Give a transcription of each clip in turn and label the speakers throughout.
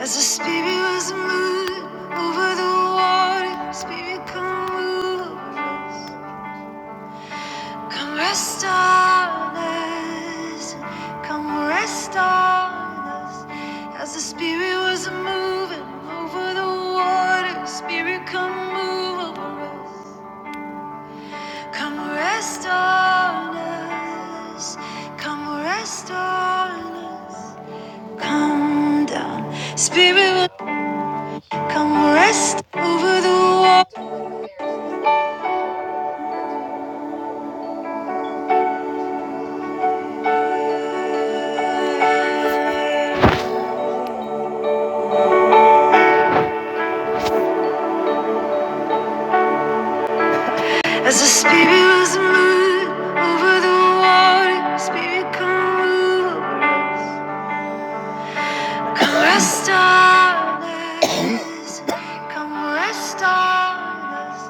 Speaker 1: As the spirit was moved over the water, spirit come move us. Come rest on us. Come rest on us. As the spirit was moving over the water, spirit come move over us. Come rest on us. Come rest on us. Come down. Spirit Come rest over the water. As the spirit was moved over the water, spirit come move over us. Come rest on us. Come rest on us.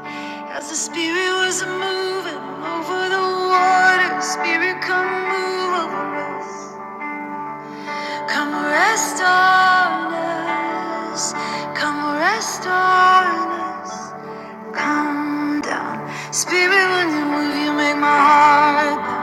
Speaker 1: As the spirit was moving over the water, spirit come move over us. Come rest on us. Come rest on us. Come down. Spirit, when you move, you make my heart. pound.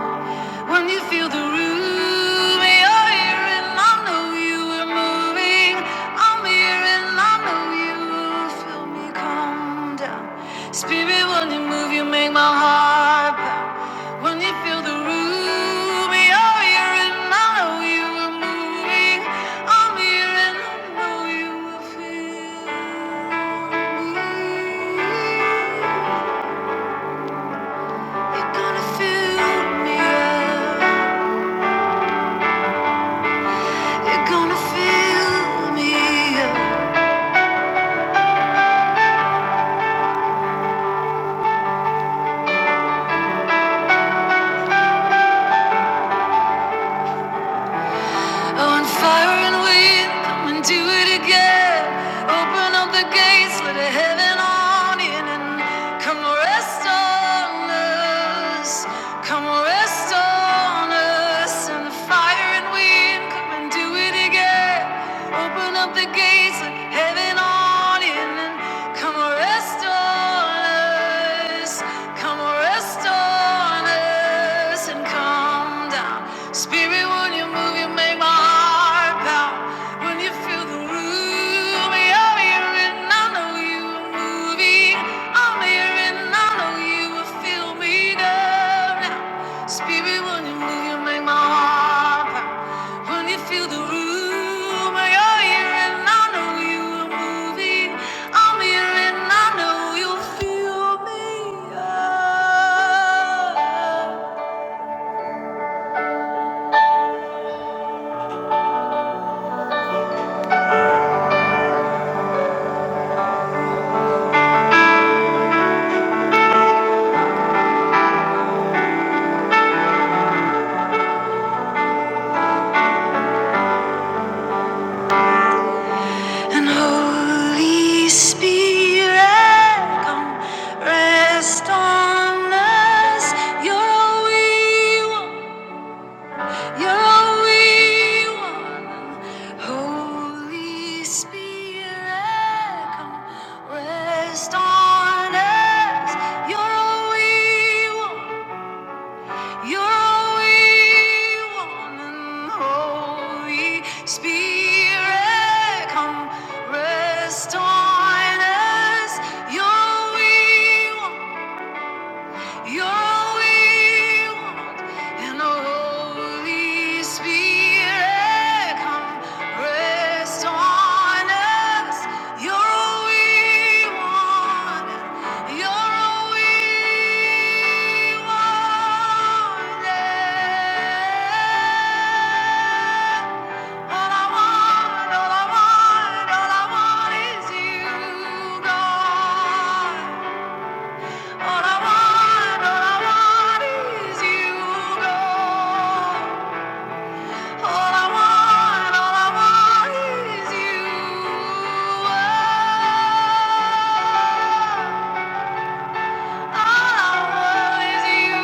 Speaker 1: When you feel the room, you're here and I know you are moving. I'm here and I know you will feel me calm down. Spirit, when you move, you make my heart pound. When you feel the room, you're here and I know you are moving. I'm here and I know you will feel me. You're gonna feel me. Up. You're gonna fill me up. On fire and we'll come and do it again. Open up the gates, let the heaven on in and come rest on us. Come rest on us. And the fire and wind, come and do it again. Open up the gates, let heaven on in and come rest on us. Come rest on us and come down. Spirit, when you move, you make my heart pound. When you feel the room, I'm here and I know you are moving. I'm here and I know you will feel me down now. Spirit, when you move, you make my heart pound. When you feel the room, you're here and I know you are moving. I'm here and I know you'll feel me up. And Holy Spirit, come rest on us. You're all we want. You're all we want. Holy Spirit, come rest on us. You're all we want. You're holy, woman, holy spirit, come rest on us. You're holy, your will and the Holy Spirit come rest on us. Your will, your will. All all all all I I I want, all I want, all I want is You, God. All I want, all I want is you, All I want, all I want is you. I want you,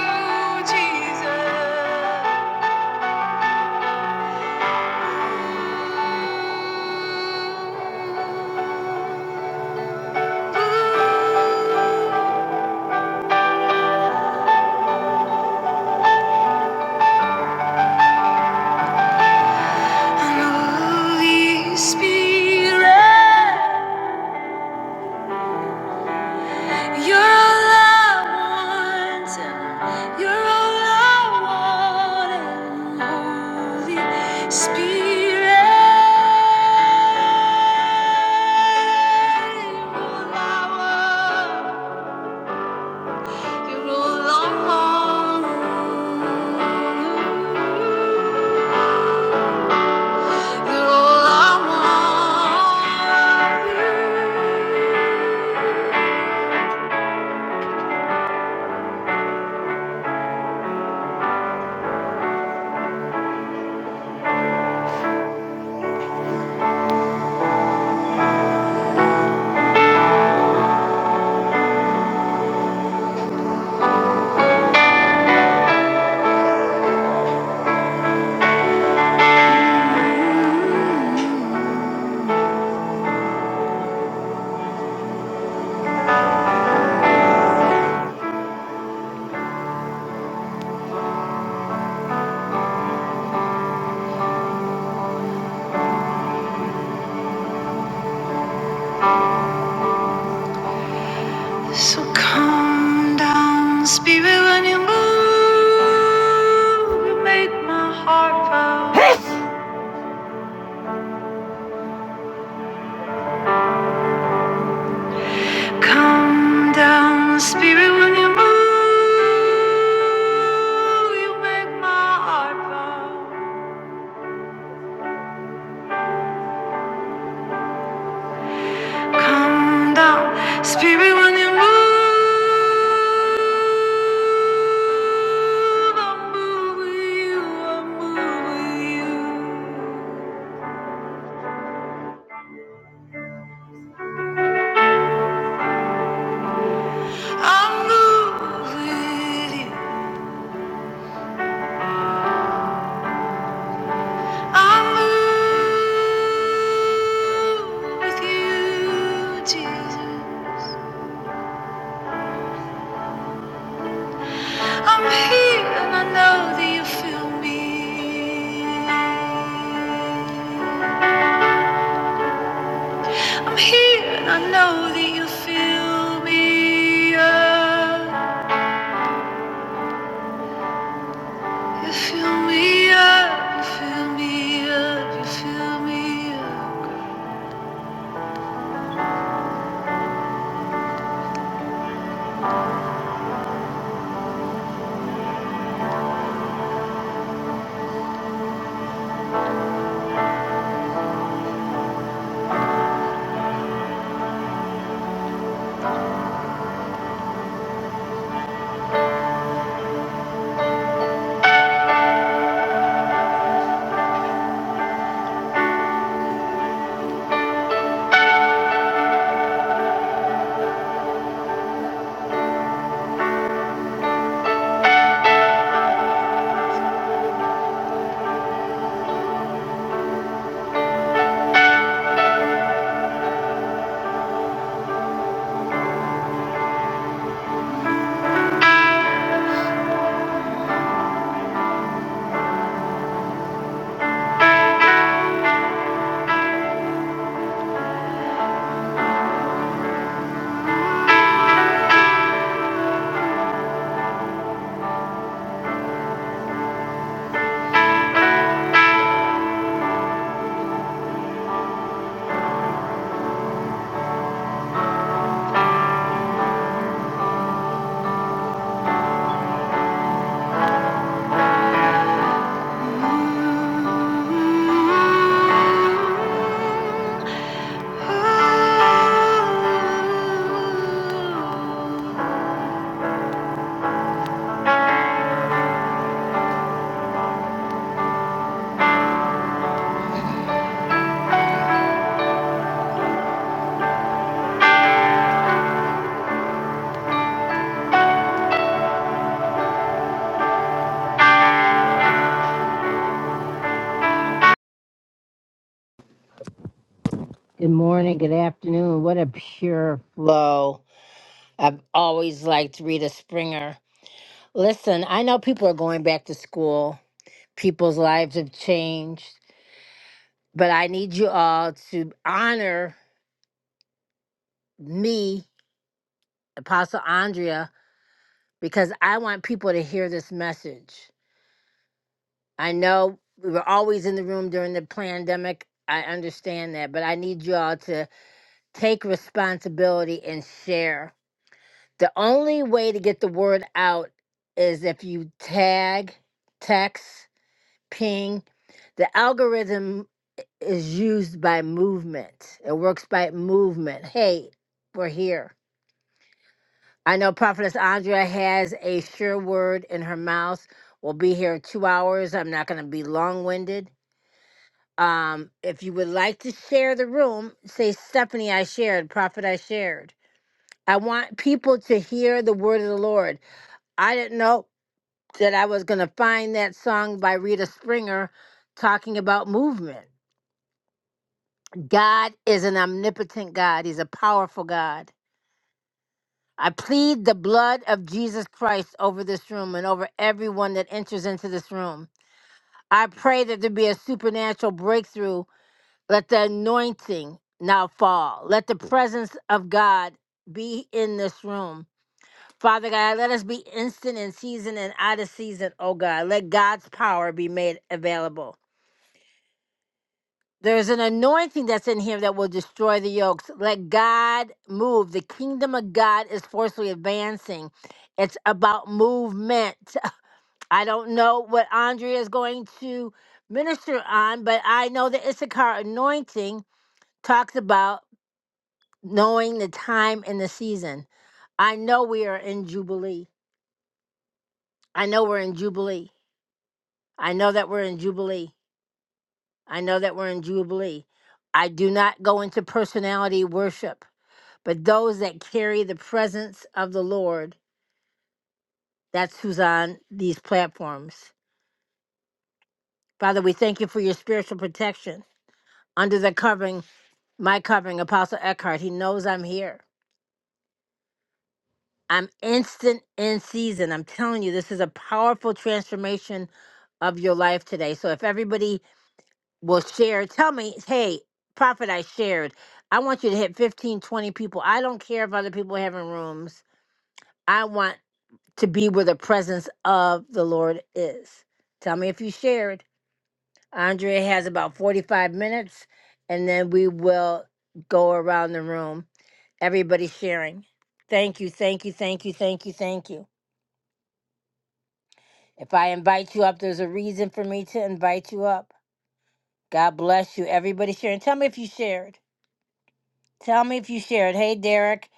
Speaker 1: Jesus. and Holy Spirit. You're all I want, and you're all I want, and Holy Spirit, you're all I want, you're all I want, you're all I want. So calm down, spirit, when you move, you make my heart pound. calm down, spirit, when you move, you make my heart pound. Calm down, spirit, when you move, I move with you, I move with you, I move with you. I move with you, Jesus. I'm here and I know that you feel me. I'm here and I know that you feel me up. You feel me up, you feel me up, you feel me up. Mm. Good morning, good afternoon. What a pure flow. I've always liked Rita Springer. Listen, I know people are going back to school, people's lives have changed, but I need you all to honor me, Apostle Andrea, because I want people to hear this message. I know we were always in the room during the pandemic. I understand that, but I need you all to take responsibility and share. The only way to get the word out is if you tag, text, ping. The algorithm is used by movement. It works by movement. Hey, we're here. I know Prophetess Andrea has a sure word in her mouth. We'll be here two hours. I'm not going to be long winded. Um, if you would like to share the room, say, Stephanie, I shared, Prophet, I shared I want people to hear the word of the Lord. I didn't know that I was going to find that song by Rita Springer talking about movement. God is an omnipotent God, He's a powerful God. I plead the blood of Jesus Christ over this room and over everyone that enters into this room. I pray that there be a supernatural breakthrough. Let the anointing now fall. Let the presence of God be in this room. Father God, let us be instant in season and out of season, oh God. Let God's power be made available. There is an anointing that's in here that will destroy the yokes. Let God move. The kingdom of God is forcefully advancing. It's about movement. I don't know what Andrea is going to minister on, but I know the Issachar anointing talks about knowing the time and the season. I know we are in Jubilee. I know we're in Jubilee. I know that we're in Jubilee. I know that we're in Jubilee. I do not go into personality worship, but those that carry the presence of the Lord, that's who's on these platforms. Father, we thank you for your spiritual protection under the covering, my covering, Apostle Eckhart. He knows I'm here. I'm instant in season. I'm telling you, this is a powerful transformation of your life today. So if everybody will share tell me hey prophet i shared i want you to hit 15, 20 people i don't care if other people are having rooms i want to be where the presence of the lord is tell me if you shared andrea has about 45 minutes and then we will go around the room everybody sharing thank you thank you thank you thank you thank you if i invite you up there's a reason for me to invite you up god bless you everybody sharing tell me if you shared Tell me if you shared. Hey, Derek.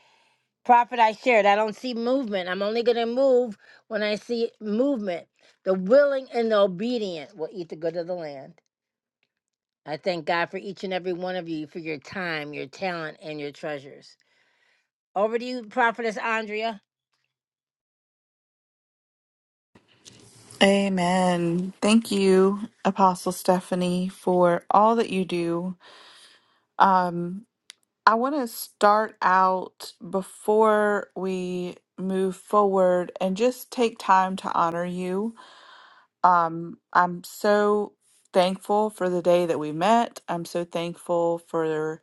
Speaker 1: Prophet, I shared. I don't see movement. I'm only going to move when I see movement. The willing and the obedient will eat the good of the land. I thank God for each and every one of you for your time, your talent, and your treasures. Over to you, Prophetess Andrea.
Speaker 2: Amen. Thank you, Apostle Stephanie, for all that you do. Um, I want to start out before we move forward and just take time to honor you. Um, I'm so thankful for the day that we met. I'm so thankful for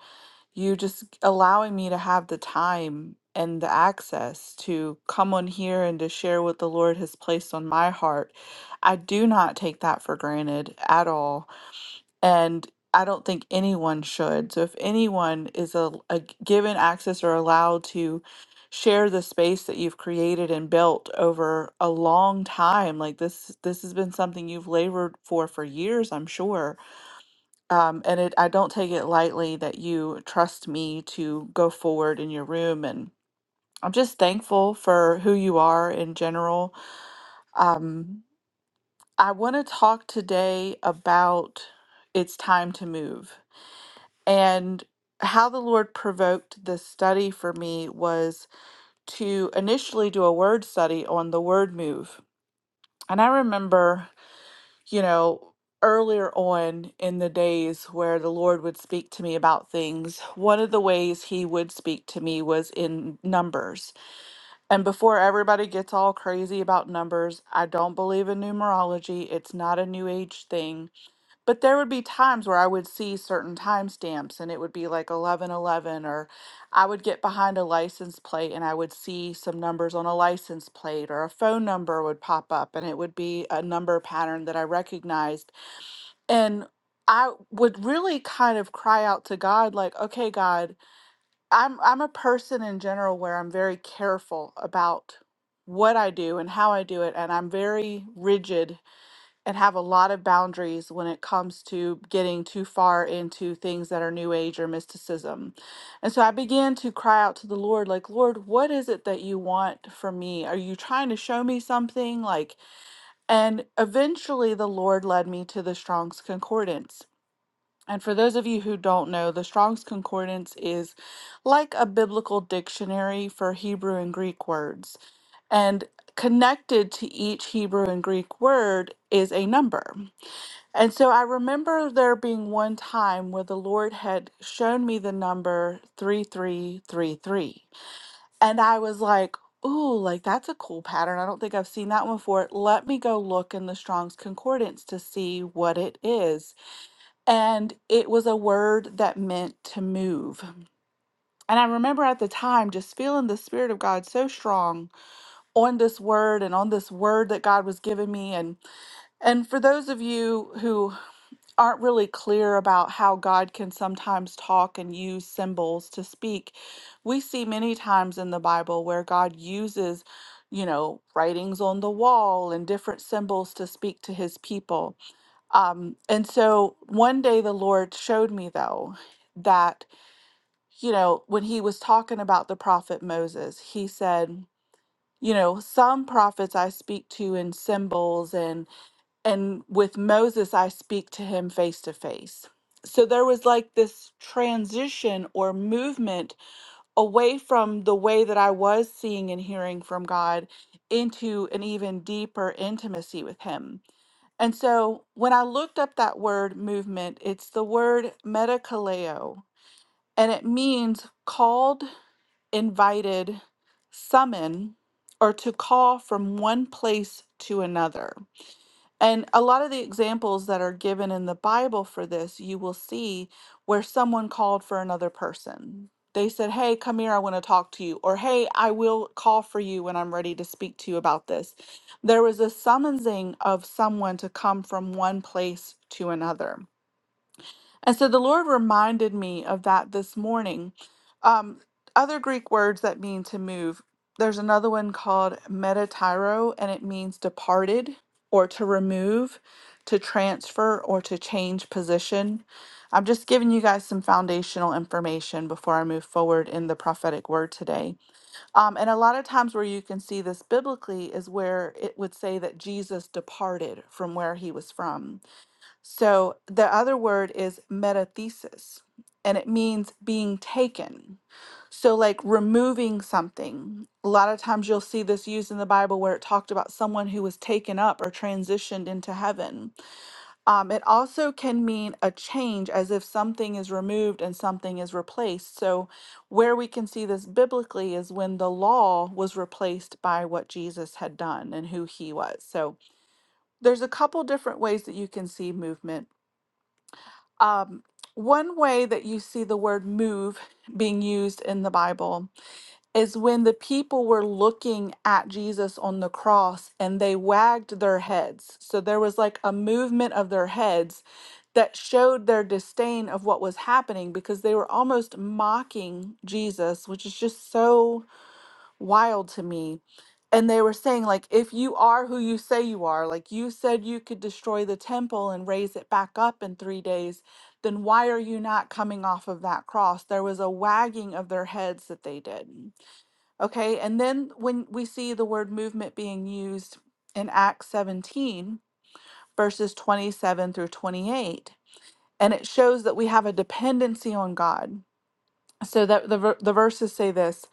Speaker 2: you just allowing me to have the time and the access to come on here and to share what the Lord has placed on my heart. I do not take that for granted at all. And I don't think anyone should. So if anyone is a, a given access or allowed to share the space that you've created and built over a long time, like this this has been something you've labored for for years, I'm sure um, and it, I don't take it lightly that you trust me to go forward in your room. And I'm just thankful for who you are in general. Um, I want to talk today about it's time to move and how the Lord provoked this study for me was to initially do a word study on the word move. And I remember you know, earlier on in the days where the Lord would speak to me about things, one of the ways He would speak to me was in numbers. And before everybody gets all crazy about numbers, I don't believe in numerology, it's not a new age thing. But there would be times where I would see certain timestamps and it would be like 1111, or I would get behind a license plate and I would see some numbers on a license plate, or a phone number would pop up and it would be a number pattern that I recognized and i would really kind of cry out to god like okay god i'm i'm a person in general where i'm very careful about what i do and how i do it and i'm very rigid and have a lot of boundaries when it comes to getting too far into things that are new age or mysticism and so i began to cry out to the lord like lord what is it that you want from me are you trying to show me something like and eventually the Lord led me to the Strong's Concordance. And for those of you who don't know, the Strong's Concordance is like a biblical dictionary for Hebrew and Greek words. And connected to each Hebrew and Greek word is a number. And so I remember there being one time where the Lord had shown me the number 3333. And I was like, Ooh, like that's a cool pattern. I don't think I've seen that one before. Let me go look in the Strong's Concordance to see what it is. And it was a word that meant to move. And I remember at the time just feeling the Spirit of God so strong on this word and on this word that God was giving me. And and for those of you who aren't really clear about how God can sometimes talk and use symbols to speak, we see many times in the Bible where God uses, you know, writings on the wall and different symbols to speak to his people. Um, and so one day the Lord showed me, though, that, you know, when he was talking about the prophet Moses, he said, you know, some prophets I speak to in symbols and and with Moses I speak to him face to face. So there was like this transition or movement away from the way that I was seeing and hearing from God into an even deeper intimacy with him. And so when I looked up that word movement, it's the word metakaleo, and it means called, invited, summon, or to call from one place to another. And a lot of the examples that are given in the Bible for this, you will see where someone called for another person. They said, Hey, come here, I want to talk to you. Or, Hey, I will call for you when I'm ready to speak to you about this. There was a summoning of someone to come from one place to another. And so the Lord reminded me of that this morning. Um, other Greek words that mean to move, there's another one called metatyro, and it means departed or to remove, to transfer, or to change position. I'm just giving you guys some foundational information before I move forward in the prophetic word today. Um, and a lot of times where you can see this biblically is where it would say that Jesus departed from where he was from so the other word is metathesis, and it means being taken. So, like removing something. A lot of times you'll see this used in the Bible where it talked about someone who was taken up or transitioned into heaven. Um, it also can mean a change, as if something is removed and something is replaced. So, where we can see this biblically is when the law was replaced by what Jesus had done and who he was. So, there's a couple different ways that you can see movement um, one way that you see the word move being used in the Bible is when the people were looking at Jesus on the cross and they wagged their heads. So there was like a movement of their heads that showed their disdain of what was happening because they were almost mocking Jesus, which is just so wild to me. And they were saying, like, if you are who you say you are, like you said you could destroy the temple and raise it back up in three days, then why are you not coming off of that cross? There was a wagging of their heads that they did. Okay. And then when we see the word movement being used in Acts 17, verses 27 through 28, and it shows that we have a dependency on God so that the ver- the verses say this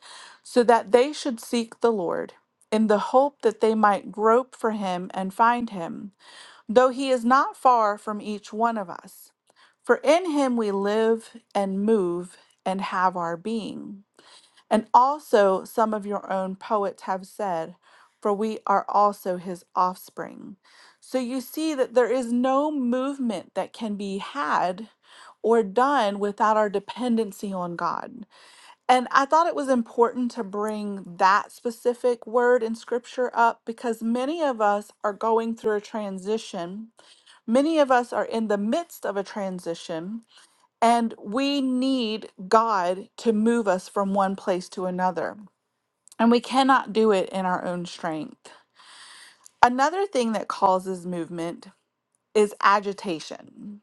Speaker 2: so that they should seek the lord in the hope that they might grope for him and find him though he is not far from each one of us for in him we live and move and have our being and also some of your own poets have said for we are also his offspring so you see that there is no movement that can be had or done without our dependency on god and I thought it was important to bring that specific word in scripture up because many of us are going through a transition. Many of us are in the midst of a transition, and we need God to move us from one place to another. And we cannot do it in our own strength. Another thing that causes movement is agitation.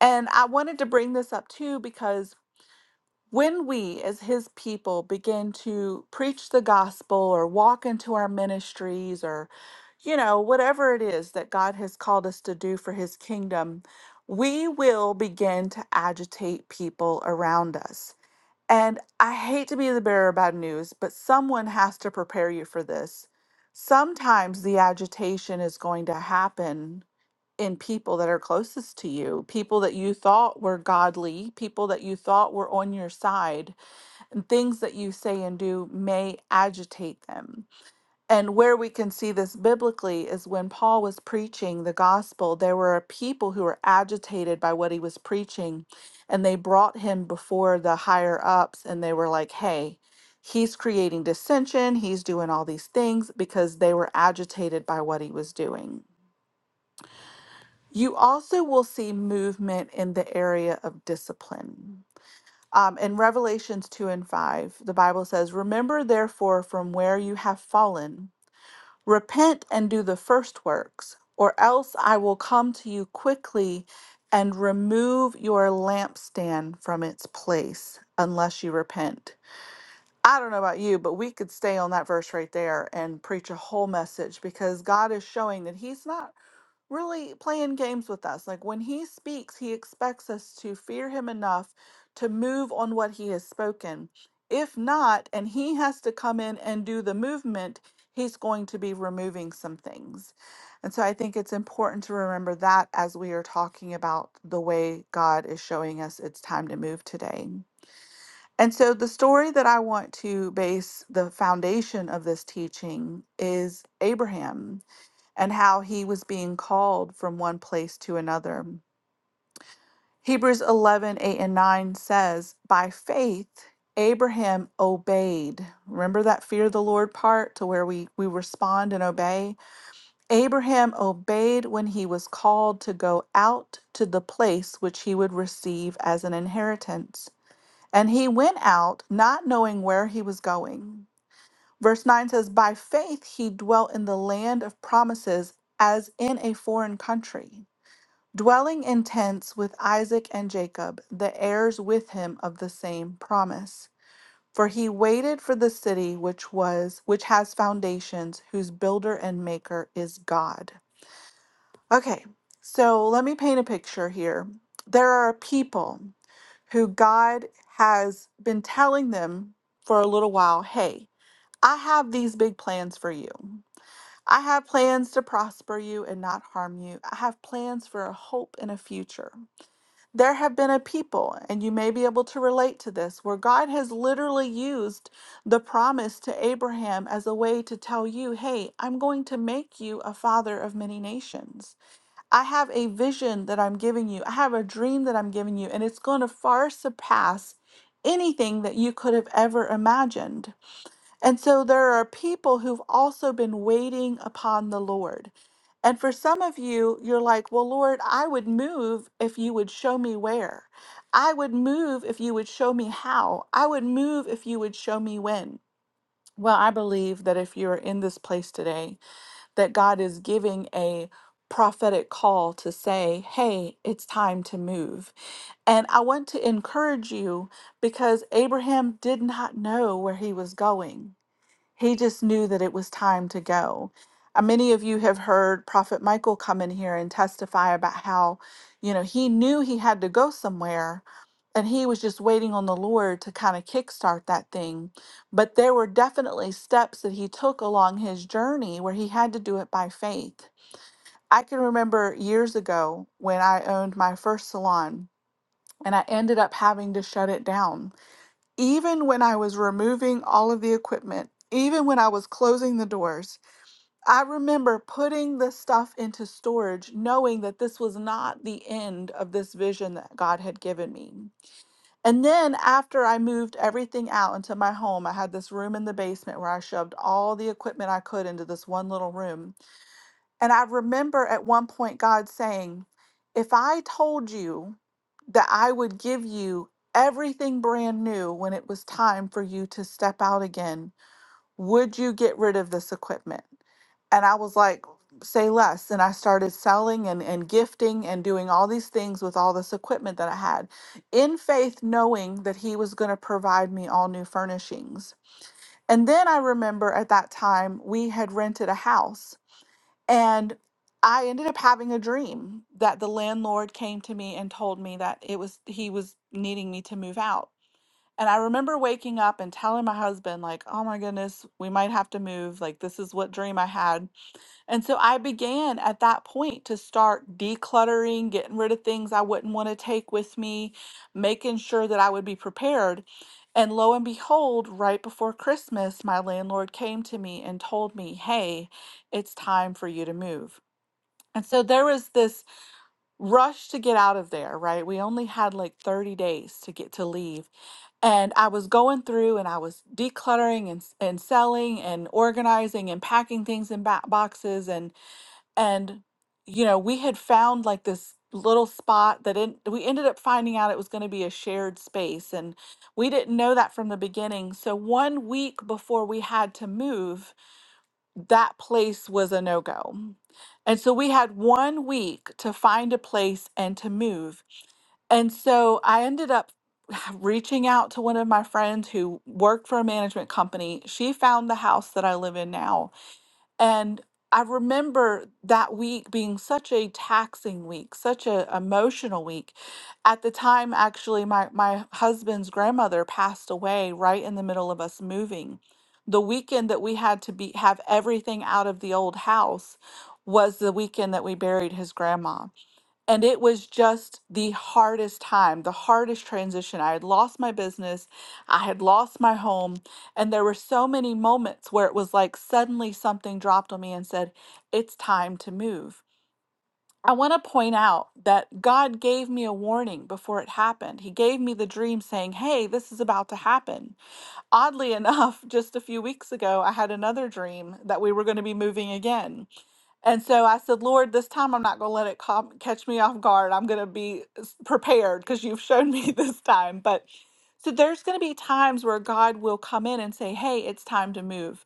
Speaker 2: And I wanted to bring this up too because When we, as his people, begin to preach the gospel or walk into our ministries or, you know, whatever it is that God has called us to do for his kingdom, we will begin to agitate people around us. And I hate to be the bearer of bad news, but someone has to prepare you for this. Sometimes the agitation is going to happen in people that are closest to you, people that you thought were godly, people that you thought were on your side and things that you say and do may agitate them. And where we can see this biblically is when Paul was preaching the gospel, there were a people who were agitated by what he was preaching, and they brought him before the higher ups and they were like, hey, he's creating dissension, he's doing all these things because they were agitated by what he was doing. You also will see movement in the area of discipline um, in Revelations 2 and 5, the Bible says, Remember therefore from where you have fallen, repent and do the first works, or else I will come to you quickly and remove your lampstand from its place, unless you repent. I don't know about you, but we could stay on that verse right there and preach a whole message because God is showing that He's not really playing games with us. Like when he speaks, he expects us to fear him enough to move on what he has spoken. If not, and he has to come in and do the movement, he's going to be removing some things. And so I think it's important to remember that as we are talking about the way God is showing us it's time to move today. And so the story that I want to base the foundation of this teaching is Abraham and how he was being called from one place to another. Hebrews 11:8 and 9 says, By faith, Abraham obeyed. Remember that fear the Lord part to where we, we respond and obey? Abraham obeyed when he was called to go out to the place which he would receive as an inheritance. And he went out not knowing where he was going. Verse 9 says, By faith he dwelt in the land of promises as in a foreign country dwelling in tents with Isaac and Jacob, the heirs with him of the same promise. For he waited for the city which was which has foundations, whose builder and maker is God. Okay, so let me paint a picture here. There are people who God has been telling them for a little while, "Hey, I have these big plans for you. I have plans to prosper you and not harm you. I have plans for a hope and a future." There have been a people, and you may be able to relate to this, where God has literally used the promise to Abraham as a way to tell you, hey, I'm going to make you a father of many nations. I have a vision that I'm giving you, I have a dream that I'm giving you, and it's going to far surpass anything that you could have ever imagined. And so there are people who've also been waiting upon the Lord. And for some of you, you're like, well, Lord, I would move if you would show me where. I would move if you would show me how. I would move if you would show me when. Well, I believe that if you're in this place today, that God is giving a prophetic call to say, hey, it's time to move. And I want to encourage you because Abraham did not know where he was going. He just knew that it was time to go. Uh, Many of you have heard Prophet Michael come in here and testify about how, you know, he knew he had to go somewhere and he was just waiting on the Lord to kind of kickstart that thing. But there were definitely steps that he took along his journey where he had to do it by faith. I can remember years ago when I owned my first salon and I ended up having to shut it down even when I was removing all of the equipment, even when I was closing the doors, I remember putting the stuff into storage, knowing that this was not the end of this vision that God had given me. And then after I moved everything out into my home, I had this room in the basement where I shoved all the equipment I could into this one little room. And I remember at one point God saying, If I told you that I would give you everything brand new when it was time for you to step out again, would you get rid of this equipment? And I was like, Say less. And I started selling and, and gifting and doing all these things with all this equipment that I had in faith, knowing that He was going to provide me all new furnishings. And then I remember at that time we had rented a house and I ended up having a dream that the landlord came to me and told me that it was he was needing me to move out. And I remember waking up and telling my husband like, "Oh my goodness, we might have to move. Like this is what dream I had." And so I began at that point to start decluttering, getting rid of things I wouldn't want to take with me, making sure that I would be prepared. And lo and behold, right before Christmas, my landlord came to me and told me, "Hey, it's time for you to move." And so there was this rush to get out of there, right? We only had like 30 days to get to leave. And I was going through and I was decluttering and, s- and selling and organizing and packing things in ba- boxes and and you know, we had found like this little spot that in, we ended up finding out it was going to be a shared space and we didn't know that from the beginning. So one week before we had to move, that place was a no go. And so we had one week to find a place and to move. And so I ended up reaching out to one of my friends who worked for a management company. She found the house that I live in now and I remember that week being such a taxing week, such a emotional week. At the time, actually, my, my husband's grandmother passed away right in the middle of us moving. The weekend that we had to be have everything out of the old house was the weekend that we buried his grandma. And it was just the hardest time, the hardest transition. I had lost my business, I had lost my home, and there were so many moments where it was like suddenly something dropped on me and said, It's time to move. I want to point out that God gave me a warning before it happened. He gave me the dream saying, Hey, this is about to happen. Oddly enough, just a few weeks ago, I had another dream that we were going to be moving again. And so I said, Lord, this time I'm not going to let it come, catch me off guard. I'm going to be s- prepared because you've shown me this time. But so there's going to be times where God will come in and say, Hey, it's time to move.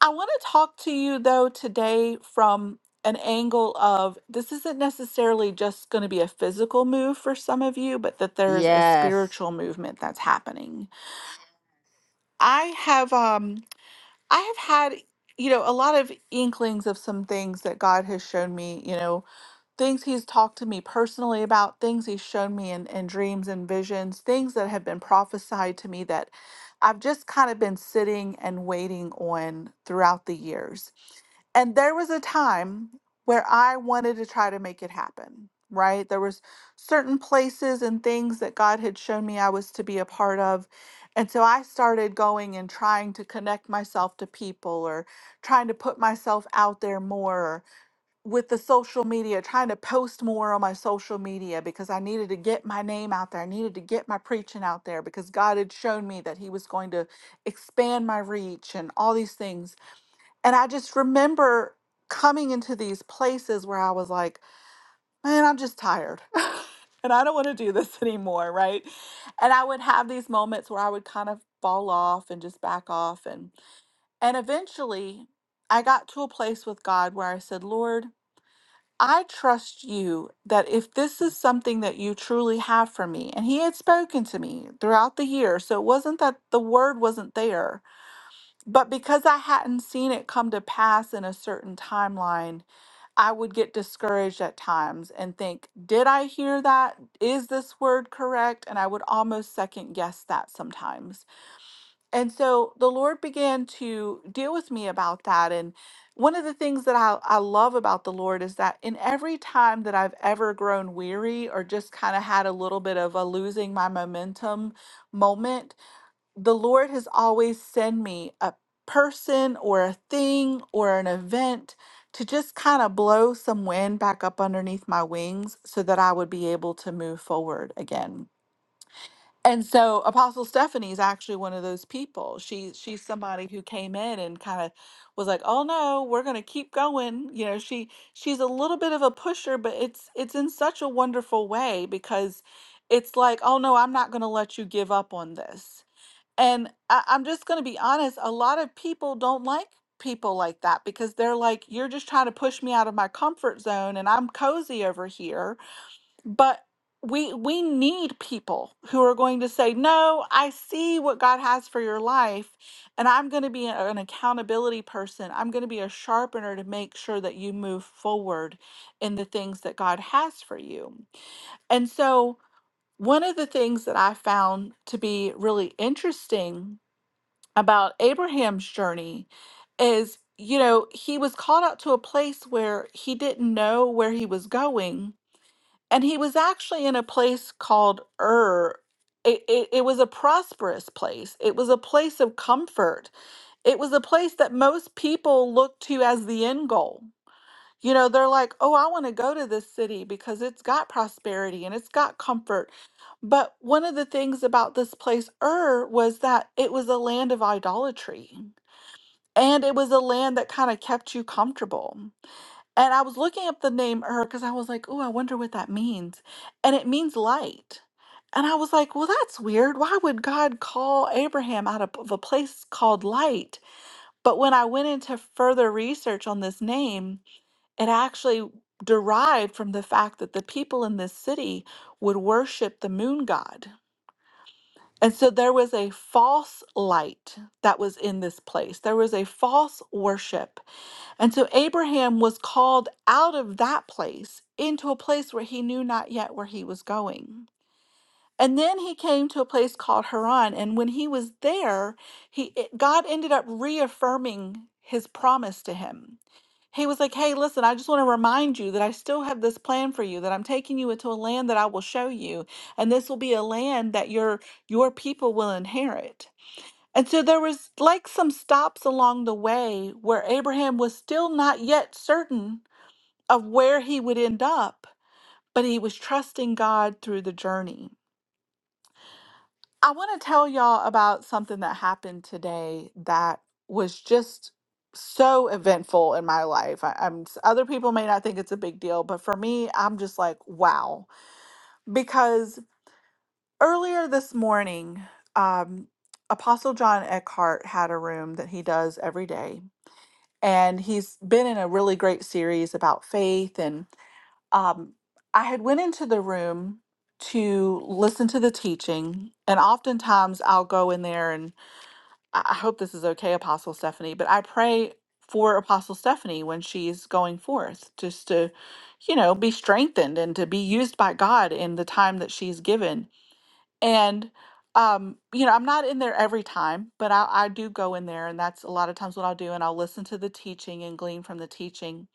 Speaker 2: I want to talk to you, though, today from an angle of this isn't necessarily just going to be a physical move for some of you, but that there's a
Speaker 1: Yes.
Speaker 2: spiritual movement that's happening. I have, um, I have had, you know, a lot of inklings of some things that God has shown me, you know, things he's talked to me personally about, things he's shown me in, in dreams and visions, things that have been prophesied to me that I've just kind of been sitting and waiting on throughout the years. And there was a time where I wanted to try to make it happen, right? There was certain places and things that God had shown me I was to be a part of. And so I started going and trying to connect myself to people or trying to put myself out there more with the social media, trying to post more on my social media because I needed to get my name out there. I needed to get my preaching out there because God had shown me that He was going to expand my reach and all these things. And I just remember coming into these places where I was like, man, I'm just tired and I don't want to do this anymore. Right. And I would have these moments where I would kind of fall off and just back off. And, and eventually I got to a place with God where I said, Lord, I trust you that if this is something that you truly have for me, and he had spoken to me throughout the year, so it wasn't that the word wasn't there, but because I hadn't seen it come to pass in a certain timeline, I would get discouraged at times and think, did I hear that? Is this word correct? And I would almost second guess that sometimes. And so the Lord began to deal with me about that. And one of the things that I, I love about the Lord is that in every time that I've ever grown weary or just kind of had a little bit of a losing my momentum moment, the Lord has always sent me a person or a thing or an event to just kind of blow some wind back up underneath my wings so that I would be able to move forward again. And so Apostle Stephanie is actually one of those people. She she's somebody who came in and kind of was like, "Oh no, we're going to keep going." You know, she she's a little bit of a pusher, but it's it's in such a wonderful way because it's like, "Oh no, I'm not going to let you give up on this." And I, I'm just going to be honest, a lot of people don't like people like that because they're like, "You're just trying to push me out of my comfort zone and I'm cozy over here." but we we need people who are going to say no i see what god has for your life and i'm going to be a- an accountability person i'm going to be a sharpener to make sure that you move forward in the things that god has for you and so one of the things that i found to be really interesting about abraham's journey is you know he was called out to a place where he didn't know where he was going and he was actually in a place called Ur. It, it, it was a prosperous place. It was a place of comfort. It was a place that most people look to as the end goal. You know, they're like, oh, I want to go to this city because it's got prosperity and it's got comfort. But one of the things about this place, Ur, was that it was a land of idolatry and it was a land that kind of kept you comfortable. And I was looking up the name her because I was like, oh, I wonder what that means. And it means light. And I was like, well, that's weird. Why would God call Abraham out of of a place called light? But when I went into further research on this name, it actually derived from the fact that the people in this city would worship the moon god. And so there was a false light that was in this place. There was a false worship and so Abraham was called out of that place into a place where he knew not yet where he was going. And then he came to a place called Haran. And when he was there, he it- God ended up reaffirming his promise to him. He was like, Hey, listen, I just want to remind you that I still have this plan for you, that I'm taking you into a land that I will show you. And this will be a land that your your people will inherit. And so there was like some stops along the way where Abraham was still not yet certain of where he would end up, but he was trusting God through the journey. I want to tell y'all about something that happened today that was just so eventful in my life. I, am other people may not think it's a big deal, but for me, I'm just like, wow. Because earlier this morning, um, Apostle John Eckhart had a room that he does every day and he's been in a really great series about faith and um, i had went into the room to listen to the teaching and oftentimes i'll go in there and i I hope this is okay apostle stephanie but i pray for apostle stephanie when she's going forth just to you know be strengthened and to be used by god in the time that she's given and um, you know, I'm not in there every time, but I, I do go in there, and that's a lot of times what I'll do, and I'll listen to the teaching and glean from the teaching.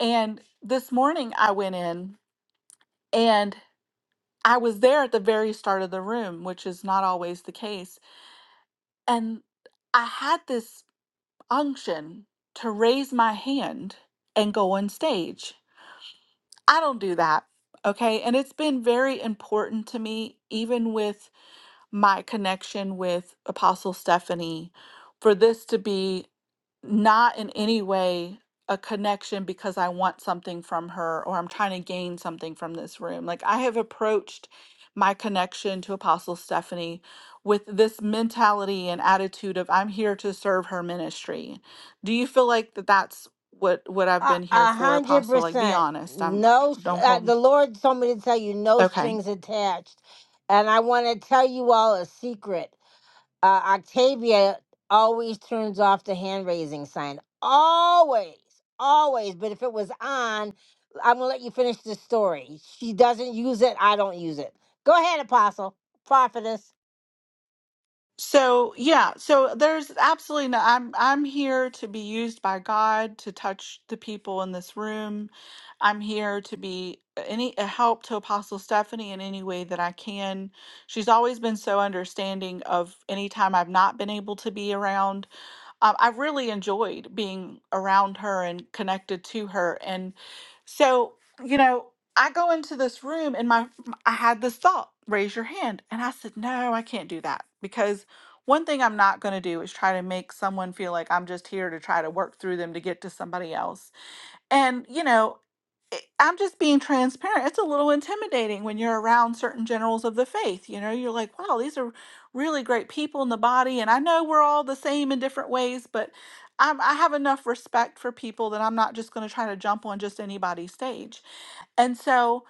Speaker 2: And this morning I went in and I was there at the very start of the room, which is not always the case. And I had this unction to raise my hand and go on stage. I don't do that. Okay. And it's been very important to me, even with my connection with Apostle Stephanie for this to be not in any way a connection because I want something from her or I'm trying to gain something from this room. Like I have approached my connection to Apostle Stephanie with this mentality and attitude of I'm here to serve her ministry. Do you feel like that that's what what I've
Speaker 1: A
Speaker 2: been here
Speaker 1: a
Speaker 2: for,
Speaker 1: hundred
Speaker 2: Apostle? Like be
Speaker 1: percent.
Speaker 2: honest. I'm uh,
Speaker 1: No,
Speaker 2: don't
Speaker 1: uh,
Speaker 2: hold.
Speaker 1: the Lord told me to tell you no
Speaker 2: Okay.
Speaker 1: strings attached. And I want to tell you all a secret. uh, Octavia always turns off the hand raising sign. Always, always. But if it was on, I'm gonna let you finish the story. She doesn't use it. I don't use it. Go ahead, Apostle, Prophetess.
Speaker 2: So yeah, so there's absolutely no I'm I'm here to be used by God to touch the people in this room. I'm here to be uh, any a help to Apostle Stephanie in any way that I can. She's always been so understanding of any time I've not been able to be around um, I really enjoyed being around her and connected to her. And so, you know, I go into this room and my I had this thought, raise your hand. And I said, no, I can't do that because one thing I'm not going to do is try to make someone feel like I'm just here to try to work through them to get to somebody else. And, you know, it- I'm just being transparent. It's a little intimidating when you're around certain generals of the faith. You know, you're like, wow, these are really great people in the body. And I know we're all the same in different ways, but I'm, I have enough respect for people that I'm not just going to try to jump on just anybody's stage. And so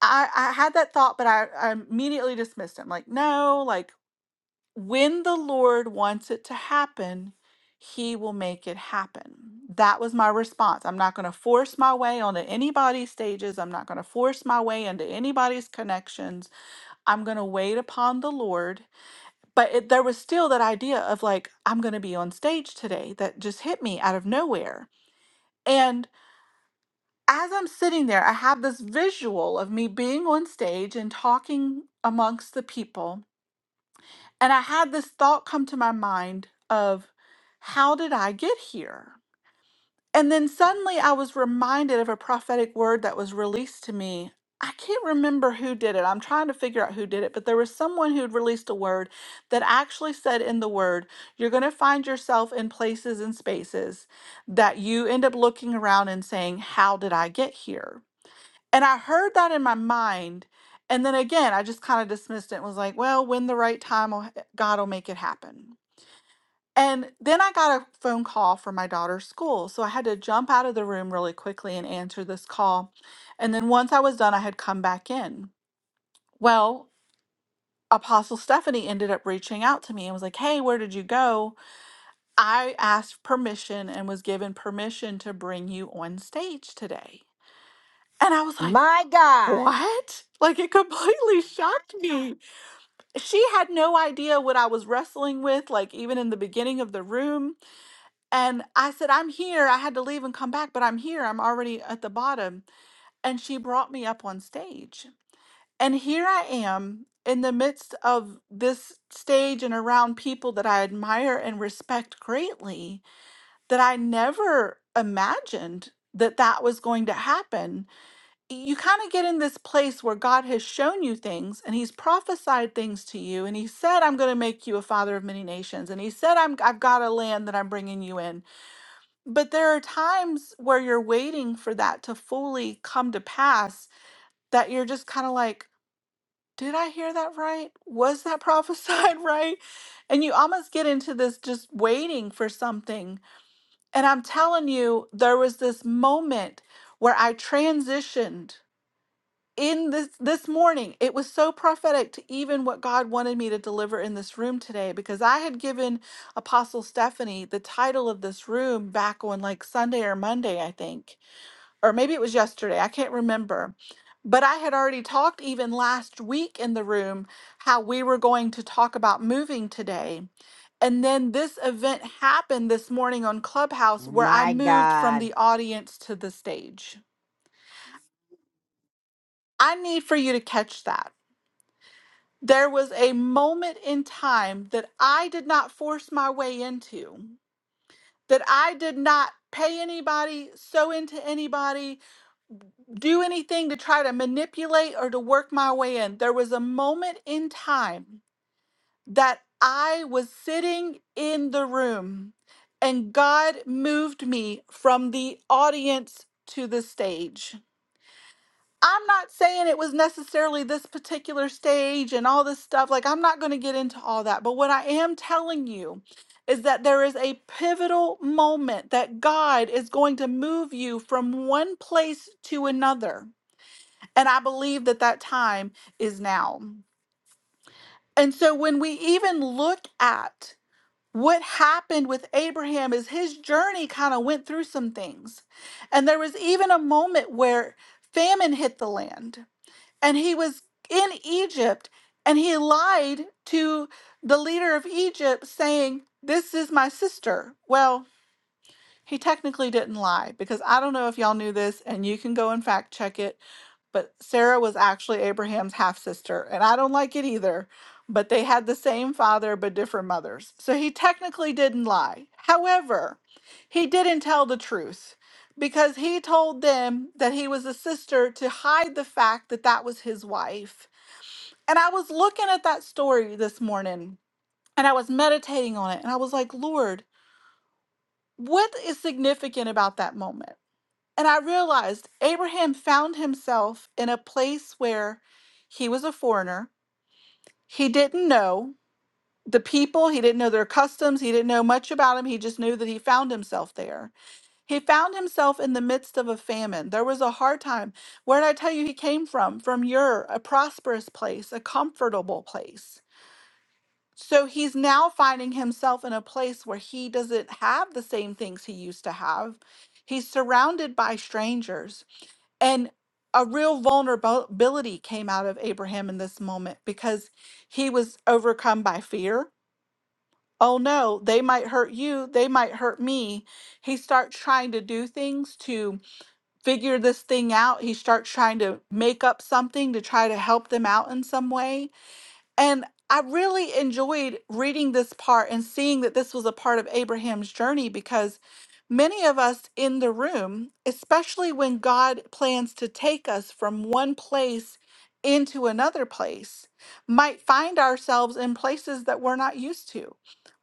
Speaker 2: I, I had that thought, but I, I immediately dismissed him like, no, like, when the Lord wants it to happen, He will make it happen. That was my response. I'm not going to force my way onto anybody's stages. I'm not going to force my way into anybody's connections. I'm going to wait upon the Lord. But it, there was still that idea of like, I'm going to be on stage today that just hit me out of nowhere. And as I'm sitting there, I have this visual of me being on stage and talking amongst the people. And I had this thought come to my mind of how did I get here? And then suddenly I was reminded of a prophetic word that was released to me. I can't remember who did it. I'm trying to figure out who did it, but there was someone who had released a word that actually said in the word, You're going to find yourself in places and spaces that you end up looking around and saying, How did I get here? And I heard that in my mind. And then again, I just kind of dismissed it and was like, well, when the right time, will God will make it happen. And then I got a phone call from my daughter's school. So I had to jump out of the room really quickly and answer this call. And then once I was done, I had come back in. Well, Apostle Stephanie ended up reaching out to me and was like, hey, where did you go? I asked permission and was given permission to bring you on stage today. And I was like,
Speaker 1: My God,
Speaker 2: What? Like it completely shocked me. She had no idea what I was wrestling with, like even in the beginning of the room. And I said, I'm here. I had to leave and come back, but I'm here. I'm already at the bottom. And she brought me up on stage. And here I am in the midst of this stage and around people that I admire and respect greatly that I never imagined that that was going to happen you kind of get in this place where God has shown you things and he's prophesied things to you and he said I'm going to make you a father of many nations and he said I'm I've got a land that I'm bringing you in. But there are times where you're waiting for that to fully come to pass that you're just kind of like did I hear that right? Was that prophesied right? And you almost get into this just waiting for something. And I'm telling you, there was this moment where I transitioned in this this morning it was so prophetic to even what god wanted me to deliver in this room today because i had given apostle stephanie the title of this room back on like sunday or monday i think or maybe it was yesterday i can't remember but i had already talked even last week in the room how we were going to talk about moving today and then this event happened this morning on clubhouse where i
Speaker 1: my
Speaker 2: moved from
Speaker 1: God.
Speaker 2: the audience to the stage i need for you to catch that There was a moment in time that I did not force my way into, that I did not pay anybody, sew into anybody, do anything to try to manipulate or to work my way in. There was a moment in time that I was sitting in the room and God moved me from the audience to the stage. I'm not saying it was necessarily this particular stage and all this stuff. Like, I'm not going to get into all that. But what I am telling you is that there is a pivotal moment that God is going to move you from one place to another. And I believe that that time is now. And so, when we even look at what happened with Abraham is his journey kind of went through some things. And there was even a moment where famine hit the land and he was in Egypt and he lied to the leader of Egypt saying, This is my sister. Well, he technically didn't lie because I don't know if y'all knew this and you can go and fact check it, but Sarah was actually Abraham's half sister and I don't like it either, but they had the same father but different mothers. So he technically didn't lie. However, he didn't tell the truth because he told them that he was a sister to hide the fact that that was his wife and I was looking at that story this morning and I was meditating on it. And I was like, Lord, what is significant about that moment? And I realized Abraham found himself in a place where he was a foreigner. He didn't know the people, he didn't know their customs, he didn't know much about him. He just knew that he found himself there. He found himself in the midst of a famine. There was a hard time. Where did I tell you he came from? From Ur, a prosperous place, a comfortable place. So he's now finding himself in a place where he doesn't have the same things he used to have. He's surrounded by strangers. And a real vulnerability came out of Abraham in this moment because he was overcome by fear. Oh no, they might hurt you. They might hurt me. He starts trying to do things to figure this thing out. He starts trying to make up something to try to help them out in some way and I really enjoyed reading this part and seeing that this was a part of Abraham's journey because many of us in the room, especially when God plans to take us from one place into another place, might find ourselves in places that we're not used to,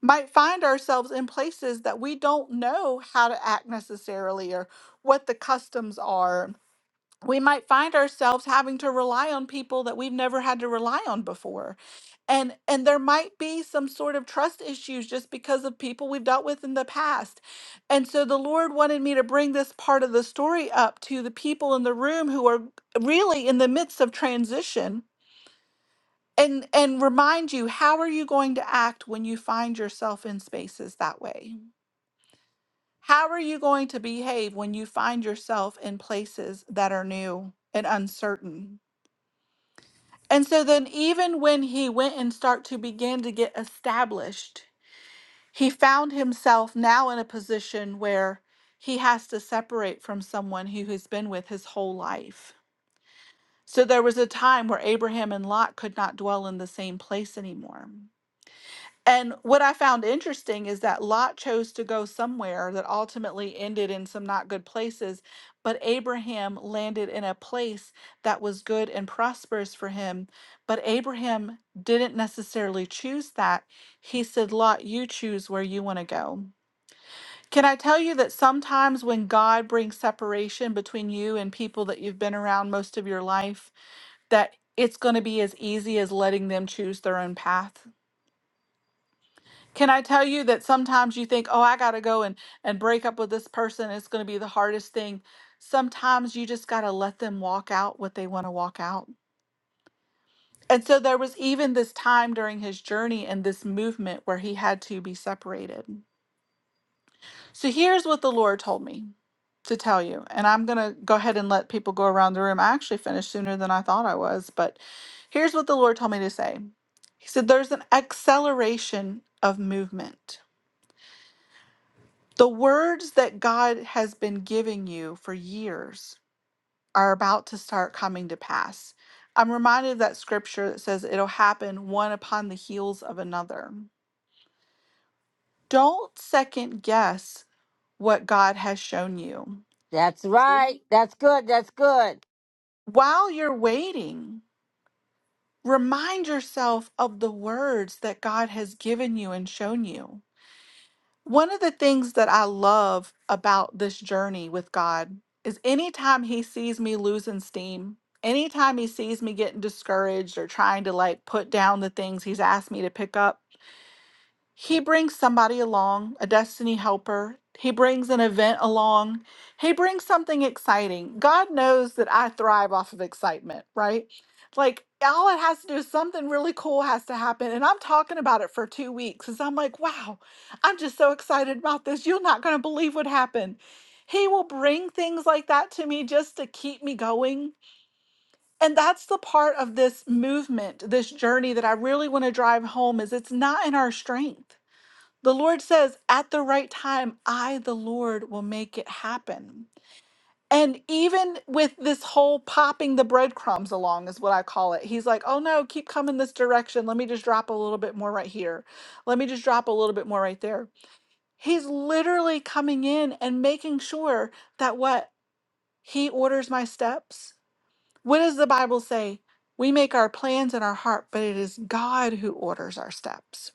Speaker 2: might find ourselves in places that we don't know how to act necessarily or what the customs are we might find ourselves having to rely on people that we've never had to rely on before and and there might be some sort of trust issues just because of people we've dealt with in the past and so the lord wanted me to bring this part of the story up to the people in the room who are really in the midst of transition and and remind you how are you going to act when you find yourself in spaces that way how are you going to behave when you find yourself in places that are new and uncertain And so then, even when he went and start to begin to get established, he found himself now in a position where he has to separate from someone who has been with his whole life. So there was a time where Abraham and Lot could not dwell in the same place anymore. And what I found interesting is that Lot chose to go somewhere that ultimately ended in some not good places, but Abraham landed in a place that was good and prosperous for him. But Abraham didn't necessarily choose that. He said, Lot, you choose where you want to go. Can I tell you that sometimes when God brings separation between you and people that you've been around most of your life, that it's going to be as easy as letting them choose their own path? Can I tell you that sometimes you think, oh, I got to go and, and break up with this person. It's going to be the hardest thing. Sometimes you just got to let them walk out what they want to walk out. And so there was even this time during his journey and this movement where he had to be separated. So here's what the Lord told me to tell you. And I'm going to go ahead and let people go around the room. I actually finished sooner than I thought I was, but here's what the Lord told me to say He said, There's an acceleration of movement The words that God has been giving you for years are about to start coming to pass. I'm reminded of that scripture that says it'll happen one upon the heels of another. Don't second guess what God has shown you.
Speaker 1: That's right. That's good. That's good.
Speaker 2: While you're waiting, remind yourself of the words that God has given you and shown you. One of the things that I love about this journey with God is anytime He sees me losing steam, anytime He sees me getting discouraged or trying to like put down the things He's asked me to pick up, he brings somebody along, a destiny helper. He brings an event along. He brings something exciting. God knows that I thrive off of excitement, right? Like all it has to do is something really cool has to happen. And I'm talking about it for two weeks because I'm like, wow, I'm just so excited about this. You're not going to believe what happened. He will bring things like that to me just to keep me going. And that's the part of this movement, this journey that I really want to drive home is it's not in our strength the Lord says, at the right time, I, the Lord, will make it happen. And even with this whole popping the breadcrumbs along, is what I call it. He's like, oh no, keep coming this direction. Let me just drop a little bit more right here. Let me just drop a little bit more right there. He's literally coming in and making sure that what? He orders my steps. What does the Bible say? We make our plans in our heart, but it is God who orders our steps.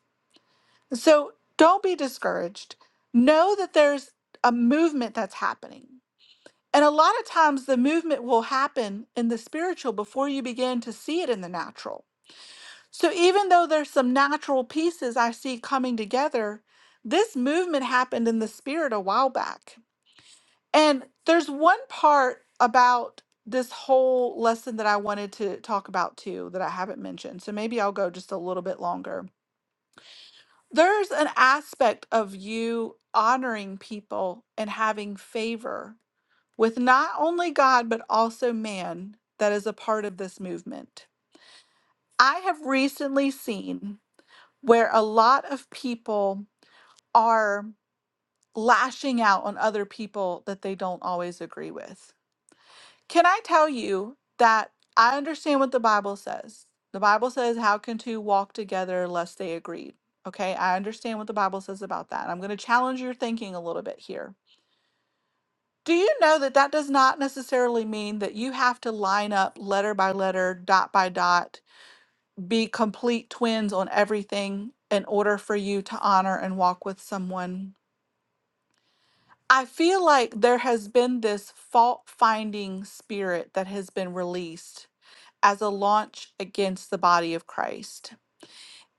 Speaker 2: So don't be discouraged. Know that there's a movement that's happening. And a lot of times the movement will happen in the spiritual before you begin to see it in the natural. So even though there's some natural pieces I see coming together, this movement happened in the spirit a while back. And there's one part about this whole lesson that I wanted to talk about too that I haven't mentioned. So maybe I'll go just a little bit longer there's an aspect of you honoring people and having favor with not only God, but also man that is a part of this movement. I have recently seen where a lot of people are lashing out on other people that they don't always agree with. Can I tell you that I understand what the Bible says? The Bible says, How can two walk together lest they agreed? Okay, I understand what the Bible says about that. I'm going to challenge your thinking a little bit here. Do you know that that does not necessarily mean that you have to line up letter by letter, dot by dot, be complete twins on everything in order for you to honor and walk with someone? I feel like there has been this fault finding spirit that has been released as a launch against the body of Christ.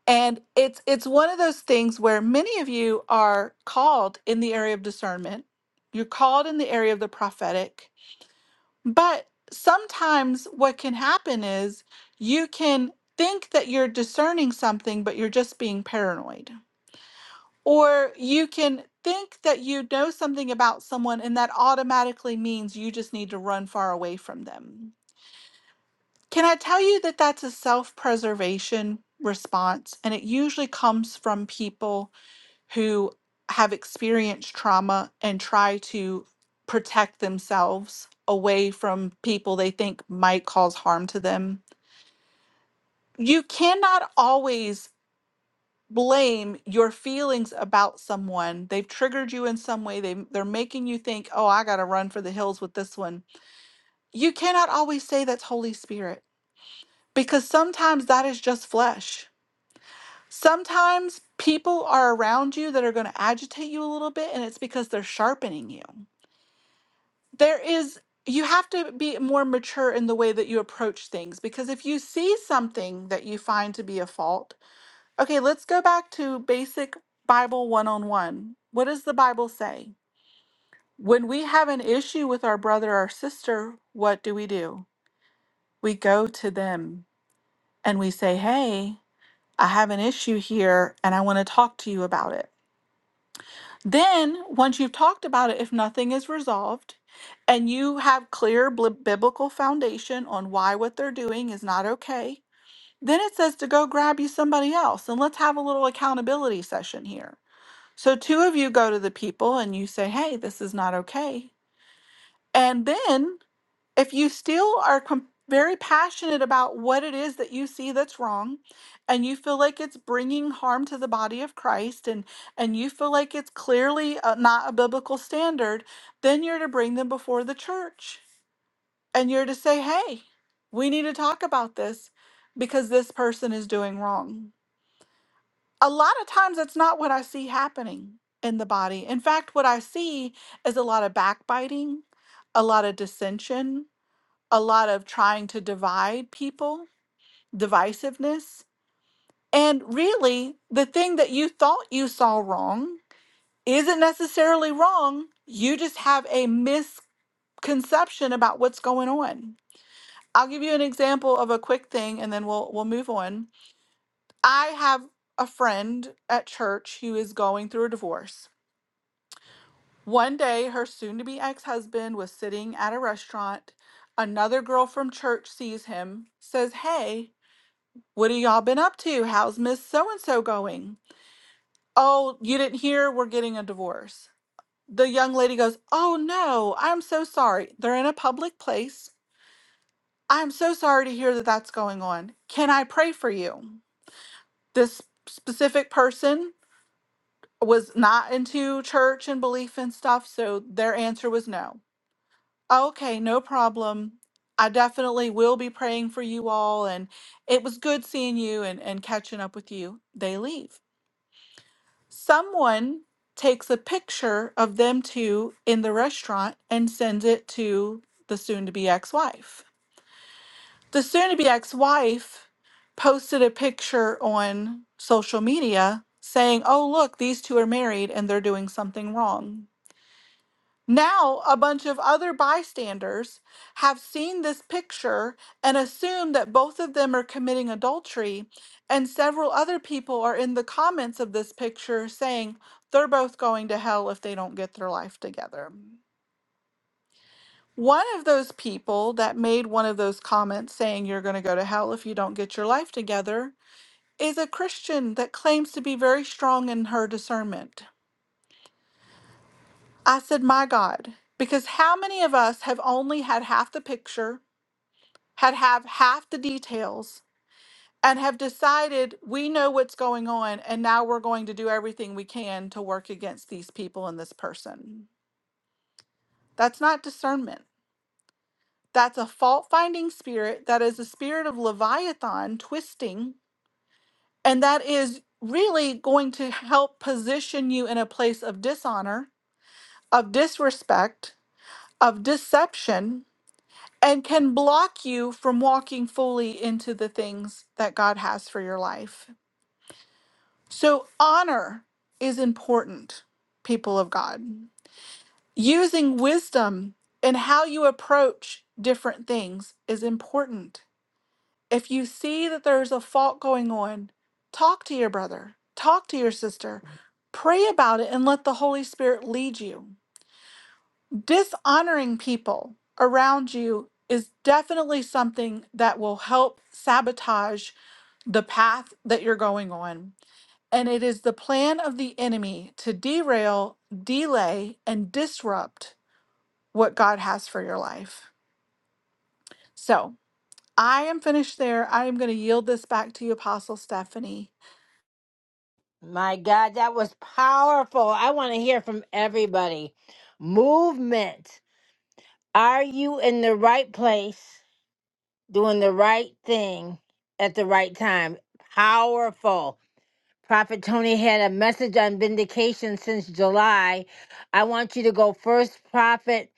Speaker 2: And it's it's one of those things where many of you are called in the area of discernment. You're called in the area of the prophetic. But sometimes what can happen is you can think that you're discerning something but you're just being paranoid. Or you can think that you know something about someone and that automatically means you just need to run far away from them Can I tell you that that's a self preservation response? And it usually comes from people who have experienced trauma and try to protect themselves away from people they think might cause harm to them. You cannot always blame your feelings about someone. They've triggered you in some way. They they're making you think, "Oh, I got to run for the hills with this one." You cannot always say that's Holy Spirit because sometimes that is just flesh Sometimes people are around you that are going to agitate you a little bit, and it's because they're sharpening you. There is, you have to be more mature in the way that you approach things because if you see something that you find to be a fault, okay, let's go back to basic Bible one on one. What does the Bible say? When we have an issue with our brother or sister, what do we do? We go to them and we say, hey, I have an issue here and I want to talk to you about it Then, once you've talked about it, if nothing is resolved and you have clear bli- biblical foundation on why what they're doing is not okay, then it says to go grab you somebody else and let's have a little accountability session here. So, two of you go to the people and you say, Hey, this is not okay. And then if you still are com- very passionate about what it is that you see that's wrong and you feel like it's bringing harm to the body of Christ and and you feel like it's clearly uh, not a biblical standard then you're to bring them before the church and you're to say hey we need to talk about this because this person is doing wrong a lot of times that's not what i see happening in the body in fact what i see is a lot of backbiting a lot of dissension a lot of trying to divide people, divisiveness. And really, the thing that you thought you saw wrong isn't necessarily wrong. You just have a misconception about what's going on. I'll give you an example of a quick thing and then we'll we'll move on. I have a friend at church who is going through a divorce. One day her soon to be ex-husband was sitting at a restaurant. Another girl from church sees him, says, "Hey, What have y'all been up to? How's Miss So and so going? Oh, you didn't hear? We're getting a divorce. The young lady goes, Oh no, I'm so sorry. They're in a public place. I'm so sorry to hear that that's going on. Can I pray for you? This specific person was not into church and belief and stuff, so their answer was no. Okay, no problem. I definitely will be praying for you all, and it was good seeing you and, and catching up with you. They leave. someone takes a picture of them two in the restaurant and sends it to the soon to be ex wife. The soon to be ex wife posted a picture on social media saying, Oh, look, these two are married and they're doing something wrong. Now, a bunch of other bystanders have seen this picture and assume that both of them are committing adultery, and several other people are in the comments of this picture saying they're both going to hell if they don't get their life together. One of those people that made one of those comments saying you're going to go to hell if you don't get your life together is a Christian that claims to be very strong in her discernment. I said, My God, because how many of us have only had half the picture? had have half the details and have decided we know what's going on and now we're going to do everything we can to work against these people and this person. That's not discernment. That's a fault finding spirit that is a spirit of Leviathan twisting, and that is really going to help position you in a place of dishonor, of disrespect, of deception, and can block you from walking fully into the things that God has for your life. So, honor is important, people of God. Using wisdom and how you approach different things is important. If you see that there's a fault going on, talk to your brother, talk to your sister, pray about it, and let the Holy Spirit lead you. Dishonoring people around you is definitely something that will help sabotage the path that you're going on. And it is the plan of the enemy to derail, delay, and disrupt what God has for your life. So I am finished there. I am going to yield this back to you, Apostle Stephanie.
Speaker 1: My God, that was powerful. I want to hear from everybody. Movement. Are you in the right place? doing the right thing at the right time. Powerful. Prophet Tony had a message on vindication since July. I want you to go first, Prophet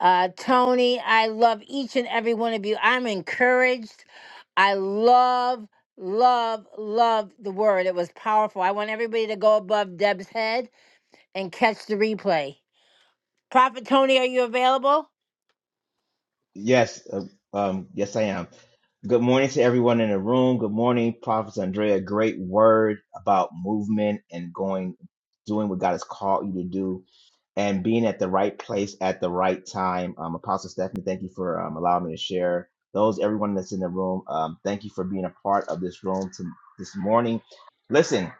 Speaker 1: uh, Tony. I love each and every one of you. I'm encouraged. I love, love, love the word. It was powerful. I want everybody to go above Deb's head and catch the replay. Prophet Tony, are you available?
Speaker 3: Yes, uh, um, yes, I am. Good morning to everyone in the room. Good morning, Prophet Andrea. Great word about movement and going, doing what God has called you to do and being at the right place at the right time. Um, Apostle Stephanie, thank you for um, allowing me to share. Those, everyone that's in the room, um, thank you for being a part of this room to, this morning. Listen,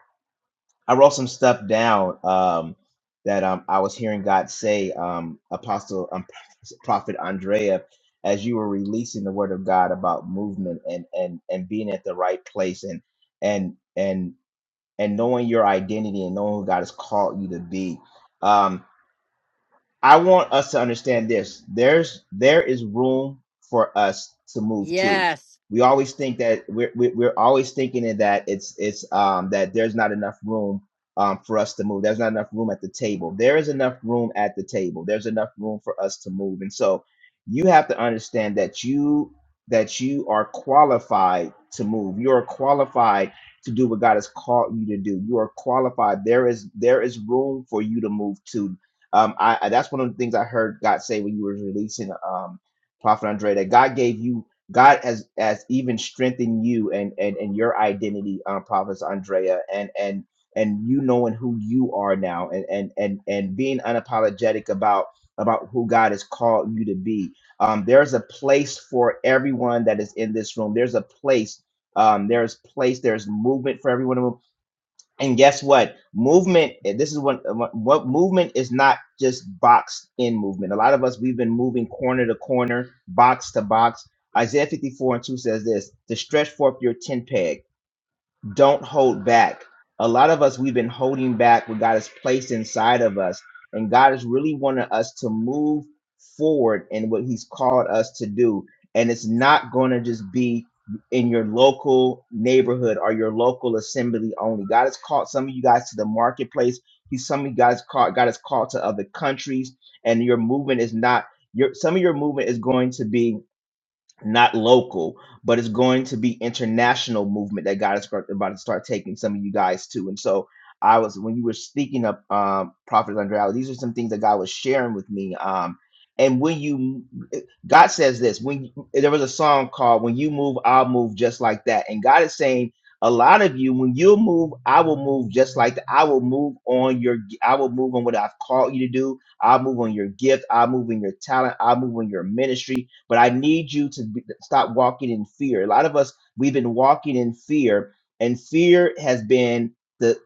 Speaker 3: I wrote some stuff down um, that um, I was hearing God say, um, Apostle um, Prophet Andrea, as you were releasing the Word of God about movement and and and being at the right place and and and and knowing your identity and knowing who God has called you to be. Um, I want us to understand this. There's there is room for us to move to.
Speaker 1: Yes,
Speaker 3: We always think that we're we- we're always thinking in that it's it's um that there's not enough room um for us to move. There's not enough room at the table. There is enough room at the table. There's enough room for us to move. And so you have to understand that you that you are qualified to move. You are qualified to do what God has called you to do. You are qualified. There is there is room for you to move to um, I, I that's one of the things I heard God say when you were releasing um, Prophet Andre that God gave you God has has even strengthened you and and and your identity, um, Prophet Andrea, and and and you knowing who you are now, and and and and being unapologetic about about who God has called you to be. Um, there's a place for everyone that is in this room. There's a place. Um, there's place. There's movement for everyone. And guess what? Movement. eh, This is what eh, what movement is not just boxed in movement. A lot of us we've been moving corner to corner, box to box. Isaiah 54 and 2 says this to stretch forth your tent peg don't hold back. A lot of us, we've been holding back what God has placed inside of us. And God is really wanting us to move forward in what He's called us to do. And it's not going to just be in your local neighborhood or your local assembly only. God has called some of you guys to the marketplace. He's some of you guys called, God has called to other countries. And your movement is not, your some of your movement is going to be not local, but it's going to be international movement that God is about to start taking some of you guys to. And so I was when you were speaking up, um, Prophet Andrea, these are some things that God was sharing with me. Um, and when you, God says this, when you, there was a song called "When You Move, I'll Move," just like that. And God is saying, a lot of you, when you move, I will move just like that. I will move on your, I will move on what I've called you to do. I'll move on your gift. I'll move on your talent. I'll move on your ministry. But I need you to be, stop walking in fear. A lot of us, we've been walking in fear, and fear has been the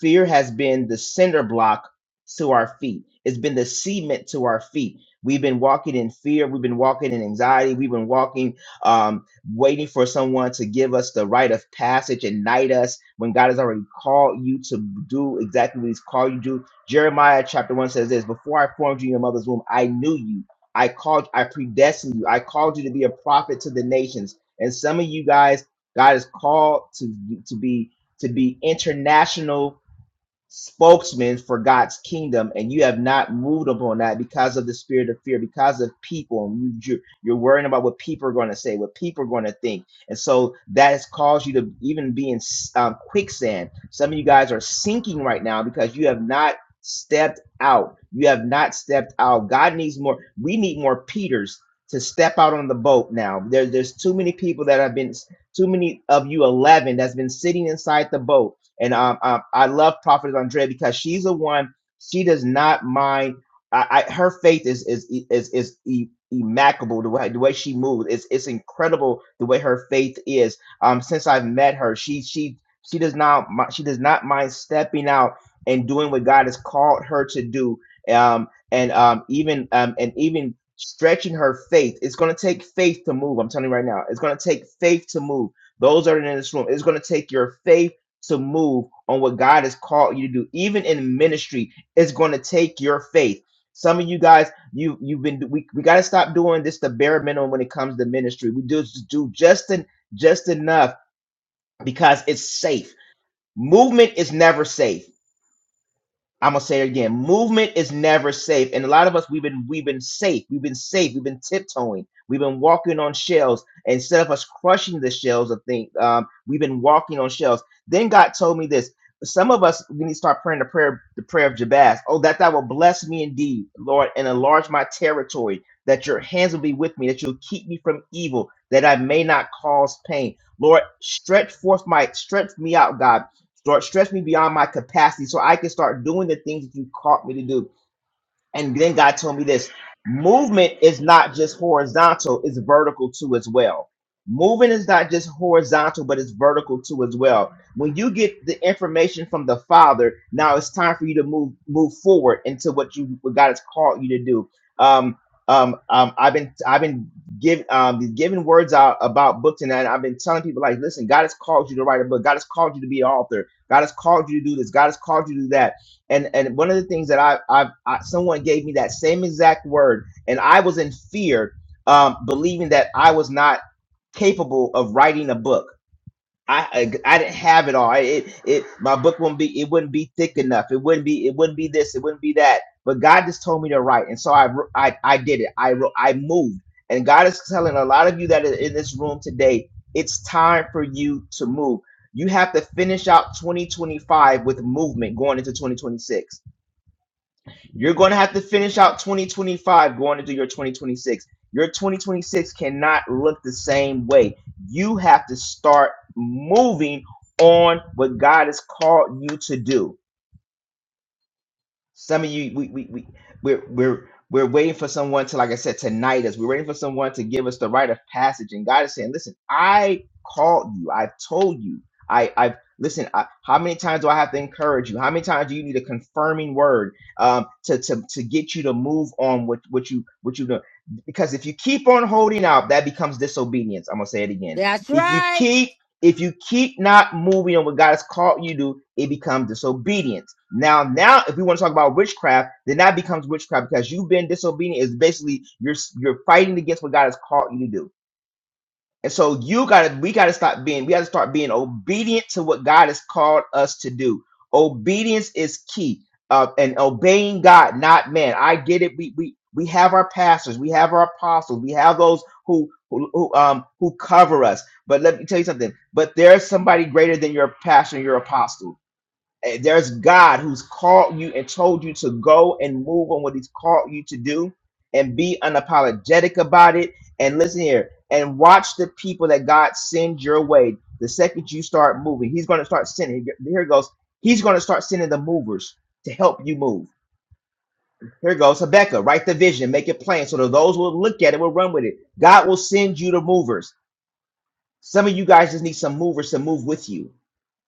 Speaker 3: fear has been the cinder block to our feet. It's been the cement to our feet. We've been walking in fear. We've been walking in anxiety. We've been walking, um, waiting for someone to give us the rite of passage and knight us when God has already called you to do exactly what He's called you to do. Jeremiah chapter 1 says this Before I formed you in your mother's womb, I knew you. I called, I predestined you. I called you to be a prophet to the nations. And some of you guys, God has called to to be to be international spokesman for God's kingdom, and you have not moved upon that because of the spirit of fear, because of people. And you, you- you're worrying about what people are going to say, what people are going to think. And so that has caused you to even be in um, quicksand. Some of you guys are sinking right now because you have not stepped out. You have not stepped out. God needs more. We need more Peters to step out on the boat now. There, there's too many people that have been, too many of you 11 that's been sitting inside the boat and um, um, I love Prophetess Andrea because she's the one. She does not mind. I, I her faith is is e, is is e- The way the way she moves, it's it's incredible. The way her faith is. Um, since I've met her, she she she does not mi- she does not mind stepping out and doing what God has called her to do. Um, and um, even um, and even stretching her faith. It's going to take faith to move. I'm telling you right now. It's going to take faith to move. Those that are in this room, it's going to take your faith to move on what God has called you to do, even in ministry, it's going to take your faith. Some of you guys, you you've been we, we got to stop doing this the bare minimum when it comes to ministry. We do do just en- just enough because it's safe. Movement is never safe. I'm gonna say it again. Movement is never safe, and a lot of us we've been we've been safe, we've been safe, we've been tiptoeing, we've been walking on shells instead of us crushing the shells of things. Um, we've been walking on shells. Then God told me this. Some of us we need to start praying the prayer the prayer of Jabaz. Oh, that thou will bless me indeed, Lord, and enlarge my territory. That your hands will be with me, that you'll keep me from evil, that I may not cause pain. Lord, stretch forth my stretch me out, God Start stretch me beyond my capacity so I can start doing the things that you called me to do. And then God told me this movement is not just horizontal, it's vertical too as well. Moving is not just horizontal, but it's vertical too as well. When you get the information from the Father, now it's time for you to move move forward into what you what God has called you to do. Um, um, um, I've been I've been give, um, giving words out about books and that, I've been telling people like, listen, God has called you to write a book. God has called you to be an author. God has called you to do this. God has called you to do that and and one of the things that I, I I someone gave me that same exact word, and I was in fear, um, believing that I was not capable of writing a book. I I, I didn't have it all. I- It it my book wouldn't be it wouldn't be thick enough. It wouldn't be it wouldn't be this. It wouldn't be that. But God just told me to write, and so I wr- I I did it. I wrote- I moved, and God is telling a lot of you that are in this room today, it's time for you to move. You have to finish out 2025 with movement going into 2026 you're going to have to finish out 2025 going into your 2026. Your 2026 cannot look the same way. You have to start moving on what God has called you to do some of you, we we we we're we're we're waiting for someone to, like I said, tonight us. We're waiting for someone to give us the rite of passage. And God is saying, listen, I called you. I've told you. I I've listen. I, how many times do I have to encourage you? How many times do you need a confirming word um, to to to get you to move on with what you what you do? Because if you keep on holding out, that becomes disobedience. I'm gonna say it again.
Speaker 1: that's
Speaker 3: If you
Speaker 1: right.
Speaker 3: keep if you keep not moving on what God has called you to, do, it becomes disobedience. Now, now, if we want to talk about witchcraft, then that becomes witchcraft because you've been disobedient. Is basically you're you're fighting against what God has called you to do. And so you gotta, we gotta stop being, we gotta start being obedient to what God has called us to do. Obedience is key. Uh, and obeying God, not man. I get it. We we we have our pastors, we have our apostles, we have those who who, who um who cover us. But let me tell you something. But there's somebody greater than your pastor and your apostle Eh, There's God who's called you and told you to go and move on what He's called you to do and be unapologetic about it. And listen here and watch the people that God sends your way. The second you start moving, He's going to start sending. Here it goes. He's going to start sending the movers to help you move. Here it goes. Habakkuk, write the vision, make it plain so that those who will look at it will run with it. God will send you the movers. Some of you guys just need some movers to move with you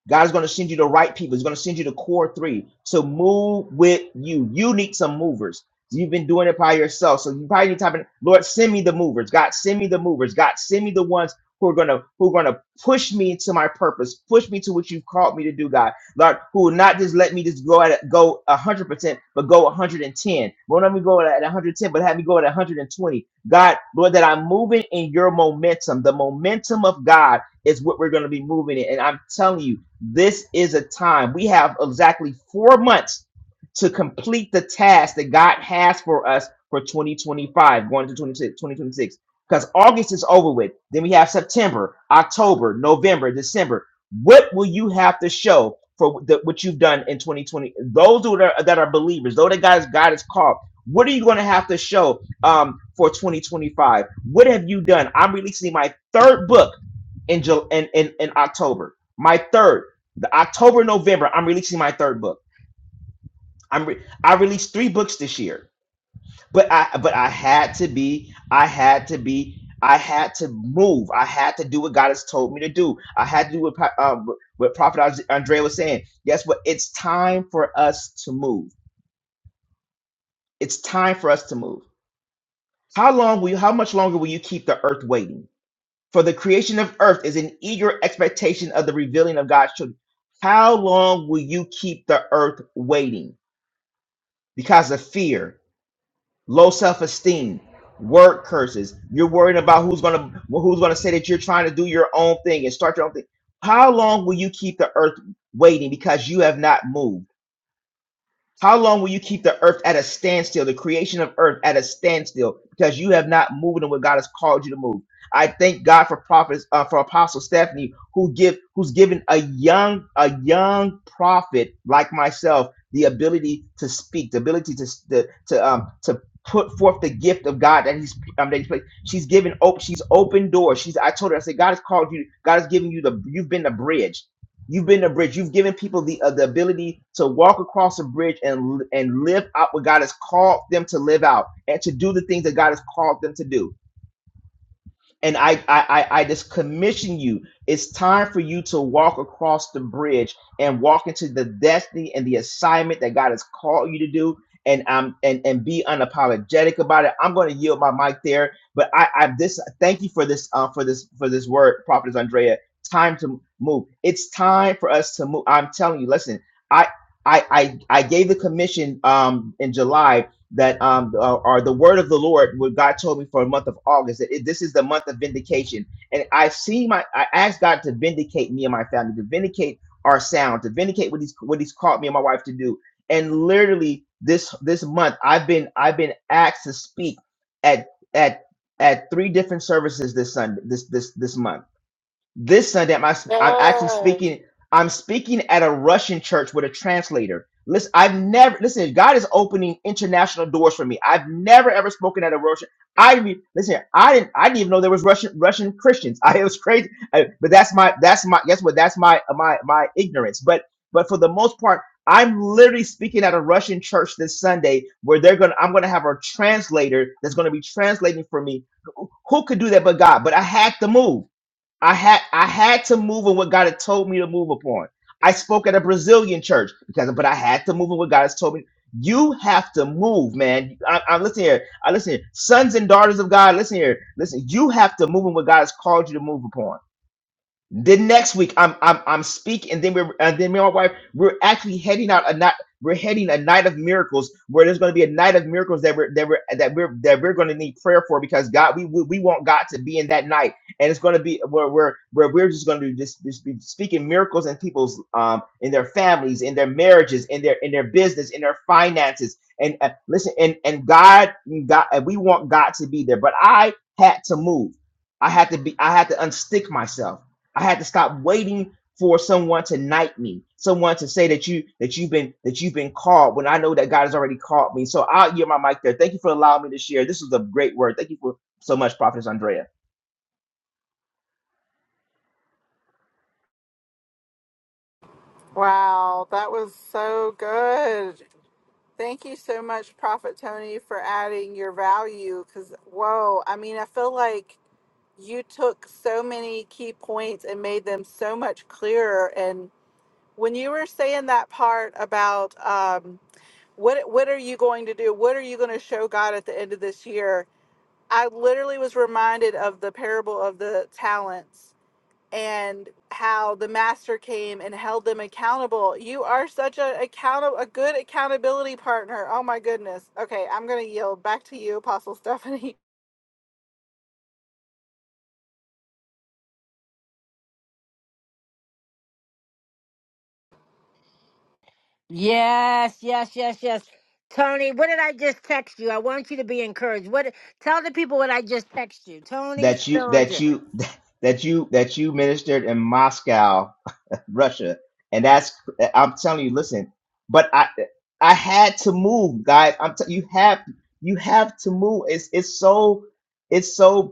Speaker 3: God's going to send you the right people. He's going to send you the core three to move with you. You need some movers. You've been doing it by yourself. So you probably need to type in, Lord, send me the movers. God, send me the movers. God, send me the ones who are gonna who are gonna push me to my purpose, push me to what you've called me to do, God. Lord, who will not just let me just go at it, go hundred percent, but go 110. Won't let me go at 110, but have me go at 120. God, Lord, that I'm moving in your momentum. The momentum of God is what we're gonna be moving in. And I'm telling you. This is a time we have exactly four months to complete the task that God has for us for 2025, going to 2026. Because August is over with. Then we have September, October, November, December. What will you have to show for the, what you've done in 2020? Those who are, that are believers, those that God, God has called, what are you going to have to show um, for 2025? What have you done? I'm releasing my third book in, Ju- in, in, in October. My third the October, November, I'm releasing my third book. I'm re- I released three books this year, but I but I had to be I had to be I had to move. I had to do what God has told me to do. I had to do what Pa- uh, what Prophet Andre Andrea was saying. Guess what? It's time for us to move. It's time for us to move. How long will you? How much longer will you keep the earth waiting? For the creation of earth is an eager expectation of the revealing of God's children. How long will you keep the earth waiting? because of fear, low self-esteem, word curses. You're worried about who's gonna who's gonna say that you're trying to do your own thing and start your own thing. How long will you keep the earth waiting because you have not moved? How long will you keep the earth at a standstill, the creation of earth at a standstill, because you have not moved in what God has called you to move? I thank God for prophets, uh, for Apostle Stephanie, who give, who's given a young, a young prophet like myself the ability to speak, the ability to to to, um, to put forth the gift of God that He's um, that He's placed. She's given, op- she's open doors. She's, I told her, I said, God has called you. God has given you the, you've been the bridge. You've been a bridge. You've given people the uh, the ability to walk across a bridge and and live out what God has called them to live out and to do the things that God has called them to do and I, I I I just commission you. It's time for you to walk across the bridge and walk into the destiny and the assignment that God has called you to do. And um and and be unapologetic about it. I'm going to yield my mic there, but I I this thank you for this uh for this for this word, Prophetess Andrea. Time to move. It's time for us to move. I'm telling you. Listen, I I I I gave the commission um in July that um are, are the word of the Lord, what God told me for the month of August, that it, this is the month of vindication. And I see my I asked God to vindicate me and my family, to vindicate our sound, to vindicate what he's what he's called me and my wife to do. And literally this this month I've been I've been asked to speak at at at three different services this Sunday this this this month this Sunday, I'm, act- I'm actually
Speaker 2: Yes.
Speaker 3: speaking. I'm speaking at a Russian church with a translator. Listen, I've never listen. God is opening international doors for me. I've never ever spoken at a Russian. I re- listen. I didn't. I didn't even know there was Russian Russian Christians. I it was crazy. I- but that's my. That's my. Guess what? That's my my my ignorance. But but for the most part, I'm literally speaking at a Russian church this Sunday where they're gonna. I'm gonna have a translator that's gonna be translating for me. Who could do that but God? But I had to move. I had I had to move in what God had told me to move upon. I spoke at a Brazilian church because, but I had to move in what God has told me. You have to move, man. I, I listen here. I listen here. Sons and daughters of God, listen here. Listen, you have to move in what God has called you to move upon. The next week, I'm I'm I'm speaking, and then we're and then me and my wife we're actually heading out a night. We're heading a night of miracles where there's going to be a night of miracles that we're that we're that we're that we're going to need prayer for because God we, we we want God to be in that night and it's going to be where we're where we're just going to just, just be speaking miracles in people's um in their families in their marriages in their in their business in their finances and uh, listen and and God God and we want God to be there but I had to move I had to be I had to unstick myself. I had to stop waiting for someone to knight me, someone to say that you that you've been that you've been called when I know that God has already called me. So I'll yield my mic there. Thank you for allowing me to share. This was a great word. Thank you for so much, Prophetess Andrea.
Speaker 2: Wow, that was so good. Thank you so much, Prophet Tony, for adding your value. Because, whoa, I mean, I feel like you took so many key points and made them so much clearer. And when you were saying that part about, um, what what are you going to do what are you going to show god at the end of this year i literally was reminded of the parable of the talents and how the master came and held them accountable you are such a account a good accountability partner oh my goodness okay i'm going to yield back to you apostle stephanie
Speaker 1: Yes, yes, yes, yes. Tony, what did I just text you? I want you to be encouraged. What tell the people what I just text you. Tony
Speaker 3: That you that
Speaker 1: Billinger.
Speaker 3: you that you that you ministered in Moscow, Russia. And that's I'm telling you, listen, but I I had to move, guys. I'm t- you have you have to move. It's it's so it's so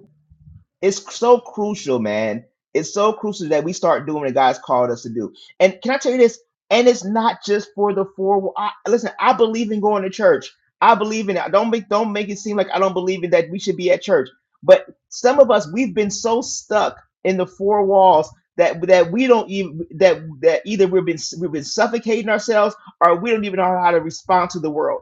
Speaker 3: It's so crucial, man. It's so crucial that we start doing what God's called us to do. And can I tell you this? And it's not just for the four. wa- I, listen, I believe in going to church. I believe in it. Don't make don't make it seem like I don't believe in that we should be at church. But some of us we've been so stuck in the four walls that that we don't even that that either we've been we've been suffocating ourselves or we don't even know how to respond to the world.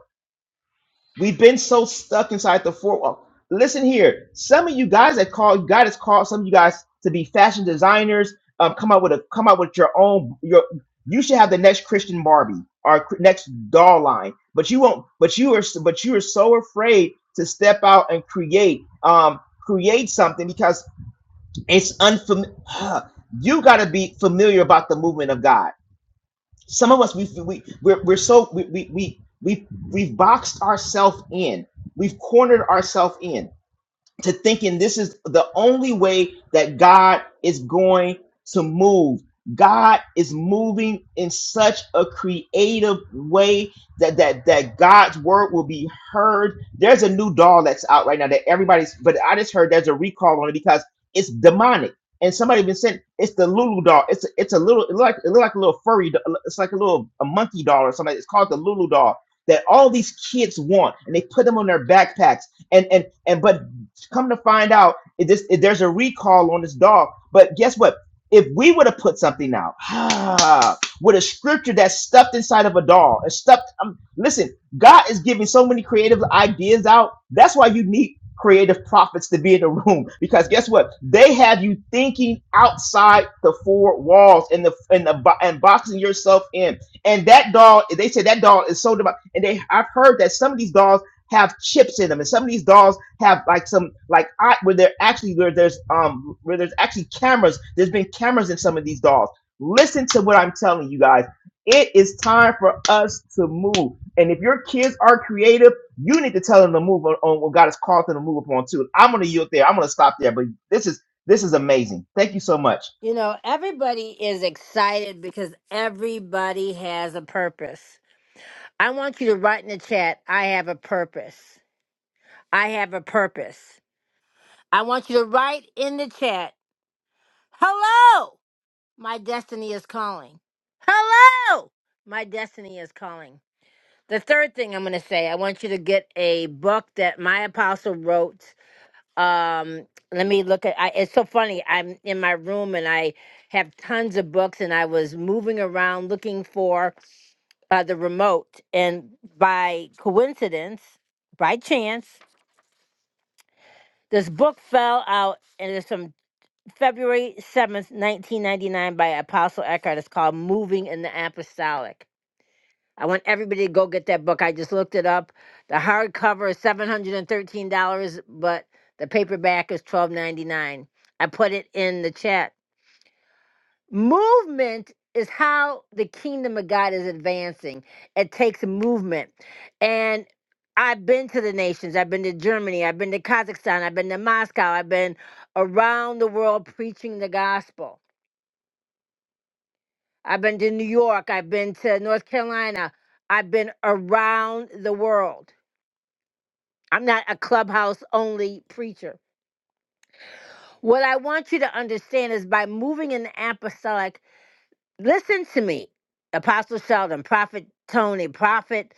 Speaker 3: We've been so stuck inside the four wall. Listen here, some of you guys that call God has called some of you guys to be fashion designers. Um, come up with a come up with your own your. You should have the next Christian Barbie or cr- next doll line, but you won't. But you are s- but you are so afraid to step out and create um create something because it's unfamiliar. You got to be familiar about the movement of God some of us we we we're, we're so we we we we we've boxed ourselves in. We've cornered ourselves in to thinking this is the only way that God is going to move. God is moving in such a creative way that that that God's word will be heard. There's a new doll that's out right now that everybody's but I just heard there's a recall on it because it's demonic. And somebody been saying it's the Lulu doll. It's a, it's a little it look like it look like a little furry. do- It's like a little a monkey doll or something. It's called the Lulu doll that all these kids want, and they put them on their backpacks and and and but Come to find out, it just, it, there's a recall on this dog. But guess what? If we would have put something out with a scripture that's stuffed inside of a dog, and stuffed, um, listen, God is giving so many creative ideas out. That's why you need creative prophets to be in the room because guess what? They have you thinking outside the four walls and the and the bo- and boxing yourself in. And that dog, they say that dog is so devout. And they, I've heard that some of these dogs have chips in them, and some of these dolls have like some like art where they're actually where there's um where there's actually cameras. There's been cameras in some of these dolls. Listen to what I'm telling you guys. It is time for us to move. And if your kids are creative, you need to tell them to move on, on what God has called them to move upon too. I'm gonna yield there. I'm gonna stop there. But this is this is amazing. Thank you so much.
Speaker 1: You know, everybody is excited because everybody has a purpose. I want you to write in the chat, I have a purpose. I have a purpose. I want you to write in the chat, hello, my destiny is calling. Hello, my destiny is calling. The third thing I'm going to say, I want you to get a book that my apostle wrote. Um, let me look at. I, it's so funny. I'm in my room and I have tons of books, and I was moving around looking for uh, the remote, and by coincidence, by chance, this book fell out, and it's from February 7th, 1999, by Apostle Eckhart. It's called "Moving in the Apostolic." I want everybody to go get that book. I just looked it up. The hardcover is seven hundred and thirteen dollars, but the paperback is twelve ninety nine. I put it in the chat. Movement is how the kingdom of God is advancing. It takes movement. And I've been to the nations. I've been to Germany. I've been to Kazakhstan. I've been to Moscow. I've been around the world preaching the gospel. I've been to New York. I've been to North Carolina. I've been around the world I'm not a clubhouse only preacher. What I want you to understand is by moving in the apostolic, listen to me, Apostle Sheldon, Prophet Tony, Prophet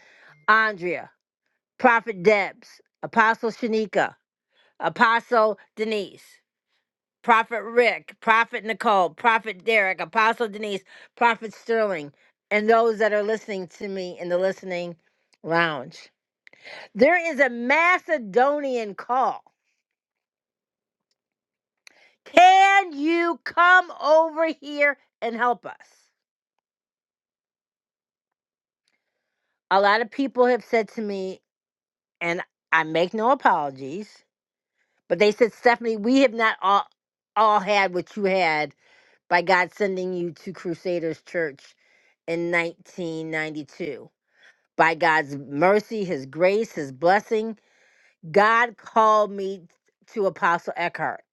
Speaker 1: Andrea, Prophet Debs, Apostle Shanika, Apostle Denise, Prophet Rick, Prophet Nicole, Prophet Derek, Apostle Denise, Prophet Sterling, and those that are listening to me in the listening lounge. There is a Macedonian call Can you come over here and help us? A lot of people have said to me, and I make no apologies, but they said, Stephanie, we have not all, all had what you had by God sending you to Crusaders Church in 1992. By God's mercy, His grace, His blessing, God called me to Apostle Eckhart.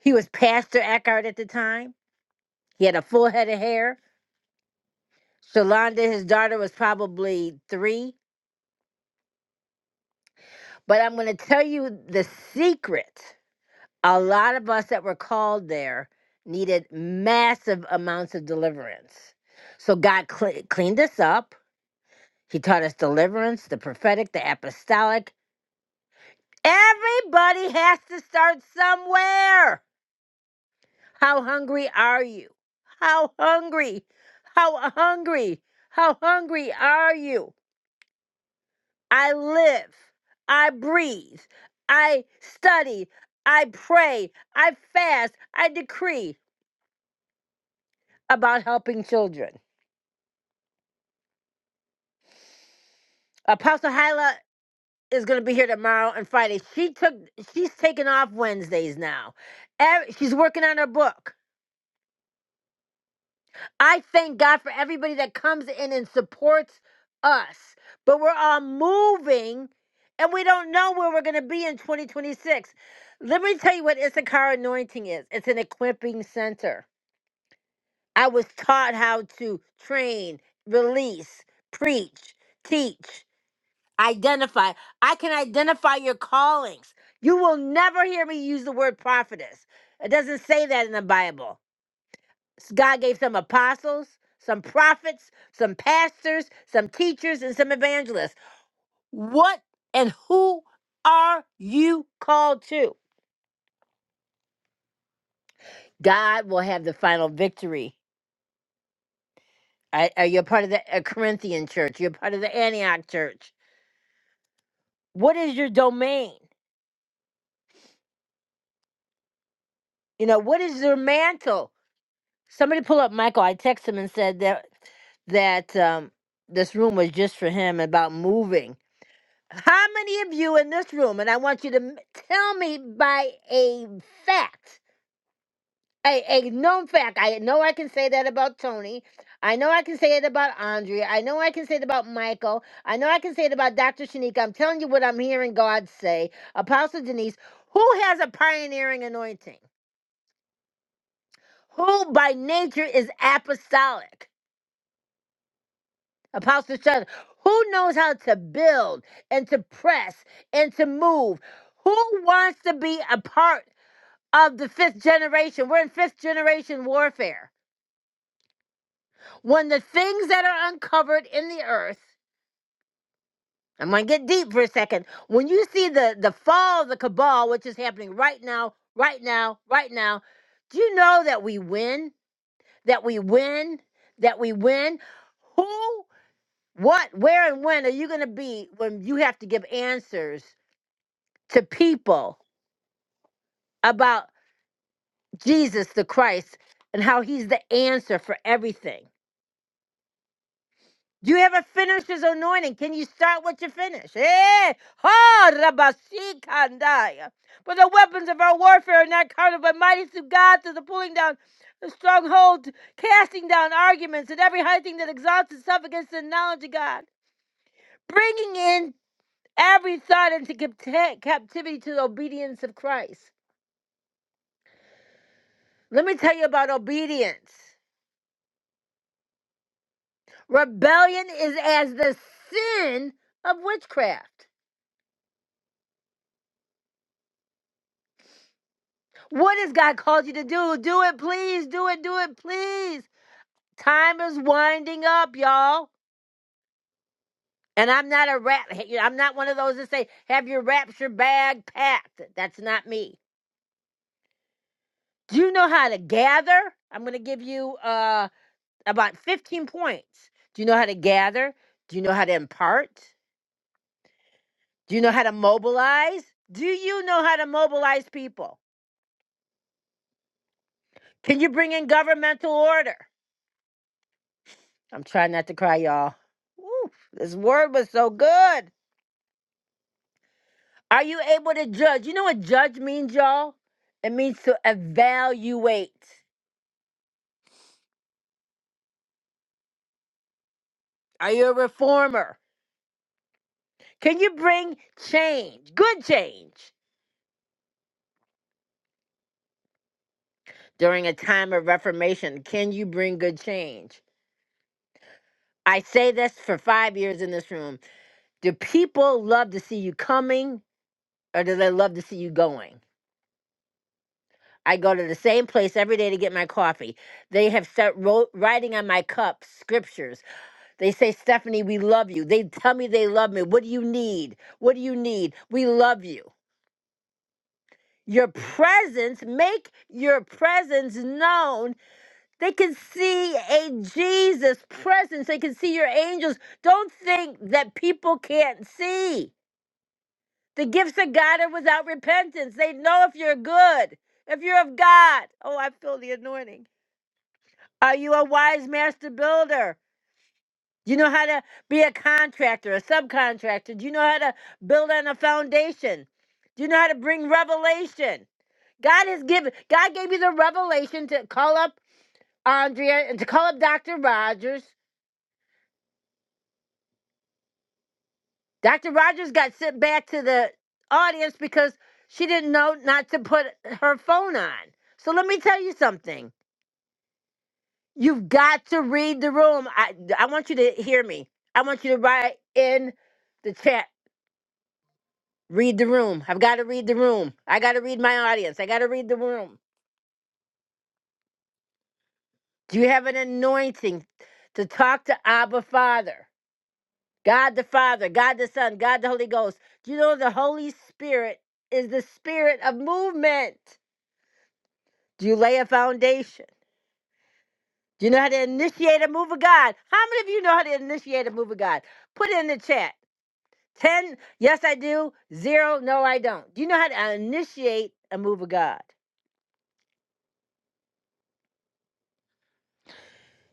Speaker 1: He was Pastor Eckhart at the time. He had a full head of hair Shalonda, his daughter, was probably three. But I'm going to tell you the secret. A lot of us that were called there needed massive amounts of deliverance. So God cle- cleaned us up. He taught us deliverance, the prophetic, the apostolic. Everybody has to start somewhere. How hungry are you? How hungry? How hungry? How hungry are you? I live, I breathe, I study, I pray, I fast, I decree about helping children. Apostle Hyla is going to be here tomorrow and Friday. She took she's taking off Wednesdays now. Ev- She's working on her book. I thank God for everybody that comes in and supports us. But we're all moving and we don't know where we're going to be in 2026. Let me tell you what Issachar anointing is it's an equipping center. I was taught how to train, release, preach, teach, identify. I can identify your callings. You will never hear me use the word prophetess. It doesn't say that in the Bible. God gave some apostles, some prophets, some pastors, some teachers, and some evangelists. What and who are you called to? God will have the final victory. Are, are you a part of the uh, Corinthian church? You're part of the Antioch church. What is your domain? You know, what is your mantle? Somebody pull up Michael. I texted him and said that that um, this room was just for him about moving. How many of you in this room, and I want you to m- tell me by a fact, a, a known fact. I know I can say that about Tony. I know I can say it about Andrea. I know I can say it about Michael. I know I can say it about Dr. Shanika. I'm telling you what I'm hearing God say. Apostle Denise, who has a pioneering anointing? Who by nature is apostolic? Apostle Shun, who knows how to build and to press and to move? Who wants to be a part? of the fifth generation. We're in fifth generation warfare. When the things that are uncovered in the earth, I'm going to get deep for a second. When you see the, the fall of the cabal, which is happening right now, right now, right now, do you know that we win? That we win? That we win? Who, what, where, and when are you going to be when you have to give answers to people about Jesus the Christ and how he's the answer for everything? Do You have a finisher's anointing. Can you start what you finish? Eh? Ha! rabashikandaya. But the weapons of our warfare are not carnal, but mighty through God, to the pulling down of strongholds, casting down arguments, and every high thing that exalts itself against the knowledge of God, bringing in every thought into capti- captivity to the obedience of Christ. Let me tell you about obedience. Rebellion is as the sin of witchcraft. What has God called you to do? Do it, please. Do it, do it, please. Time is winding up, y'all. And I'm not a rap. I'm not one of those that say, have your rapture bag packed. That's not me. Do you know how to gather? I'm going to give you uh, about 15 points. Do you know how to gather? Do you know how to impart? Do you know how to mobilize? Do you know how to mobilize people? Can you bring in governmental order? I'm trying not to cry, y'all. Woo, this word was so good. Are you able to judge? You know what judge means, y'all? It means to evaluate. Are you a reformer? Can you bring change, good change? During a time of reformation, can you bring good change? I say this for five years in this room. Do people love to see you coming or do they love to see you going? I go to the same place every day to get my coffee. They have set wrote, writing on my cup scriptures They say, Stephanie, we love you. They tell me they love me. What do you need? What do you need? We love you. Your presence, make your presence known. They can see a Jesus presence. They can see your angels. Don't think that people can't see. The gifts of God are without repentance. They know if you're good, if you're of God. Oh, I feel the anointing. Are you a wise master builder? Do you know how to be a contractor, a subcontractor? Do you know how to build on a foundation? Do you know how to bring revelation? God has given God gave you the revelation to call up Andrea and to call up Dr. Rogers. Dr. Rogers got sent back to the audience because she didn't know not to put her phone on. So let me tell you something. You've got to read the room. I I want you to hear me. I want you to write in the chat Read the room. I've got to read the room. I got to read my audience. I got to read the room. Do you have an anointing to talk to Abba Father, God the Father, God the Son, God the Holy Ghost? Do you know the Holy Spirit is the spirit of movement? Do you lay a foundation? Do you know how to initiate a move of God? How many of you know how to initiate a move of God? Put it in the chat. 10, yes, I do. Zero, no, I don't. Do you know how to initiate a move of God?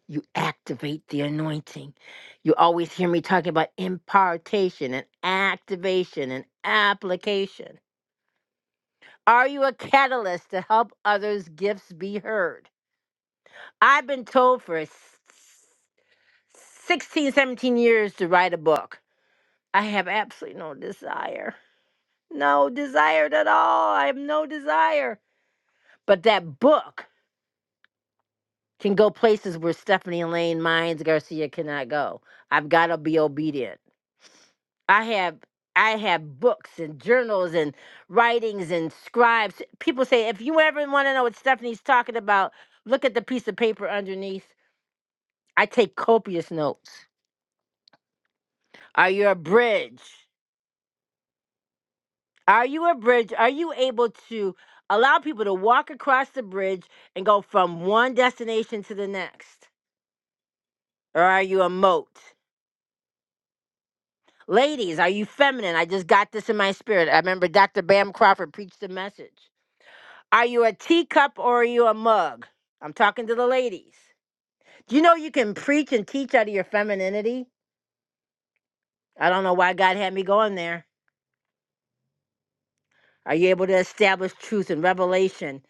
Speaker 1: you activate the anointing. You always hear me talking about impartation and activation and application. Are you a catalyst to help others' gifts be heard? I've been told for s- 16, seventeen years to write a book. I have absolutely no desire. No desire at all. I have no desire. But that book can go places where Stephanie Lane Mines Garcia cannot go. I've got to be obedient. I have I have books and journals and writings and scribes. People say if you ever want to know what Stephanie's talking about, look at the piece of paper underneath. I take copious notes. Are you a bridge? Are you a bridge? Are you able to allow people to walk across the bridge and go from one destination to the next? Or are you a moat? Ladies, are you feminine? I just got this in my spirit. I remember Dr. Bam Crawford preached the message. Are you a teacup or are you a mug? I'm talking to the ladies. Do you know you can preach and teach out of your femininity? I don't know why God had me going there. Are you able to establish truth and revelation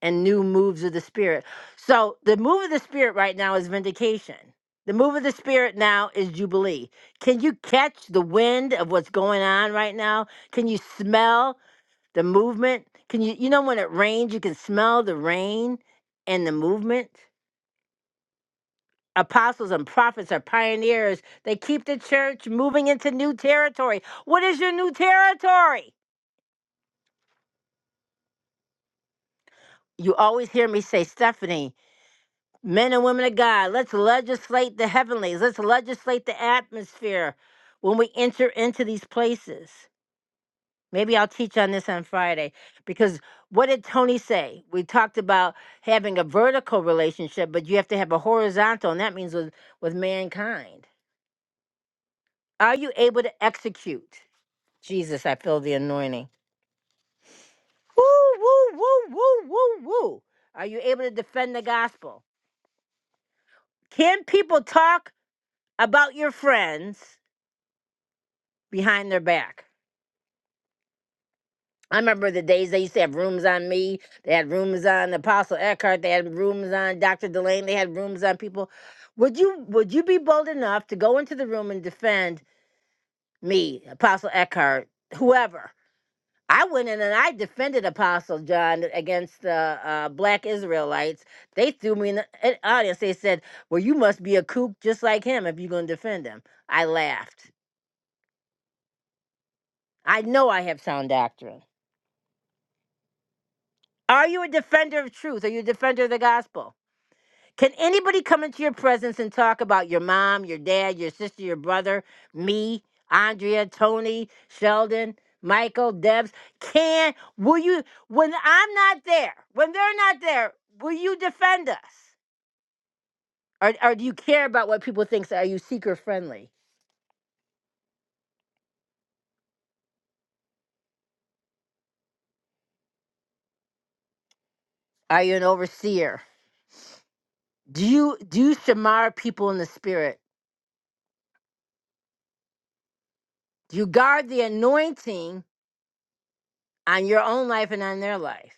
Speaker 1: and new moves of the spirit? So, the move of the spirit right now is vindication. The move of the spirit now is jubilee. Can you catch the wind of what's going on right now? Can you smell? The movement. Can you you know when it rains, you can smell the rain and the movement? Apostles and prophets are pioneers. They keep the church moving into new territory. What is your new territory? You always hear me say, Stephanie, men and women of God, let's legislate the heavenlies. Let's legislate the atmosphere when we enter into these places. Maybe I'll teach on this on Friday because what did Tony say? We talked about having a vertical relationship, but you have to have a horizontal, and that means with, with mankind. Are you able to execute? Jesus, I feel the anointing. Woo, woo, woo, woo, woo, woo. Are you able to defend the gospel? Can people talk about your friends behind their back? I remember the days they used to have rooms on me. They had rooms on Apostle Eckhart. They had rooms on Dr. Delane. They had rooms on people. Would you would you be bold enough to go into the room and defend me, Apostle Eckhart, whoever? I went in and I defended Apostle John against the uh, black Israelites. They threw me in the in the audience. They said, "Well, you must be a kook just like him if you're going to defend him." I laughed. I know I have sound doctrine. Are you a defender of truth? Are you a defender of the gospel? Can anybody come into your presence and talk about your mom, your dad, your sister, your brother, me, Andrea, Tony, Sheldon, Michael, Debs? Can, will you, when I'm not there, when they're not there, will you defend us? Or, or do you care about what people think? So Are you seeker friendly? Are you an overseer? Do you, do you shamar people in the spirit? Do you guard the anointing on your own life and on their life?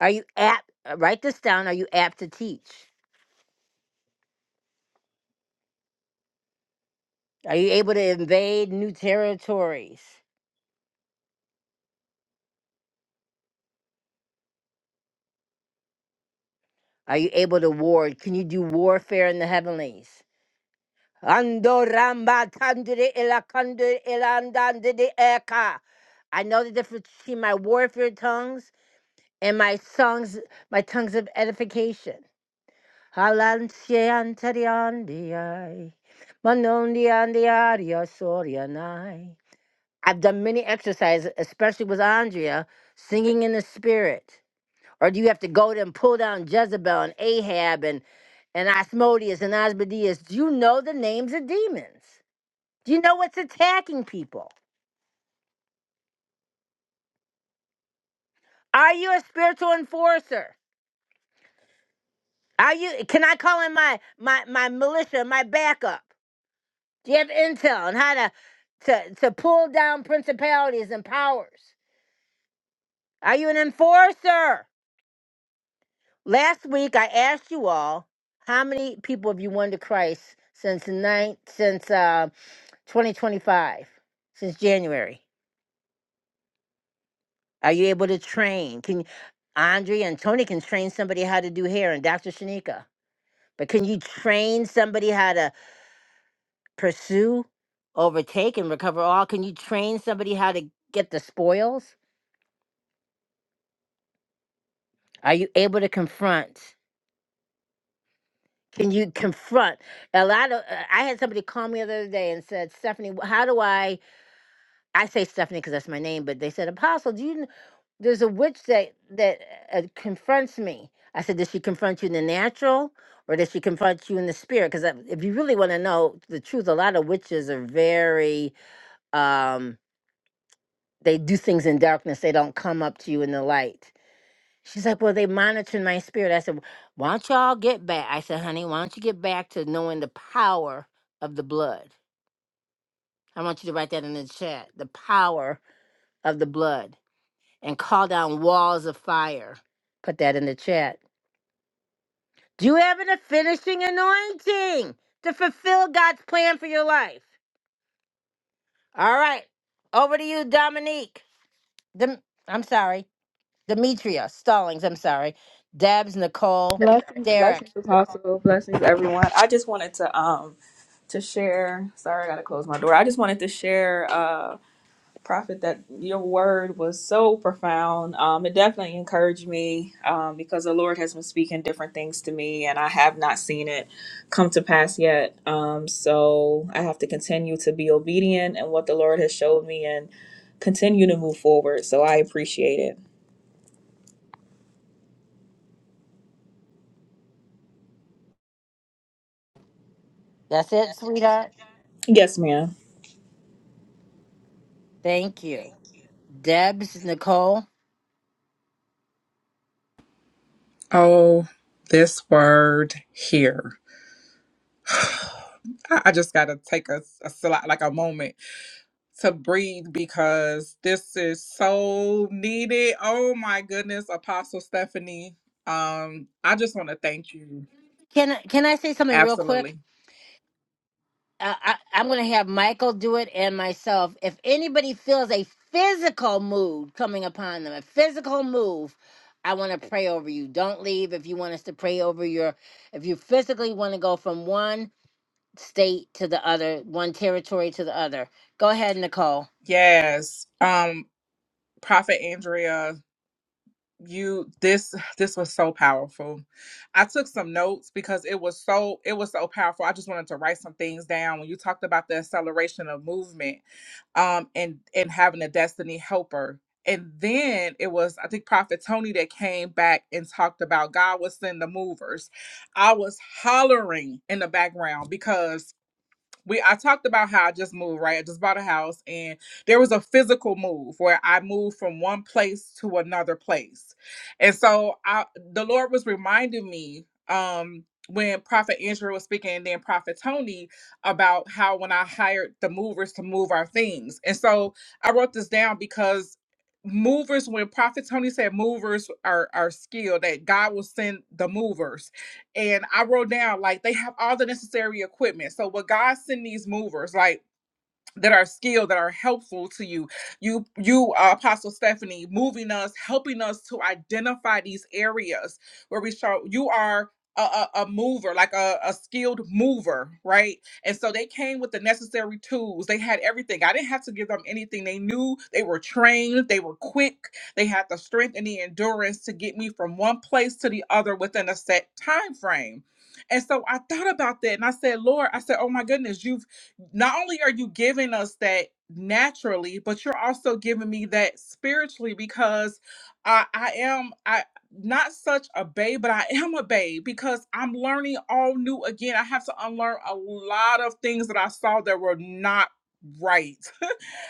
Speaker 1: Are you apt, write this down, are you apt to teach? Are you able to invade new territories? Are you able to ward? Can you do warfare in the heavenlies? Ando ramba tandere ela kandere ela andande de eka. I know the difference between my warfare tongues and my songs, my tongues of edification. Halansie anteri andiai, manondi andiaria sorianai. I've done many exercises, especially with Andrea, singing in the spirit. Or do you have to go to and pull down Jezebel and Ahab and, and Asmodeus and Asmodeus? Do you know the names of demons? Do you know what's attacking people? Are you a spiritual enforcer? Are you can I call in my my, my militia, my backup? Do you have intel on how to, to to pull down principalities and powers? Are you an enforcer? Last week I asked you all how many people have you won to Christ since nine since uh. 2025 since January. Are you able to train? Can you, Andre and Tony can train somebody how to do hair and Dr. Shanika. But can you train somebody how to pursue, overtake, and recover all? Can you train somebody how to get the spoils? Are you able to confront? Can you confront? A lot of uh, I had somebody call me the other day and said, Stephanie, wh- how do I? I say Stephanie because that's my name, but they said, Apostle, do you kn- there's a witch that that uh, uh, confronts me. I said, does she confront you in the natural or does she confront you in the spirit? Because if you really want to know the truth, a lot of witches are very um, they do things in darkness. They don't come up to you in the light. She's like, well, they monitored my spirit. I said, why don't y'all get back? I said, honey, why don't you get back to knowing the power of the blood? I want you to write that in the chat. The power of the blood and call down walls of fire. Put that in the chat. Do you have the finishing anointing to fulfill God's plan for your life? All right. Over to you, Dominique. Dem- I'm sorry. Demetria Stallings. I'm sorry. Debs, Nicole,
Speaker 4: Blessings,
Speaker 1: Derek.
Speaker 4: blessings, apostle, blessings, everyone. I just wanted to um to share. Sorry, I gotta close my door. I just wanted to share, uh, prophet, that your word was so profound. Um, it definitely encouraged me, um, because the Lord has been speaking different things to me, and I have not seen it come to pass yet. Um, so I have to continue to be obedient and what the Lord has showed me, and continue to move forward. So I appreciate it.
Speaker 1: That's it, sweetheart.
Speaker 4: Yes, ma'am.
Speaker 1: Thank you. Debs, Nicole.
Speaker 5: Oh, this word here. I, I just got to take a, a sli- like a moment to breathe because this is so needed. Oh my goodness, Apostle Stephanie. Um, I just want to thank you.
Speaker 1: Can, can I say something real quick?
Speaker 5: Absolutely.
Speaker 1: uh, I, I'm going to have Michael do it and myself. If anybody feels a physical mood coming upon them, a physical move, I want to pray over you. Don't leave if you want us to pray over your, if you physically want to go from one state to the other, one territory to the other. Go ahead, Nicole.
Speaker 5: Yes. Um, Prophet Andrea, you this this was so powerful. I took some notes because it was so it was so powerful. I just wanted to write some things down when you talked about the acceleration of movement um, and and having a destiny helper. And then it was, I think, Prophet Tony that came back and talked about God was in the movers. I was hollering in the background because we I talked about how I just moved, right? I just bought a house and there was a physical move where I moved from one place to another place. And so I the Lord was reminding me um when Prophet Andrew was speaking and then Prophet Tony about how when I hired the movers to move our things. And so I wrote this down because movers when prophet tony said movers are are skilled that god will send the movers and I wrote down like they have all the necessary equipment. So what God send these movers, like that are skilled that are helpful to you you you uh, apostle stephanie moving us helping us to identify these areas where we show you are a, a, a mover like a, a skilled mover right and so they came with the necessary tools they had everything i didn't have to give them anything they knew they were trained they were quick they had the strength and the endurance to get me from one place to the other within a set time frame and so i thought about that and i said lord i said oh my goodness you've not only are you giving us that naturally, but you're also giving me that spiritually because I, I am I not such a babe, but I am a babe because I'm learning all new again. I have to unlearn a lot of things that I saw that were not right.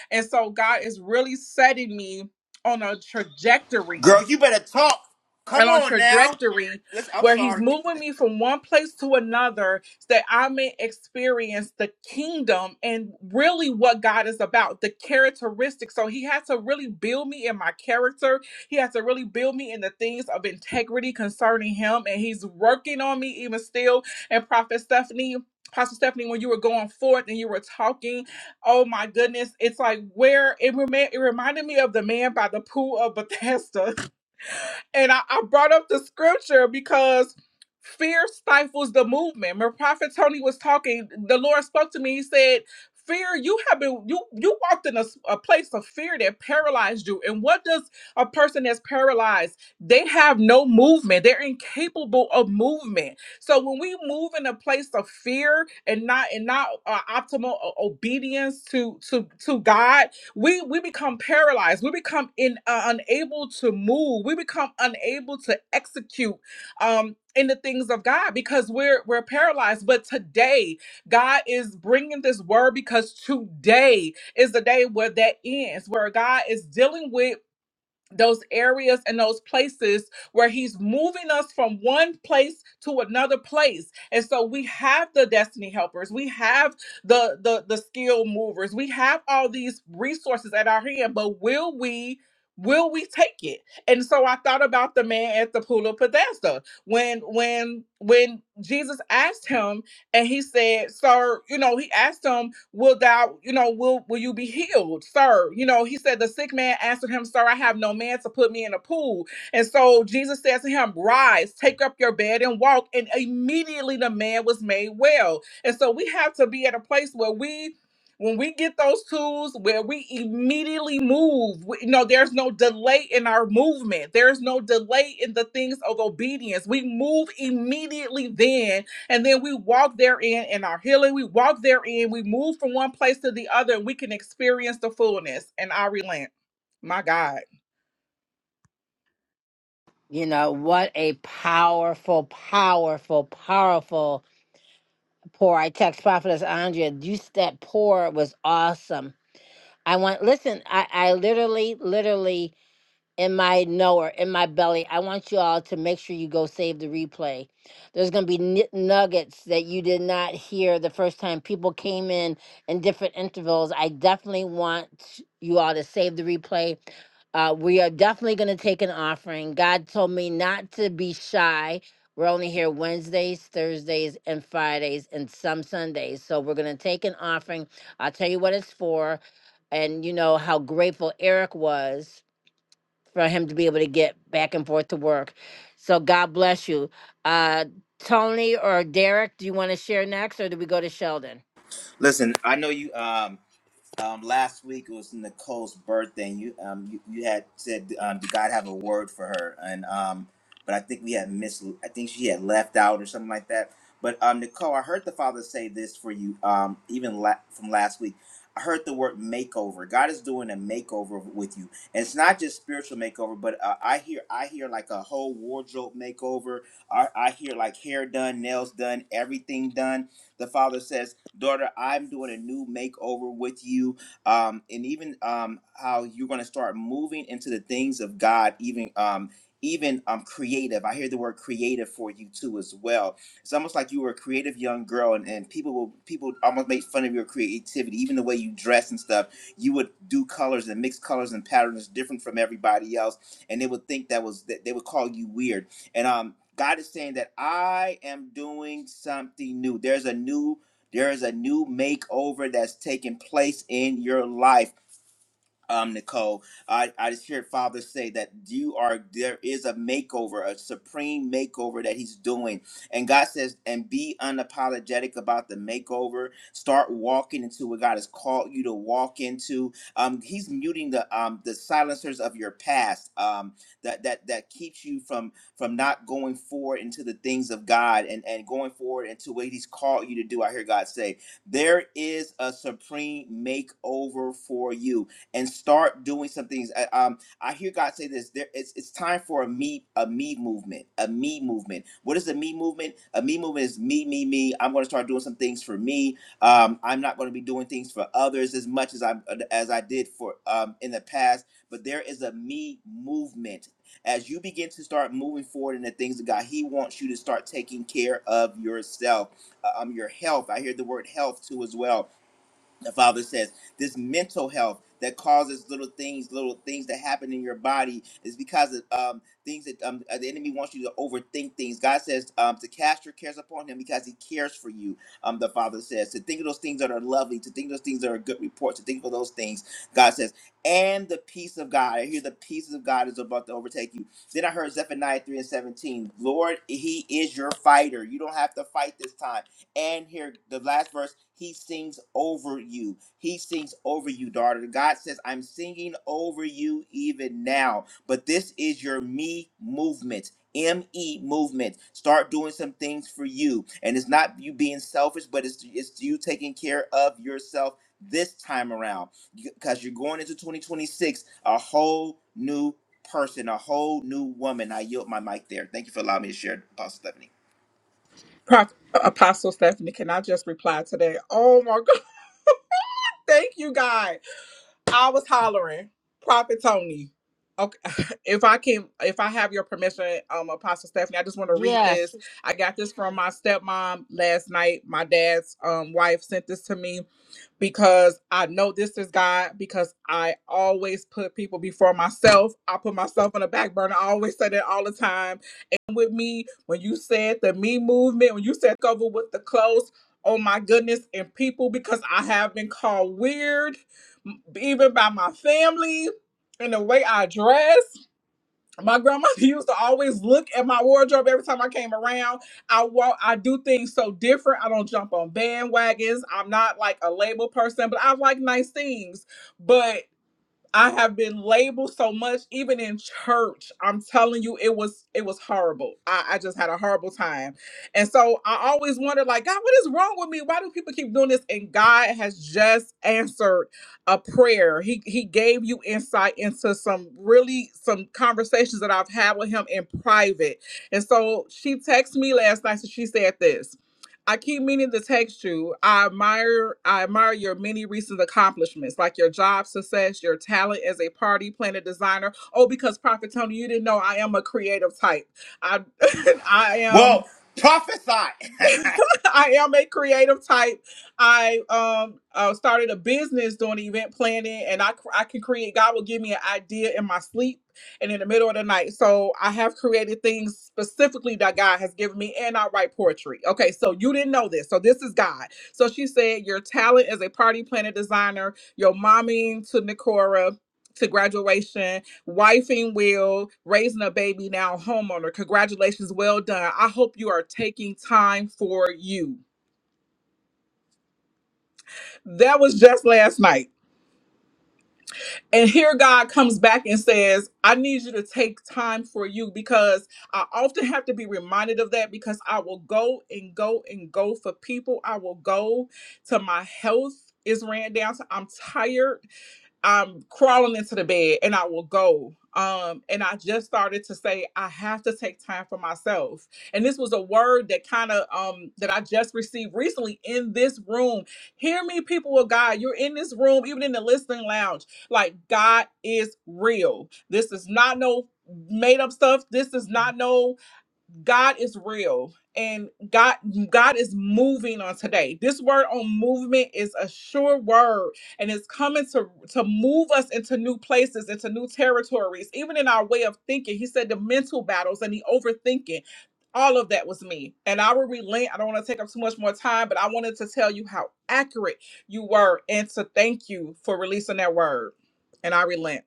Speaker 5: And so God is really setting me on a trajectory
Speaker 3: Girl, you better talk. Come
Speaker 5: and on
Speaker 3: on now.
Speaker 5: trajectory
Speaker 3: Listen, I'm
Speaker 5: where he's
Speaker 3: sorry.
Speaker 5: moving me from one place to another so that I may experience the kingdom and really what God is about, the characteristics. So he has to really build me in my character. He has to really build me in the things of integrity concerning him. And he's working on me even still. And Prophet Stephanie. Pastor Stephanie, when you were going forth and you were talking, oh my goodness, it's like where it, remi- it reminded me of the man by the pool of Bethesda and I, I brought up the scripture because fear stifles the movement. When Prophet Tony was talking, the Lord spoke to me. He said, Fear, you have been you you walked in a, s- a place of fear that paralyzed you. And what does a person that's paralyzed? They have no movement. They're incapable of movement. So when we move in a place of fear and not and not uh, optimal o- obedience to to to God, we we become paralyzed we become in uh, unable to move we become unable to execute um in the things of God because we're we're paralyzed but today God is bringing this word because today is the day where that ends where God is dealing with those areas and those places where he's moving us from one place to another place and so we have the destiny helpers we have the the the skill movers we have all these resources at our hand but will we will we take it and so i thought about the man at the pool of bethesda when when when jesus asked him and he said, "Sir, you know," he asked him, "Will thou, you know, will will you be healed, sir?" You know, he said, "The sick man answered him, Sir, I have no man to put me in a pool." And so Jesus says to him, "Rise, take up your bed and walk." And immediately the man was made well. And so we have to be at a place where we. When we get those tools, where we immediately move, we, you know, there's no delay in our movement. There's no delay in the things of obedience. We move immediately then and then we walk therein in our healing. We walk therein. We move from one place to the other and we can experience the fullness. And I relent. My God.
Speaker 1: You know, what a powerful, powerful, powerful pour. I text Prophetess Andrea, you, that pour was awesome. I want, listen, I, I literally, literally, in my knower, in my belly. I want you all to make sure you go save the replay. There's going to be nit- nuggets that you did not hear the first time. People came in in different intervals. I definitely want you all to save the replay. Uh, we are definitely going to take an offering. God told me not to be shy. We're only here Wednesdays, Thursdays, and Fridays, and some Sundays. So we're going to take an offering. I'll tell you what it's for. And you know how grateful Eric was for him to be able to get back and forth to work. So God bless you. Uh, Tony or Derek, do you want to share next or do we go to Sheldon?
Speaker 3: Listen, I know you. um. Um, last week it was Nicole's birthday, and you um you, you had said um, did God have a word for her? And um, but I think we had missed. I think she had left out or something like that. But um, Nicole, I heard the Father say this for you. Um, even la- from last week, I heard the word makeover. God is doing a makeover with you, and it's not just spiritual makeover, but uh, I hear I hear like a whole wardrobe makeover. I, I hear like hair done, nails done, everything done. The Father says daughter, I'm doing a new makeover with you. Um, and even um, how you're going to start moving into the things of God, even. Um, even um, creative. I hear the word creative for you too as well. It's almost like you were a creative young girl, and, and people will people almost make fun of your creativity, even the way you dress and stuff. You would do colors and mix colors and patterns different from everybody else, and they would think that was that they would call you weird. And um, God is saying that I am doing something new. There's a new there is a new makeover that's taking place in your life um, Nicole. I, I just heard Father say that you are there is a makeover, a supreme makeover that He's doing. And God says, and be unapologetic about the makeover. Start walking into what God has called you to walk into. Um, he's muting the um the silencers of your past um that that that keeps you from from not going forward into the things of God and, and going forward into what He's called you to do. I hear God say, there is a supreme makeover for you and start doing some things. I, um, I hear God say this. There, it's it's time for a me a me movement. A me movement. What is a me movement? A me movement is me me me. I'm going to start doing some things for me. Um, I'm not going to be doing things for others as much as I as I did for um in the past. But there is a me movement. As you begin to start moving forward in the things of God, He wants you to start taking care of yourself, uh, um, your health. I hear the word health too as well the father says this mental health that causes little things little things that happen in your body is because of um, things that um, the enemy wants you to overthink things god says um, to cast your cares upon him because he cares for you um, the father says to think of those things that are lovely to think of those things that are good reports to think of those things god says and the peace of god i hear the peace of god is about to overtake you then i heard zephaniah 3 and 17 lord he is your fighter you don't have to fight this time and here the last verse he sings over you he sings over you daughter god says i'm singing over you even now but this is your me movement me movement start doing some things for you and it's not you being selfish but it's it's you taking care of yourself this time around because you're going into 2026 a whole new person a whole new woman i yield my mic there thank you for allowing me to share apostle stephanie
Speaker 5: Pro- Apostle Stephanie, can I just reply today? Oh my God. Thank you, God. I was hollering. Prophet Tony. Okay. If I can, if I have your permission, um, Apostle Stephanie, I just want to read
Speaker 1: Yes.
Speaker 5: this. I got this from my stepmom last night. My dad's um, wife sent this to me because I know this is God, because I always put people before myself. I put myself on the back burner. I always say that all the time. And with me, when you said the me movement, when you said cover with the clothes, oh my goodness, and people, because I have been called weird, m- even by my family, and the way I dress my grandmother used to always look at my wardrobe every time I came around. I walk, I do things so different. I don't jump on bandwagons. I'm not like a label person, but I like nice things. But I have been labeled so much, even in church. I'm telling you, it was it was horrible. I, I just had a horrible time. And so I always wondered, like, God, what is wrong with me? Why do people keep doing this? And God has just answered a prayer. He he gave you insight into some really some conversations that I've had with him in private. And so she texted me last night and she said this. I keep meaning to text you. I admire I admire your many recent accomplishments, like your job success, your talent as a party planner designer. Oh, because Prophet Tony, you didn't know I am a creative type. I I am
Speaker 3: well prophesy
Speaker 5: I am a creative type. I um uh, started a business doing event planning, and I cr- I can create. God will give me an idea in my sleep and in the middle of the night. So I have created things specifically that God has given me, and I write poetry. Okay, so you didn't know this, so this is God. So she said, your talent as a party planner designer, your momming to Nikora to graduation, wifing will raising a baby now homeowner congratulations well done i hope you are taking time for you that was just last night and here god comes back and says i need you to take time for you because i often have to be reminded of that because i will go and go and go for people i will go to my health is ran down so i'm tired I'm crawling into the bed and I will go. Um, and I just started to say, I have to take time for myself. And this was a word that kind of um that I just received recently in this room. Hear me, people of God. You're in this room, even in the listening lounge. Like God is real. This is not no made up stuff. This is not no God is real and God God is moving on today. This word on movement is a sure word and it's coming to to move us into new places, into new territories, even in our way of thinking. He said the mental battles and the overthinking all of that was me. And I will relent. I don't want to take up too much more time, but I wanted to tell you how accurate you were and to thank you for releasing that word. And I relent.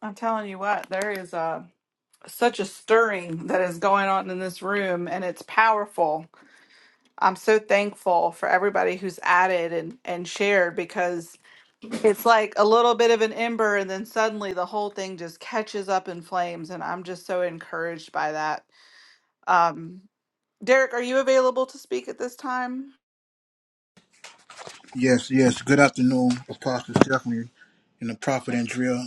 Speaker 2: I'm telling you what, there is a such a stirring that is going on in this room and it's powerful. I'm so thankful for everybody who's added and and shared because. It's like a little bit of an ember, and then suddenly the whole thing just catches up in flames. And I'm just so encouraged by that. Um, Derek, are you available to speak at this time?
Speaker 6: Yes, yes. Good afternoon, Apostle Stephanie and the Prophet Andrea.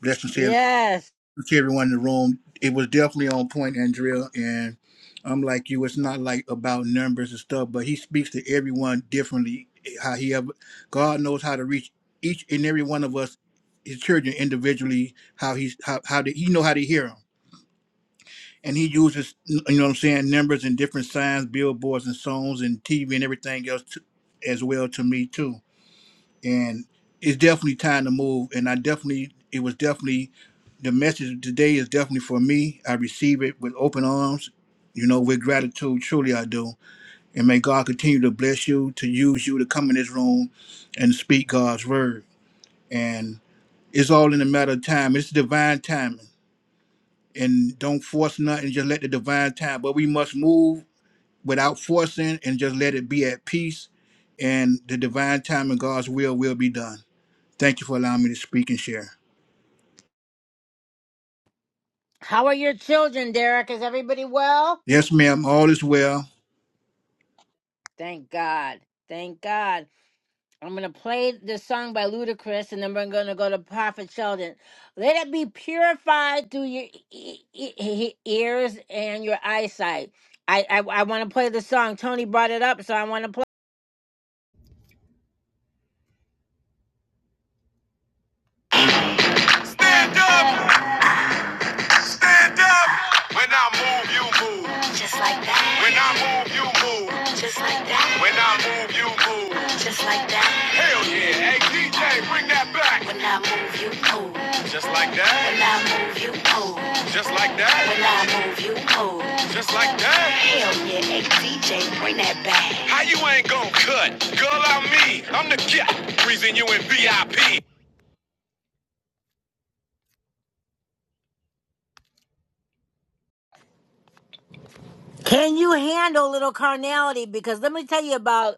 Speaker 6: Blessings to, every,
Speaker 1: Yes.
Speaker 6: to everyone in the room. It was definitely on point, Andrea. And I'm like you, it's not like about numbers and stuff, but he speaks to everyone differently. How he ever, God knows how to reach each and every one of us, his children individually. How he's how how did he know how to hear them, and he uses you know what I'm saying numbers and different signs, billboards and songs and TV and everything else to, as well to me too and it's definitely time to move. And I definitely, it was definitely, the message today is definitely for me. I receive it with open arms, you know, with gratitude. Truly, I do. And may God continue to bless you, to use you to come in this room and speak God's word. And it's all in a matter of time. It's divine timing. And don't force nothing, just let the divine time. But we must move without forcing and just let it be at peace. And the divine time and God's will will be done. Thank you for allowing me to speak and share.
Speaker 1: How are your children, Derek? Is everybody well?
Speaker 6: Yes, ma'am, all is well.
Speaker 1: Thank God. Thank God. I'm going to play this song by Ludacris and then we're going to go to Prophet Sheldon. Let it be purified through your e- e- e- ears and your eyesight. I, I, I want to play the song. Tony brought it up, so I want to play. Stand up. Stand up. When I move, you move. Just like that. When I move, you move. Just like that. When I move, you move. Just like that. Hell yeah. Hey, DJ, bring that back. When I move, you move. Just like that. When I move, you move. Just like that. When I move, you move. Just like that. Hell yeah, hey DJ, bring that back. How you ain't gonna cut? Girl, I'm me. I'm the cat. Reason you in VIP. Can you handle little carnality? Because let me tell you about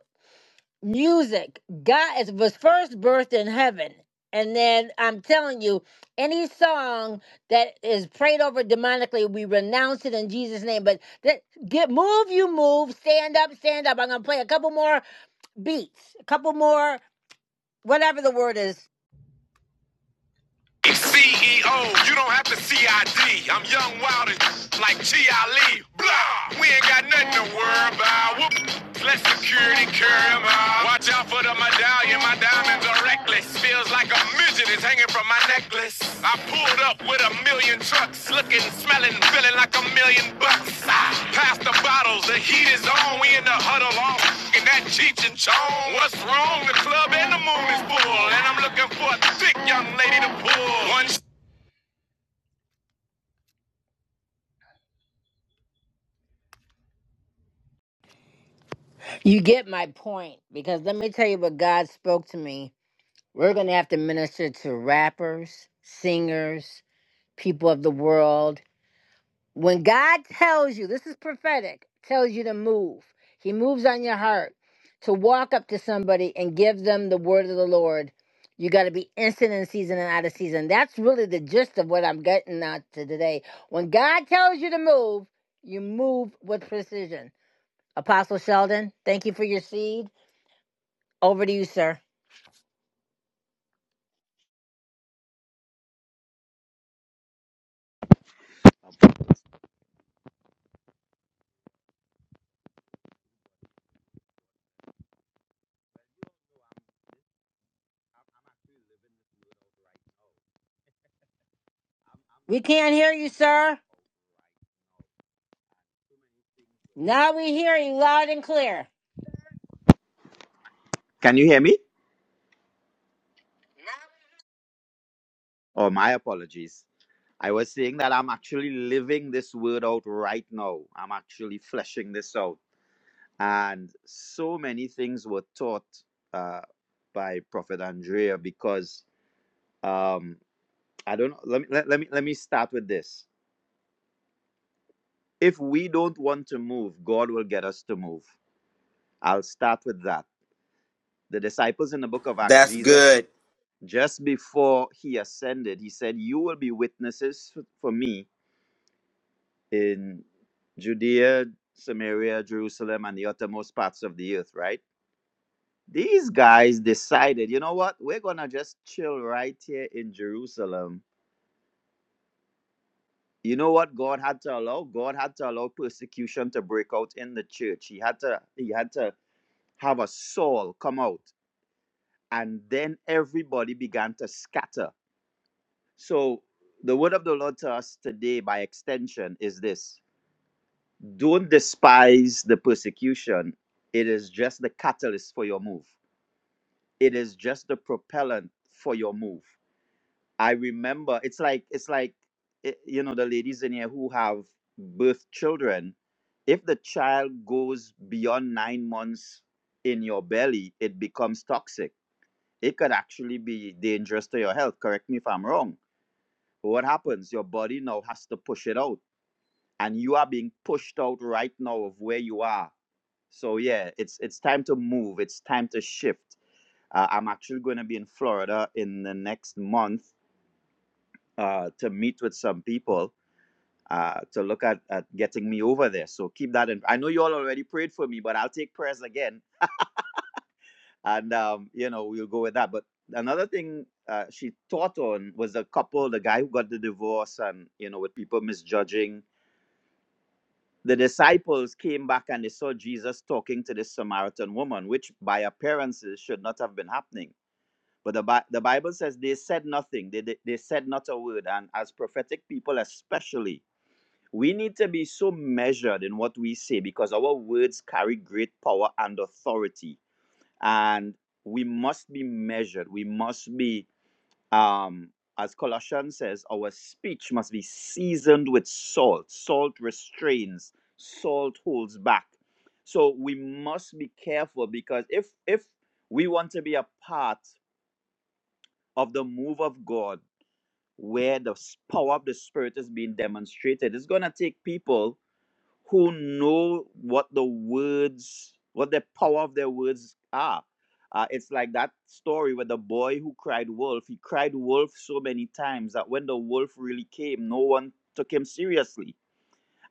Speaker 1: music. God is, was first birthed in heaven. And then I'm telling you, any song that is prayed over demonically, we renounce it in Jesus' name. But that, get move, you move, stand up, stand up. I'm gonna play a couple more beats, a couple more, whatever the word is. CEO, you don't have to CID. I'm young, wild, and like G. I. Lee. Blah! We ain't got nothing to worry about. Whoop! Let security carry 'em out. Watch out for the medallion. My diamonds are reckless. Feels like a midget is hanging from my necklace. I pulled up with a million trucks, looking, smelling, feeling like a million bucks. Past the bottles, the heat is on, we in the huddle all in that Cheech and Chong. What's wrong? The club and the moon is full, and I'm looking for a thick young lady to pull. One sh- you get my point, because let me tell you what God spoke to me. We're going to have to minister to rappers, singers, people of the world When God tells you, this is prophetic, tells you to move, He moves on your heart to walk up to somebody and give them the word of the Lord. You got to be instant in season and out of season. That's really the gist of what I'm getting at to today. When God tells you to move, you move with precision. Apostle Sheldon, thank you for your seed. Over to you, sir. We can't hear you, sir. Now we hear you loud and clear.
Speaker 7: Can you hear me? Oh, my apologies. I was saying that I'm actually living this word out right now. I'm actually fleshing this out. And so many things were taught uh, by Prophet Andrea because um, I don't know. Let me, let, let, me, let me start with this. If we don't want to move, God will get us to move. I'll start with that. The disciples in the book of Acts,
Speaker 3: That's
Speaker 7: Jesus,
Speaker 3: good.
Speaker 7: just before he ascended, he said, You will be witnesses for me in Judea, Samaria, Jerusalem, and the uttermost parts of the earth, right? These guys decided, you know what? We're going to just chill right here in Jerusalem. You know what God had to allow? God had to allow persecution to break out in the church. He had to he had to have a Saul come out. And then everybody began to scatter. So the word of the Lord to us today by extension is this. don't despise the persecution. It is just the catalyst for your move. It is just the propellant for your move. I remember it's like it's like eh, you know the ladies in here who have birth children. If the child goes beyond nine months in your belly, it becomes toxic. It could actually be dangerous to your health. Correct me if I'm wrong. But what happens? Your body now has to push it out, and you are being pushed out right now of where you are So yeah, it's it's time to move. It's time to shift. Uh, I'm actually going to be in Florida in the next month uh, to meet with some people uh, to look at, at getting me over there. So keep that in. I know you all already prayed for me, but I'll take prayers again, and um, you know we'll go with that. But another thing uh, she taught on was the couple, the guy who got the divorce, and you know with people misjudging. The disciples came back and they saw Jesus talking to this Samaritan woman, which by appearances should not have been happening But the, Bi- the Bible says they said nothing. They, they, they said not a word. And as prophetic people, especially, we need to be so measured in what we say because our words carry great power and authority. And we must be measured. We must be, um, as Colossians says, our speech must be seasoned with salt. Salt restrains, salt holds back. So we must be careful because if if we want to be a part of the move of God where the s- power of the Spirit is being demonstrated. It's going to take people who know what the words, what the power of their words are. Uh, it's like that story where the boy who cried wolf, he cried wolf so many times that when the wolf really came, no one took him seriously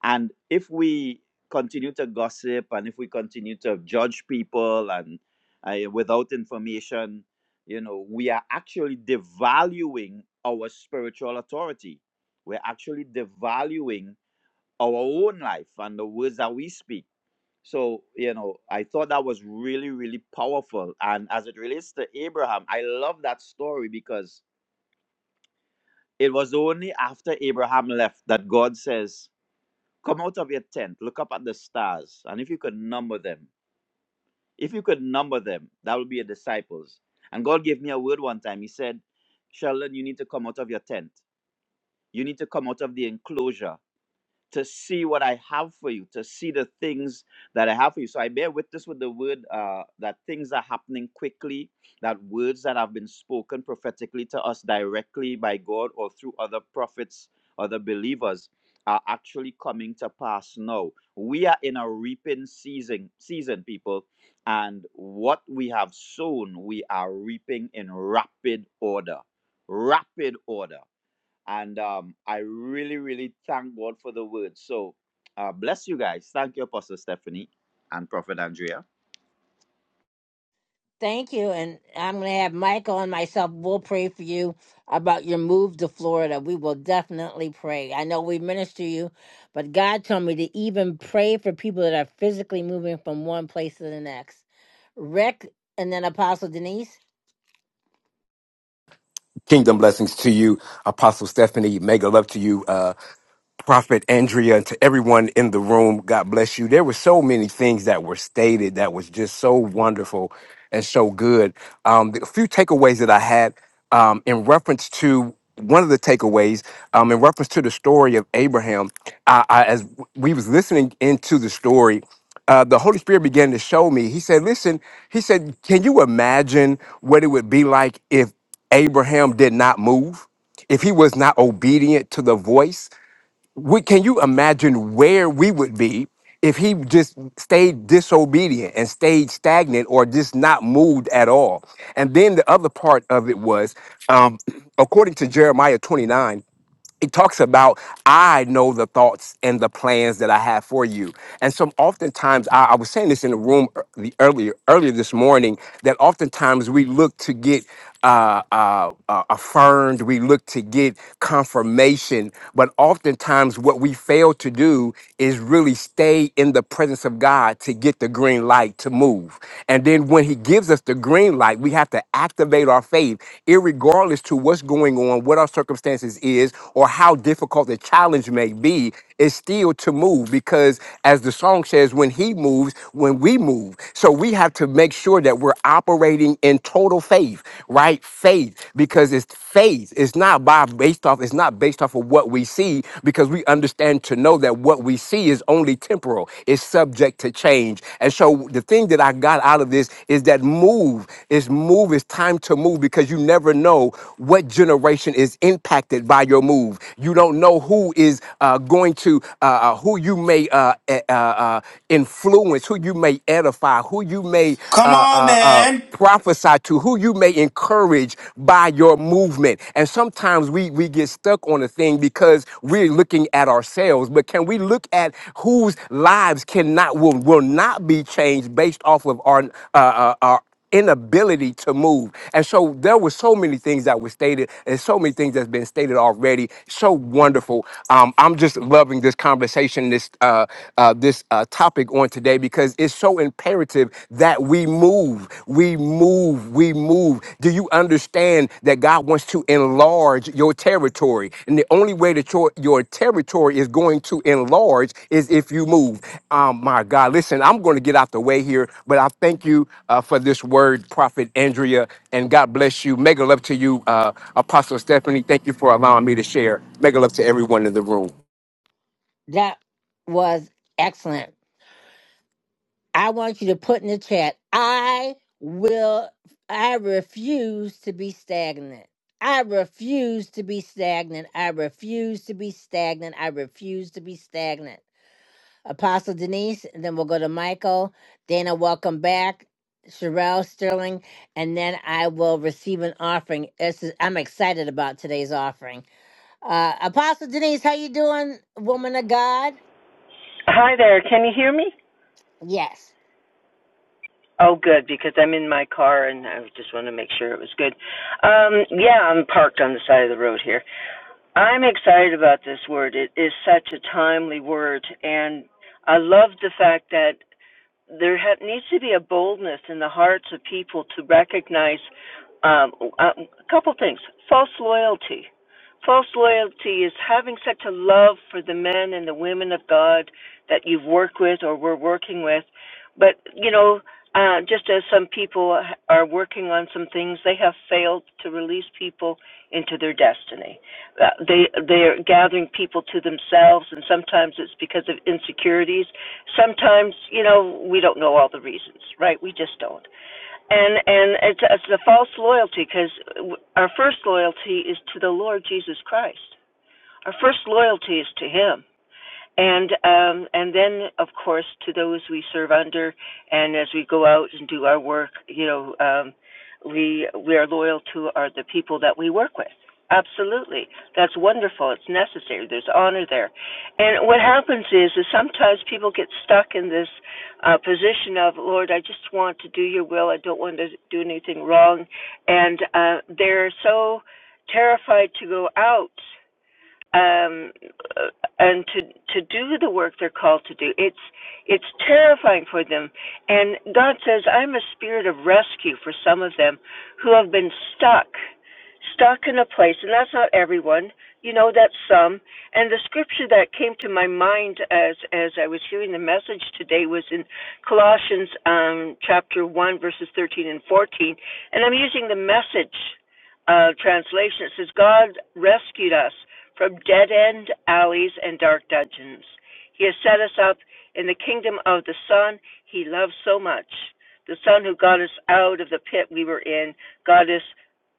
Speaker 7: and if we continue to gossip and if we continue to judge people and uh, without information, you know, we are actually devaluing our spiritual authority. We're actually devaluing our own life and the words that we speak. So, you know, I thought that was really, really powerful. And as it relates to Abraham, I love that story because it was only after Abraham left that God says, Come out of your tent, look up at the stars, and if you could number them, if you could number them, that will be your disciples. And God gave me a word one time. He said, Sheldon, you need to come out of your tent. You need to come out of the enclosure to see what I have for you, to see the things that I have for you. So I bear witness with the word uh, that things are happening quickly, that words that have been spoken prophetically to us directly by God or through other prophets, other believers, are actually coming to pass now. We are in a reaping season, season, people, and what we have sown, we are reaping in rapid order. Rapid order. And um, I really, really thank God for the word. So uh, bless you guys. Thank you, Apostle Stephanie and Prophet Andrea.
Speaker 1: Thank you. And I'm going to have Michael and myself, we'll pray for you about your move to Florida. We will definitely pray. I know we minister you, but God told me to even pray for people that are physically moving from one place to the next. Rick and then Apostle Denise,
Speaker 8: Kingdom blessings to you, Apostle Stephanie. Mega love to you, uh, Prophet Andrea, and to everyone in the room. God bless you. There were so many things that were stated that was just so wonderful and so good. Um, the- a few takeaways that I had um, in reference to one of the takeaways um, in reference to the story of Abraham. I, I, as we was listening into the story, uh, the Holy Spirit began to show me. He said, "Listen," he said, "Can you imagine what it would be like if?" Abraham did not move, if he was not obedient to the voice, we, can you imagine where we would be if he just stayed disobedient and stayed stagnant or just not moved at all? And then the other part of it was, um, according to Jeremiah 29, it talks about I know the thoughts and the plans that I have for you. And so oftentimes I, I was saying this in the room ear- the earlier earlier this morning that oftentimes we look to get uh, uh, uh, affirmed, we look to get confirmation, but oftentimes what we fail to do is really stay in the presence of God to get the green light to move. And then when He gives us the green green light. We have to activate our faith, irregardless to what's going on, what our circumstances is, or how difficult the challenge may be. It's still to move because, as the song says, when He moves, when we move. So we have to make sure that we're operating in total faith, right? Faith, because it's faith. It's not by based off. It's not based off of what we see, because we understand to know that what we see is is only temporal, it's subject to change. And so the thing that I got out of this is that move is move is time to move because you never know what generation is impacted by your move. You don't know who is uh, going to, uh, uh, who you may uh, e, uh, uh, influence, who you may edify, who you may uh,
Speaker 3: Come on,
Speaker 8: uh, uh,
Speaker 3: man.
Speaker 8: prophesy to, who you may encourage by your movement. And sometimes we, we get stuck on a thing because we're looking at ourselves. But can we look at whose lives cannot will, will not be changed based off of our uh, uh, our inability to move. And so there were so many things that were stated and so many things that's been stated already. So wonderful. Um, I'm just loving this conversation, this uh, uh, this uh, topic on today because it's so imperative perspective that we move, we move, we move. Do you understand that God wants to enlarge your territory? And the only way that your, your territory is going to enlarge is if you move. Oh my God, listen, I'm going to get out the way here, but I thank you uh, for this word, Prophet Andrea, and God bless you. Mega love to you, uh, Apostle Stephanie. Thank you for allowing me to share. Mega love to everyone in the room.
Speaker 1: that was excellent. I want you to put in the chat, I will, I refuse to be stagnant. I refuse to be stagnant. I refuse to be stagnant. I refuse to be stagnant. Apostle Denise, and then we'll go to Michael. Dana, welcome back. Sherelle Sterling, and then I will receive an offering. This is, I'm excited about today's offering. Uh, Apostle Denise, how you doing, woman of God?
Speaker 9: Hi there. Can you hear me?
Speaker 1: Yes.
Speaker 9: Oh, good, because I'm in my car and I just want to make sure it was good. Um, yeah, I'm parked on the side of the road here. I'm excited about this word. It is such a timely word, and I love the fact that there ha- needs to be a boldness in the hearts of people to recognize um, uh, a couple things false loyalty. False loyalty is having such a love for the men and the women of God that you've worked with or were working with. But, you know, uh, just as some people are working on some things, they have failed to release people into their destiny. Uh, they they are gathering people to themselves, and sometimes it's because of insecurities sometimes you know we don't know all the reasons right we just don't and and it's, it's a false loyalty because our first loyalty is to the lord jesus christ our first loyalty is to him and um, and then of course to those we serve under, and as we go out and do our work, you know, um, we we are loyal to are the people that we work with. Absolutely, that's wonderful. It's necessary. There's honor there, and what happens is is sometimes people get stuck in this uh, position of Lord, I just want to do Your will. I don't want to do anything wrong, and uh, they're so terrified to go out um, uh, and to to do the work they're called to do. It's it's terrifying for them. And God says, "I'm a spirit of rescue for some of them who have been stuck, stuck in a place." And that's not everyone, you know. That's some. And the scripture that came to my mind as as I was hearing the message today was in Colossians um, chapter one, verses thirteen and fourteen. And I'm using the message uh, translation. It says, God rescued us from dead end alleys and dark dungeons. He has set us up in the kingdom of the Son he loves so much. The Son who got us out of the pit we were in, got us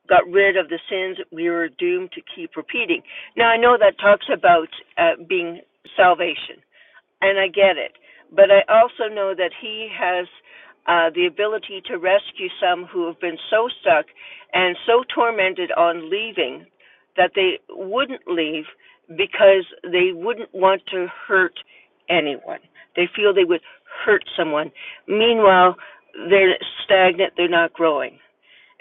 Speaker 9: got rid of the sins we were doomed to keep repeating. Now I know that talks about uh, being salvation and I get it. But I also know that he has uh, the ability to rescue some who have been so stuck and so tormented on leaving that they wouldn't leave because they wouldn't want to hurt anyone. They feel they would hurt someone. Meanwhile, they're stagnant, they're not growing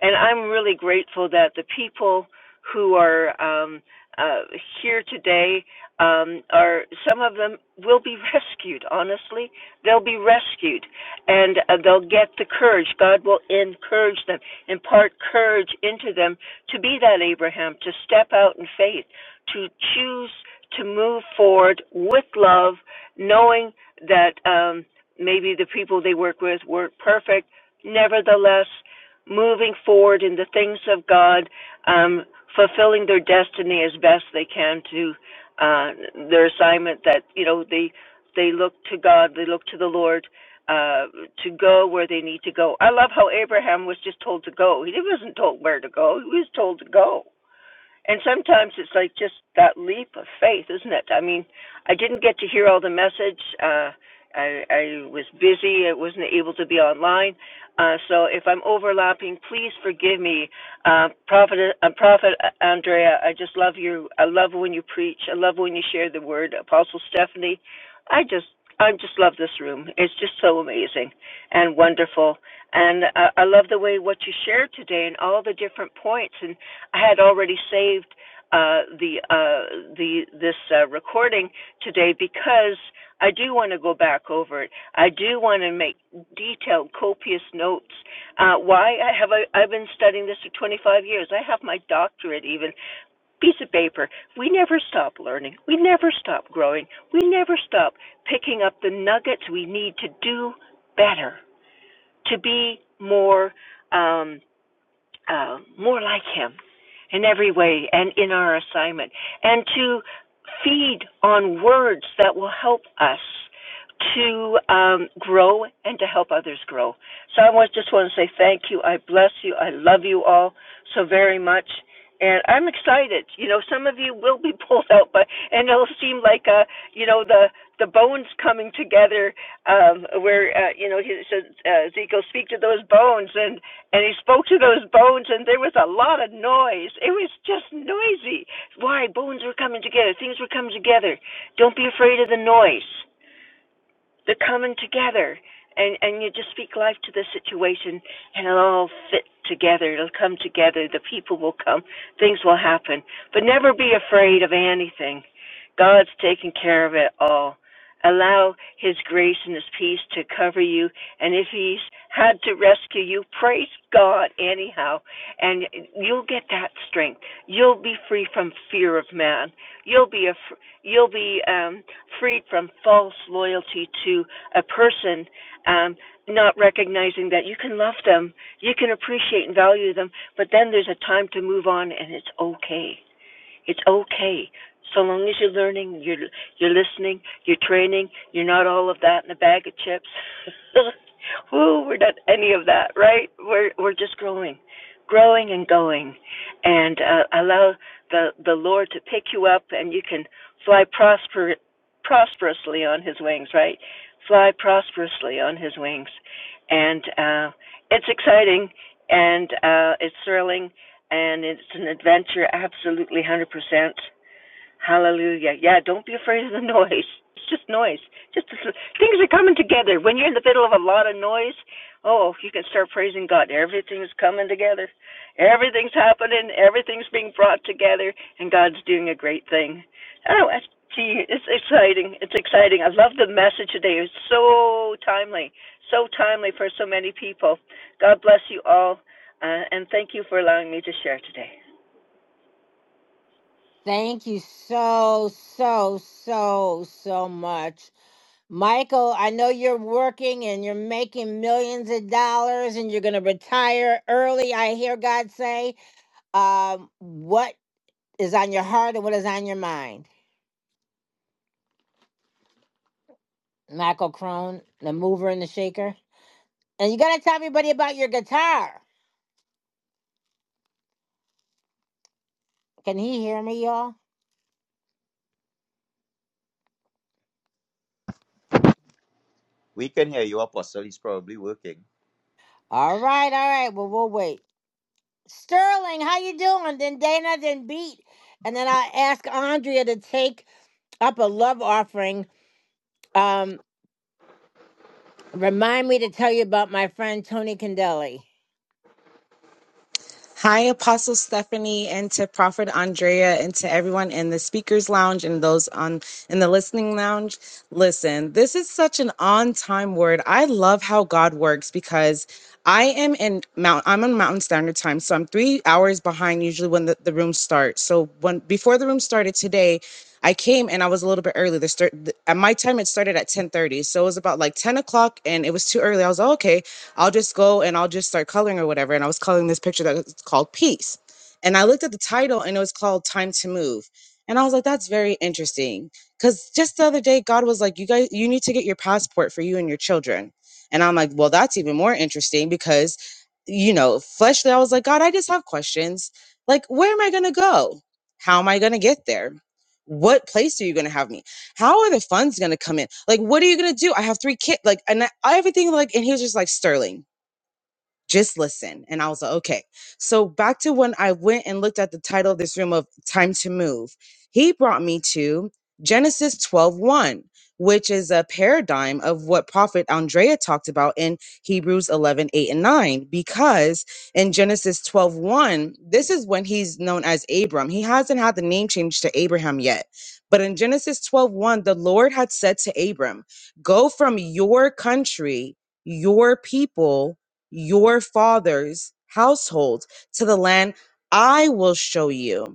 Speaker 9: and I'm really grateful that the people who are um, uh, here today um, are some of them will be rescued. Honestly, they'll be rescued, and uh, they'll get the courage. God will encourage them, impart courage into them to be that Abraham, to step out in faith, to choose to move forward with love, knowing that um, maybe the people they work with weren't perfect. Nevertheless, moving forward in the things of God, um, fulfilling their destiny as best they can to uh, their assignment. That you know they they look to God, they look to the Lord uh, to go where they need to go. I love how Abraham was just told to go. He wasn't told where to go. He was told to go. And sometimes it's like just that leap of faith, isn't it? I mean, I didn't get to hear all the message. Uh, I, I was busy. I wasn't able to be online. Uh, so if I'm overlapping, please forgive me. Uh, Prophet, uh, Prophet Andrea, I just love you. I love when you preach. I love when you share the word. Apostle Stephanie, I just, I just love this room. It's just so amazing and wonderful. And uh, I love the way what you shared today and all the different points. And I had already saved uh, the uh, the this uh, recording today because I do want to go back over it. I do want to make detailed, copious notes. Uh, why have I, I've been studying this for 25 years. I have my doctorate even piece of paper. We never stop learning. We never stop growing. We never stop picking up the nuggets we need to do better, to be more. Um, uh, more like Him in every way and in our assignment, and to feed on words that will help us to um, grow and to help others grow. So I want, just want to say thank you. I bless you. I love you all so very much. And I'm excited. You know, some of you will be pulled out, but and it'll seem like uh, you know, the the bones coming together. Um, where uh, you know, he says, uh, Ezekiel, speak to those bones, and and he spoke to those bones and there was a lot of noise it was just noisy why bones were coming together things were coming together don't be afraid of the noise the coming together and and you just speak life to the situation and it'll all fit together it'll come together the people will come things will happen but never be afraid of anything god's taking care of it all allow his grace and his peace to cover you and if he's had to rescue you praise god anyhow and you'll get that strength you'll be free from fear of man you'll be you'll be um, freed from false loyalty to a person, um, not recognizing that you can love them, you can appreciate and value them, but then there's a time to move on and it's okay. It's okay. So long as you're learning, you're you're listening, you're training, you're not all of that in a bag of chips. Woo, we're not any of that, right? We're we're just growing, growing and going, and uh, allow the the Lord to pick you up, and you can fly prosper prosperously on His wings, right? Fly prosperously on His wings, and uh, it's exciting, and uh, it's thrilling, and it's an adventure absolutely 100%. Hallelujah. Yeah, don't be afraid of the noise. It's just noise. Just things are coming together. When you're in the middle of a lot of noise, oh, you can start praising God. Everything's coming together. Everything's happening. Everything's being brought together, and God's doing a great thing. Oh, gee, it's exciting. It's exciting. I love the message today. It's so timely. So timely for so many people. God bless you all, uh, and thank you for allowing me to share today.
Speaker 1: Thank you so, so, so, so much. Michael, I know you're working and you're making millions of dollars and you're going to retire early, I hear God say. Um, what is on your heart and what is on your mind? Michael Crone, the mover and the shaker. And you got to tell everybody about your guitar. Can he hear me, y'all?
Speaker 7: We can hear you, Apostle. He's probably working.
Speaker 1: All right, all right. Well, we'll wait. Sterling, how you doing? Then Dana, then Beat. And then I ask Andrea to take up a love offering. Um, remind me to tell you about my friend Tony Condelli.
Speaker 10: Hi, Apostle Stephanie, and to Prophet Andrea, and to everyone in the speakers lounge and those on in the listening lounge. Listen, this is such an on-time word. I love how God works because I am in Mount. I'm on Mountain Standard Time, so I'm three hours behind usually when the, the room starts. So when before the room started today. I came and I was a little bit early. The start th- at my time it started at ten thirty, so it was about like ten o'clock, and it was too early. I was like, "Oh, okay, I'll just go and I'll just start coloring or whatever. And I was coloring this picture that's called Peace. And I looked at the title and it was called Time to Move. And I was like, that's very interesting. Cause just the other day, God was like, you guys, you need to get your passport for you and your children. And I'm like, well, that's even more interesting because, you know, fleshly, I was like, God, I just have questions. Like, where am I going to go? How am I going to get there? What place are you going to have me? How are the funds going to come in? Like, what are you going to do? I have three kids. Like, and I, everything, like, and he was just like, Sterling, just listen. And I was like, okay. So back to when I went and looked at the title of this room of Time to Move, he brought me to Genesis twelve one, which is a paradigm of what Prophet Andrea talked about in Hebrews 11 8 and 9. Because in Genesis twelve one, this is when he's known as Abram. He hasn't had the name change to Abraham yet. But in Genesis twelve one, the Lord had said to Abram, Go from your country, your people, your father's household to the land I will show you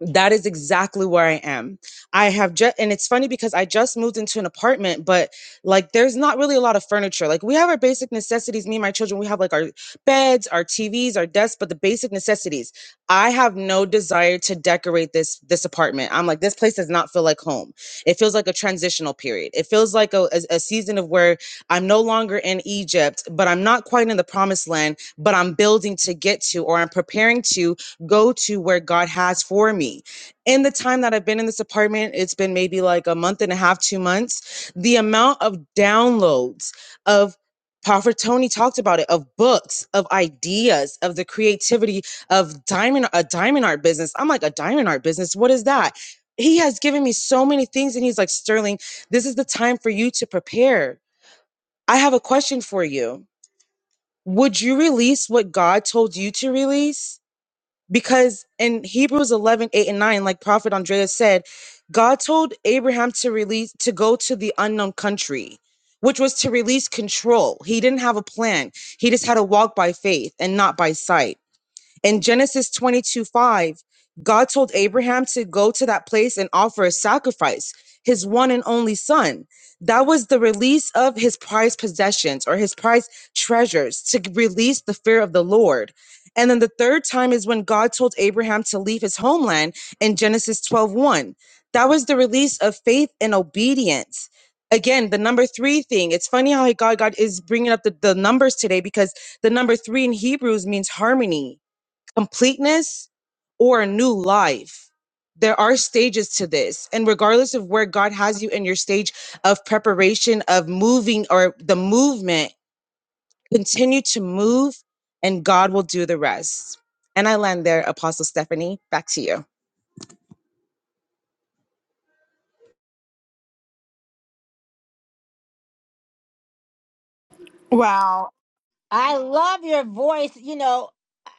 Speaker 10: that is exactly where I am. I have just, and it's funny because I just moved into an apartment, but like there's not really a lot of furniture. Like we have our basic necessities. Me and my children, we have like our beds, our TVs, our desks, but the basic necessities. I have no desire to decorate this this apartment. I'm like this place does not feel like home. It feels like a transitional period. It feels like a, a, a season of where I'm no longer in Egypt, but I'm not quite in the promised land. But I'm building to get to, or I'm preparing to go to where God has for me. In the time that I've been in this apartment, it's been maybe like a month and a half, two months. The amount of downloads of Prophet Tony talked about it of books, of ideas, of the creativity of diamond a diamond art business. I'm like a diamond art business. What is that? He has given me so many things, and he's like Sterling. This is the time for you to prepare. I have a question for you. Would you release what God told you to release? because in Hebrews 11:8 and 9, like Prophet Andrea said, God told Abraham to release, to go to the unknown country, which was to release control. He didn't have a plan. He just had to walk by faith and not by sight. In Genesis 22 5, God told Abraham to go to that place and offer a sacrifice, his one and only son. That was the release of his prized possessions or his prized treasures to release the fear of the Lord. And then the third time is when God told Abraham to leave his homeland in Genesis 12 one. That was the release of faith and obedience. Again, the number three thing. It's funny how God, God is bringing up the, the numbers today because the number three in Hebrews means harmony completeness or a new life. There are stages to this. And regardless of where God has you in your stage of preparation, of moving or the movement, continue to move and God will do the rest. And I land there, Apostle Stephanie. Back to you.
Speaker 2: Wow.
Speaker 1: I love your voice. You know,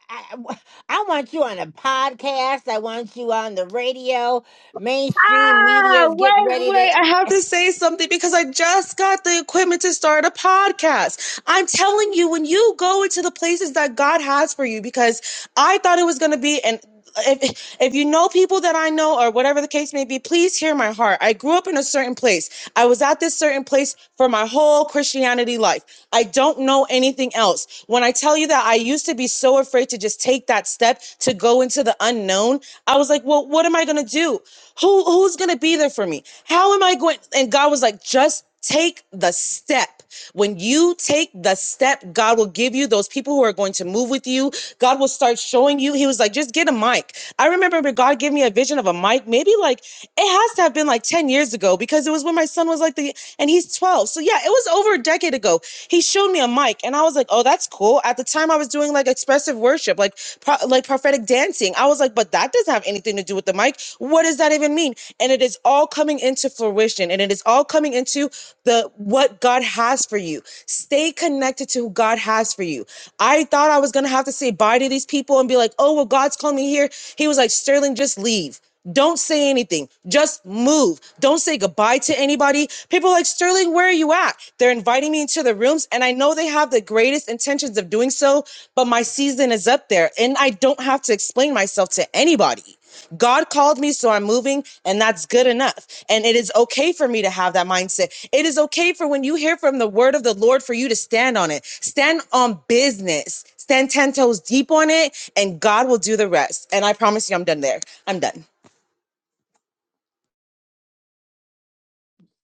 Speaker 1: I, I want you on a podcast. I want you on the radio. Mainstream media
Speaker 10: Ah,
Speaker 1: is getting
Speaker 10: wait,
Speaker 1: ready to.
Speaker 10: wait. I have to say something because I just got the equipment to start a podcast. I'm telling you, when you go into the places that God has for you, because I thought it was going to be an if, if you know people that I know or whatever the case may be, please hear my heart. I grew up in a certain place. I was at this certain place for my whole Christianity life. I don't know anything else. When I tell you that I used to be so afraid to just take that step to go into the unknown, I was like, well, what am I going to do? Who who's gonna be there for me? How am I going? And God was like, just take the step. When you take the step, God will give you those people who are going to move with you. God will start showing you. He was like, just get a mic. I remember when God gave me a vision of a mic, maybe like it has to have been like 10 years ago because it was when my son was like the and he's 12. So yeah, it was over a decade ago. He showed me a mic and I was like, oh, that's cool. At the time I was doing like expressive worship, like pro- like prophetic dancing. I was like, but that doesn't have anything to do with the mic. What does that even mean? And it is all coming into fruition, and it is all coming into the what God has for you. Stay connected to who God has for you. I thought I was gonna have to say bye to these people and be like, oh well, God's calling me here. He was like, Sterling, just leave. Don't say anything. Just move. Don't say goodbye to anybody. People are like, Sterling, where are you at? They're inviting me into the rooms, and I know they have the greatest intentions of doing so, but my season is up there, and I don't have to explain myself to anybody. God called me, so I'm moving, and that's good enough. And it is okay for me to have that mindset. It is okay for when you hear from the word of the Lord for you to stand on it. Stand on business. Stand 10 toes deep on it, and God will do the rest. And I promise you, I'm done there. I'm done.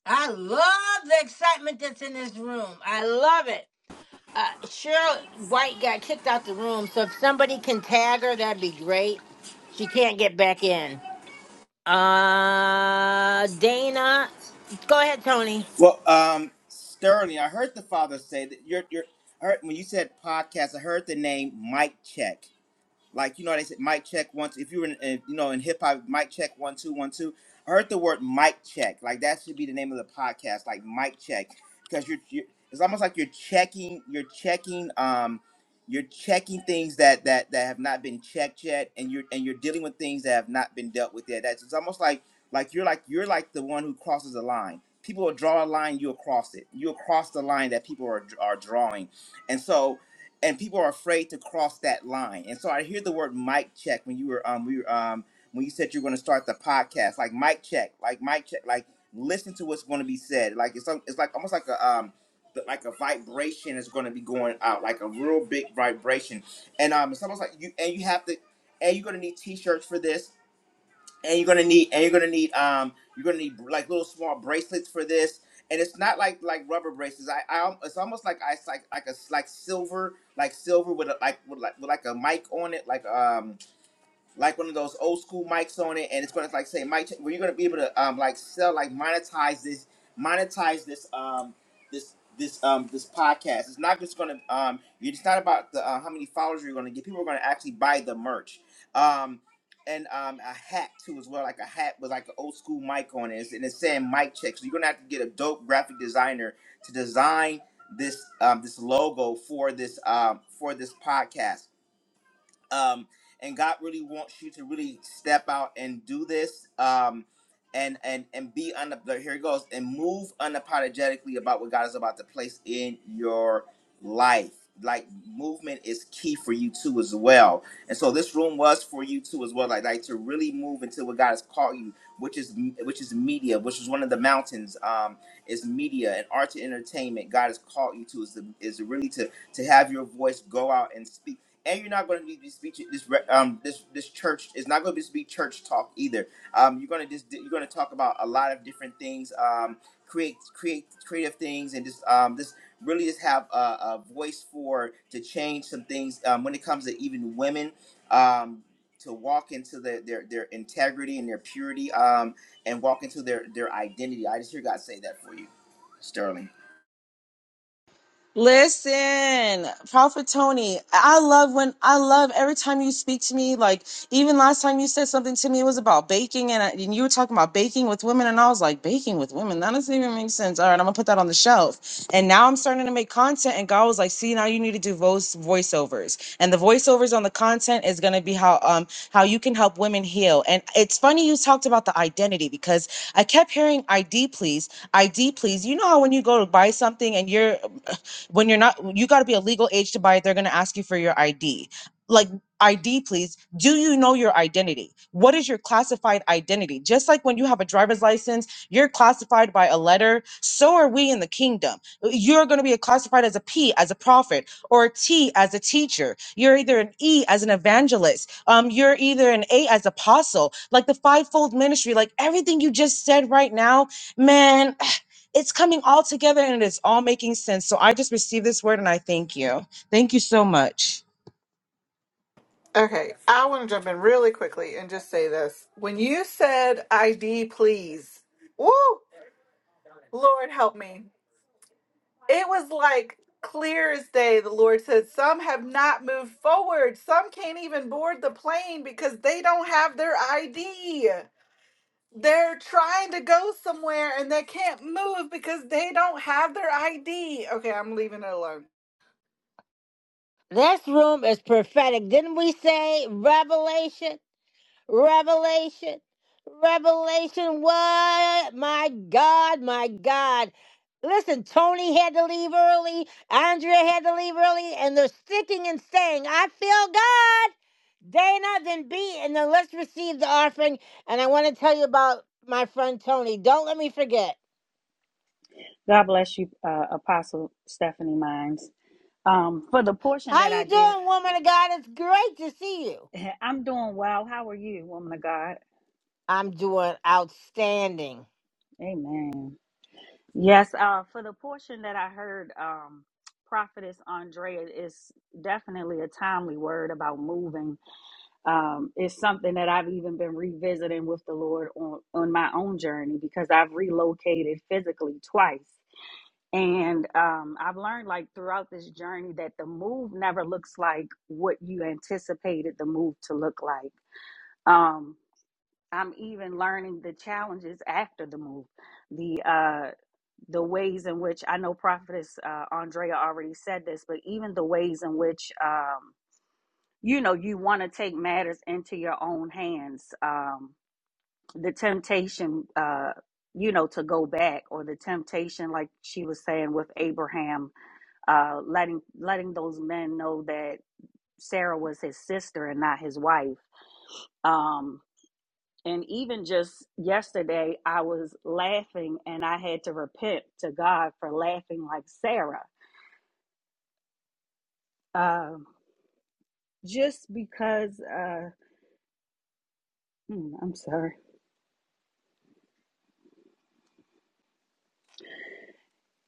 Speaker 1: I love the excitement that's in this room. I love it. Uh, Cheryl White got kicked out the room, so if somebody can tag her, that'd be great. She can't get back in. Uh, Dana, go ahead, Tony.
Speaker 3: Well, um, Sterling, I heard the father say that you're you're. I heard, when you said podcast, I heard the name Mike Check. Like you know, they said mic check once. If you were in, in you know in hip hop, mic check one two one two. I heard the word mic check. Like that should be the name of the podcast. Like mic check, because you're, you're it's almost like you're checking you're checking um you're checking things that that that have not been checked yet, and you're and you're dealing with things that have not been dealt with yet. That's it's almost like like you're like you're like the one who crosses a line. People will draw a line, you'll cross it. You'll cross the line that people are are drawing, and so and people are afraid to cross that line. And so I hear the word mic check when you were um we were, um when you said you're going to start the podcast, like mic check, like mic check, like listen to what's going to be said. Like it's some- it's like almost like a um th- like a vibration is going to be going out, like a real big vibration. And um it's almost like you and you have to and you're going to need t-shirts for this and you're gonna need and you're gonna need um you're gonna need like little small bracelets for this and it's not like like rubber bracelets i, I al- it's almost like i it's like like a s- like silver like silver with a like with like with like a mic on it like um like one of those old school mics on it, and it's gonna like say mic. check," Where you're gonna be able to um like sell like monetize this monetize this um this this um this podcast. It's not just gonna um it's not about the uh, how many followers you're gonna get. People are gonna actually buy the merch. Um. And um, a hat too as well, like a hat with like an old school mic on it, and it's saying mic check. So you're gonna have to get a dope graphic designer to design this um, this logo for this um, for this podcast um, and God really wants you to really step out and do this, um, and and and be on the here it goes and move unapologetically about what God is about to place in your life. Like movement is key for you too as well, and so this room was for you too as well. Like like to really move into what God has called you, which is which is media, which is one of the mountains. Um, is media and arts and entertainment. God has called you to is is really to to have your voice go out and speak and you're not going to be this be- this re- um this this church is not going to just be church talk either. Um, you're going to just you're going to talk about a lot of different things. Um, create create creative things and just um just really just have a, a voice for to change some things um, when it comes to even women um to walk into their their their integrity and their purity um and walk into their their identity. I just hear God say that for you, Sterling.
Speaker 10: Listen, Prophet Tony, I love when I love every time you speak to me. Like even last time you said something to me it was about baking, and, I, and you were talking about baking with women, and I was like, baking with women, that doesn't even make sense. All right, I'm gonna put that on the shelf. And now I'm starting to make content, and God was like, see, now you need to do voice voiceovers, and the voiceovers on the content is gonna be how um how you can help women heal. And it's funny you talked about the identity because I kept hearing ID, please, ID, please. You know how when you go to buy something and you're when you're not, you got to be a legal age to buy it. They're going to ask you for your ID. Like, ID, please. Do you know your identity? What is your classified identity? Just like when you have a driver's license, you're classified by a letter. So are we in the kingdom. You're going to be classified as a P, as a prophet, or a T, as a teacher. You're either an E, as an evangelist. Um, you're either an A, as apostle. Like the fivefold ministry, like everything you just said right now, man. It's coming all together and it's all making sense. So I just received this word and I thank you. Thank you so much.
Speaker 2: Okay, I want to jump in really quickly and just say this. When you said ID, please, woo, Lord help me. It was like clear as day. The Lord said, Some have not moved forward. Some can't even board the plane because they don't have their ID. they're trying to go somewhere and they can't move because they don't have their ID. Okay, I'm leaving it alone.
Speaker 1: This room is prophetic. Didn't we say revelation? Revelation? Revelation? What? My God, my God. Listen, Tony had to leave early. Andrea had to leave early, and they're sticking and saying, I feel God. Dana, then B, and then let's receive the offering. And I want to tell you about my friend Tony. Don't let me forget.
Speaker 11: God bless you, uh, Apostle Stephanie Mines. Um, for the portion
Speaker 1: How
Speaker 11: that I
Speaker 1: you
Speaker 11: did,
Speaker 1: doing, woman of God? It's great to see you.
Speaker 11: I'm doing well. How are you, woman of God?
Speaker 1: I'm doing outstanding.
Speaker 11: Amen. Yes, uh, for the portion that I heard, um, Prophetess Andrea is definitely a timely word about moving. Um, it's something that I've even been revisiting with the Lord on, on my own journey because I've relocated physically twice. And um, I've learned like throughout this journey that the move never looks like what you anticipated the move to look like. Um, I'm even learning the challenges after the move, the uh, the ways in which I know Prophetess uh, Andrea already said this, but even the ways in which um, you know you want to take matters into your own hands, um, the temptation, uh, you know, to go back, or the temptation, like she was saying with Abraham uh, letting letting those men know that Sarah was his sister and not his wife. Um, and even just yesterday, I was laughing and I had to repent to God for laughing like Sarah, um, just because. Uh, hmm, I'm sorry.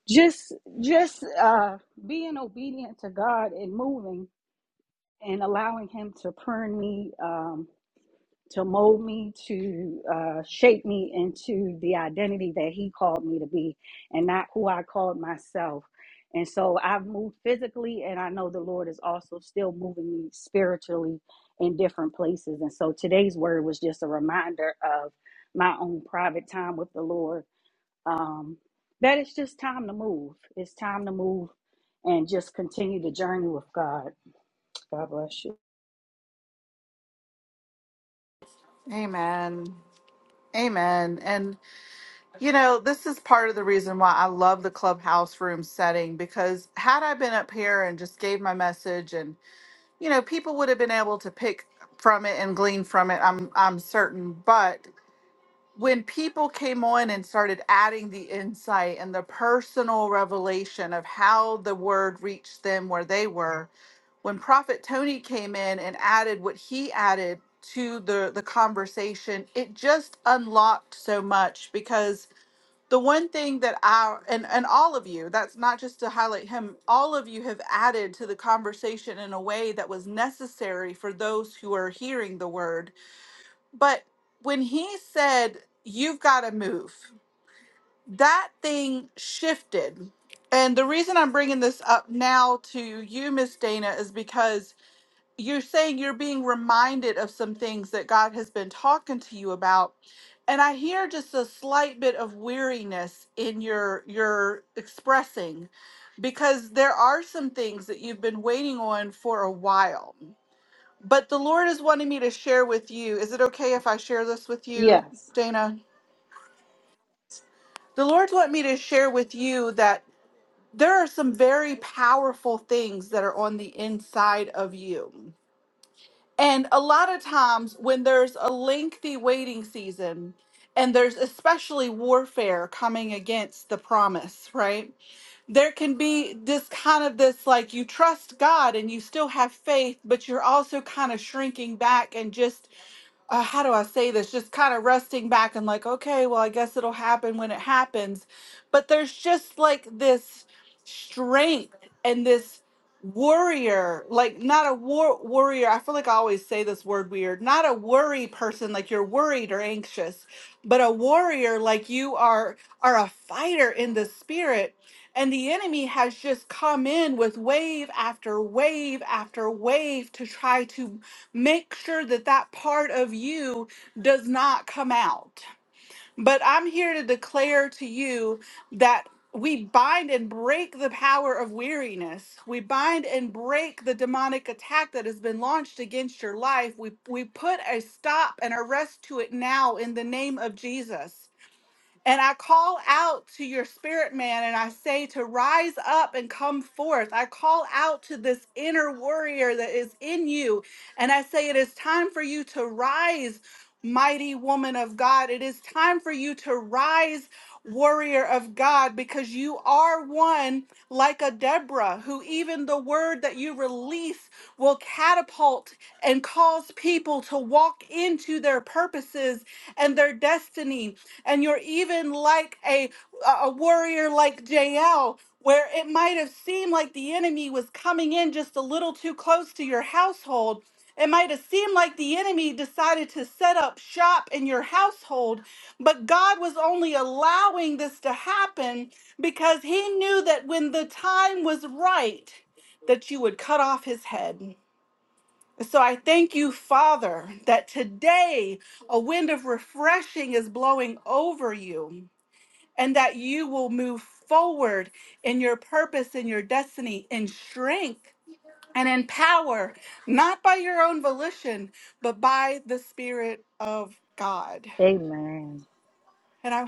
Speaker 11: Just just uh, being obedient to God and moving and allowing Him to prune me. Um, to mold me, to uh, shape me into the identity that He called me to be and not who I called myself. And so I've moved physically, and I know the Lord is also still moving me spiritually in different places. And so today's word was just a reminder of my own private time with the Lord. Um, that it's just time to move. It's time to move and just continue the journey with God. God bless you.
Speaker 2: Amen. Amen. And, you know, this is part of the reason why I love the clubhouse room setting because had I been up here and just gave my message and, you know, people would have been able to pick from it and glean from it, I'm I'm certain. But when people came on and started adding the insight and the personal revelation of how the word reached them where they were, when prophet tony came in and added what he added to the the conversation it just unlocked so much because the one thing that I and and all of you that's not just to highlight him all of you have added to the conversation in a way that was necessary for those who are hearing the word but when he said you've got to move that thing shifted and the reason i'm bringing this up now to you miss dana is because you're saying you're being reminded of some things that God has been talking to you about. And I hear just a slight bit of weariness in your your expressing because there are some things that you've been waiting on for a while. But the Lord is wanting me to share with you. Is it okay if I share this with you,
Speaker 11: Yes.
Speaker 2: Dana? The Lord's wanting me to share with you that there are some very powerful things that are on the inside of you And a lot of times, when there's a lengthy waiting season, and there's especially warfare coming against the promise, right? There can be this kind of this like you trust God and you still have faith, but you're also kind of shrinking back and just uh, how do I say this? Just kind of resting back and like, okay, well, I guess it'll happen when it happens. But there's just like this strength and this warrior, like not a war warrior. I feel like I always say this word weird. Not a worry person, like you're worried or anxious, but a warrior, like you are are a fighter in the spirit. And the enemy has just come in with wave after wave after wave to try to make sure that that part of you does not come out. But I'm here to declare to you that we bind and break the power of weariness. We bind and break the demonic attack that has been launched against your life. We, we put a stop and arrest to it now in the name of Jesus. And I call out to your spirit man and I say to rise up and come forth. I call out to this inner warrior that is in you. And I say, It is time for you to rise, mighty woman of God. It is time for you to rise, warrior of God, because you are one like a Deborah, who even the word that you release will catapult and cause people to walk into their purposes and their destiny and you're even like a a warrior like Jael, where it might have seemed like the enemy was coming in just a little too close to your household. It might have seemed like the enemy decided to set up shop in your household, but God was only allowing this to happen because he knew that when the time was right that you would cut off his head. So I thank you, Father, that today a wind of refreshing is blowing over you and that you will move forward in your purpose and your destiny in strength and in power, not by your own volition, but by the Spirit of God.
Speaker 11: Amen.
Speaker 2: And I,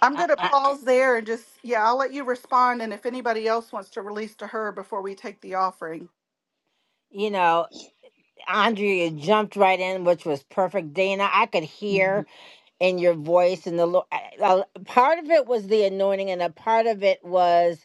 Speaker 2: I'm
Speaker 1: I,
Speaker 2: going to
Speaker 1: I,
Speaker 2: pause there and just, yeah, I'll let you respond. And if anybody else wants to release to her before we take the offering.
Speaker 1: you know, Andrea jumped right in, which was perfect. Dana, I could
Speaker 11: Mhm.
Speaker 1: hear in your voice, and the Lord. I- I- Part of it was the anointing, and a part of it was,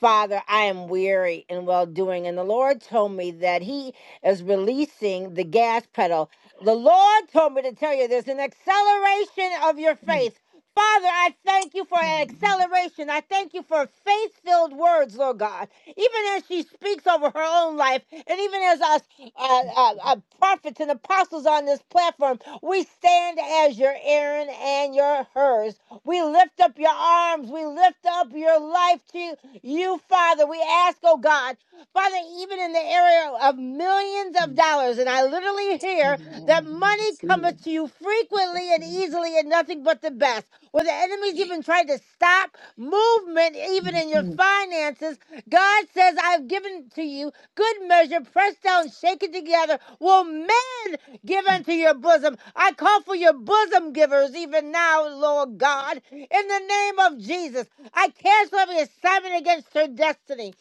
Speaker 1: Father, I am weary and well doing. And the Lord told me that He is releasing the gas pedal. The Lord told me to tell you there's an acceleration of your faith. Father, I thank you for
Speaker 11: Amen.
Speaker 1: acceleration. I thank you for faith filled words, Lord God. Even as she speaks over her own life, and even as us uh,
Speaker 11: Thank
Speaker 1: uh,
Speaker 11: you, Lord.
Speaker 1: uh, prophets and apostles on this platform, we stand as your Aaron and your hers. We lift up your arms. We lift up your life to you, Father. We ask, oh God, Father, even in the area of millions of
Speaker 11: Mm.
Speaker 1: dollars. And I literally hear
Speaker 11: Amen.
Speaker 1: that
Speaker 11: I
Speaker 1: money
Speaker 11: receive it.
Speaker 1: cometh to you
Speaker 11: Jesus'
Speaker 1: frequently and
Speaker 11: name.
Speaker 1: easily and nothing but the best. Where the enemy's even tried to stop movement, even in your
Speaker 11: Mhm.
Speaker 1: finances, God says, I've given to you good measure, pressed down, shaken together, will men give
Speaker 11: Mm.
Speaker 1: unto your bosom. I call for your bosom givers even now, Lord God, in the name of Jesus. I cancel every assignment against her destiny.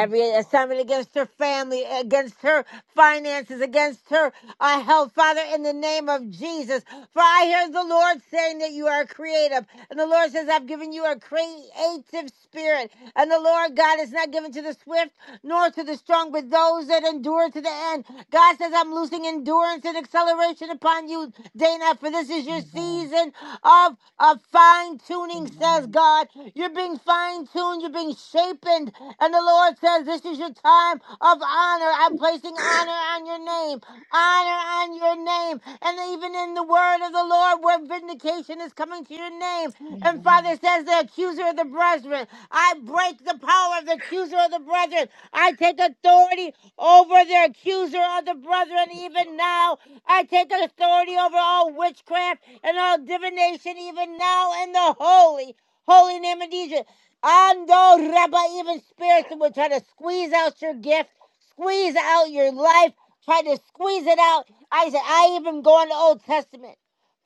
Speaker 11: Thank you, Lord.
Speaker 1: assignment against her family, against her finances, against her uh, health, Father, in the name of Jesus. For I hear the Lord saying that you are creative. And the Lord says, I've given you a creative spirit. And the Lord God is not given to the swift nor to the strong, but those that endure to the end. God says, I'm losing endurance and acceleration upon you, Dana, for this is your
Speaker 11: Amen.
Speaker 1: season of, of fine tuning, says
Speaker 11: Amen.
Speaker 1: God. You're being fine tuned grown, you're being shapened, And the Lord says, This is your time of honor. I'm placing honor on your name, honor on your name. And even in the word of the Lord, where vindication is coming to your name. And Father
Speaker 11: Amen.
Speaker 1: says, The accuser of the brethren, I break the power of the accuser of the brethren. I take authority over the accuser of the brethren,
Speaker 11: Thank you.
Speaker 1: even now. I take authority over all witchcraft and all divination, even now, in the holy holy name of Jesus. And oh, Rabbi, even spirits that would try to squeeze out your gift, squeeze out your life, try to squeeze it out. I said, I even go in the Old Testament.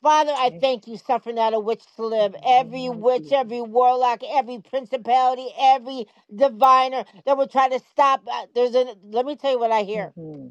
Speaker 1: Father, I
Speaker 11: Thank
Speaker 1: thank
Speaker 11: you
Speaker 1: you, suffering not a witch to
Speaker 11: in
Speaker 1: live.
Speaker 11: the name
Speaker 1: Every
Speaker 11: of
Speaker 1: witch, every
Speaker 11: Jesus.
Speaker 1: warlock, every principality, every diviner that would try to stop. uh, There's a. Let me tell you what I hear.
Speaker 11: hmm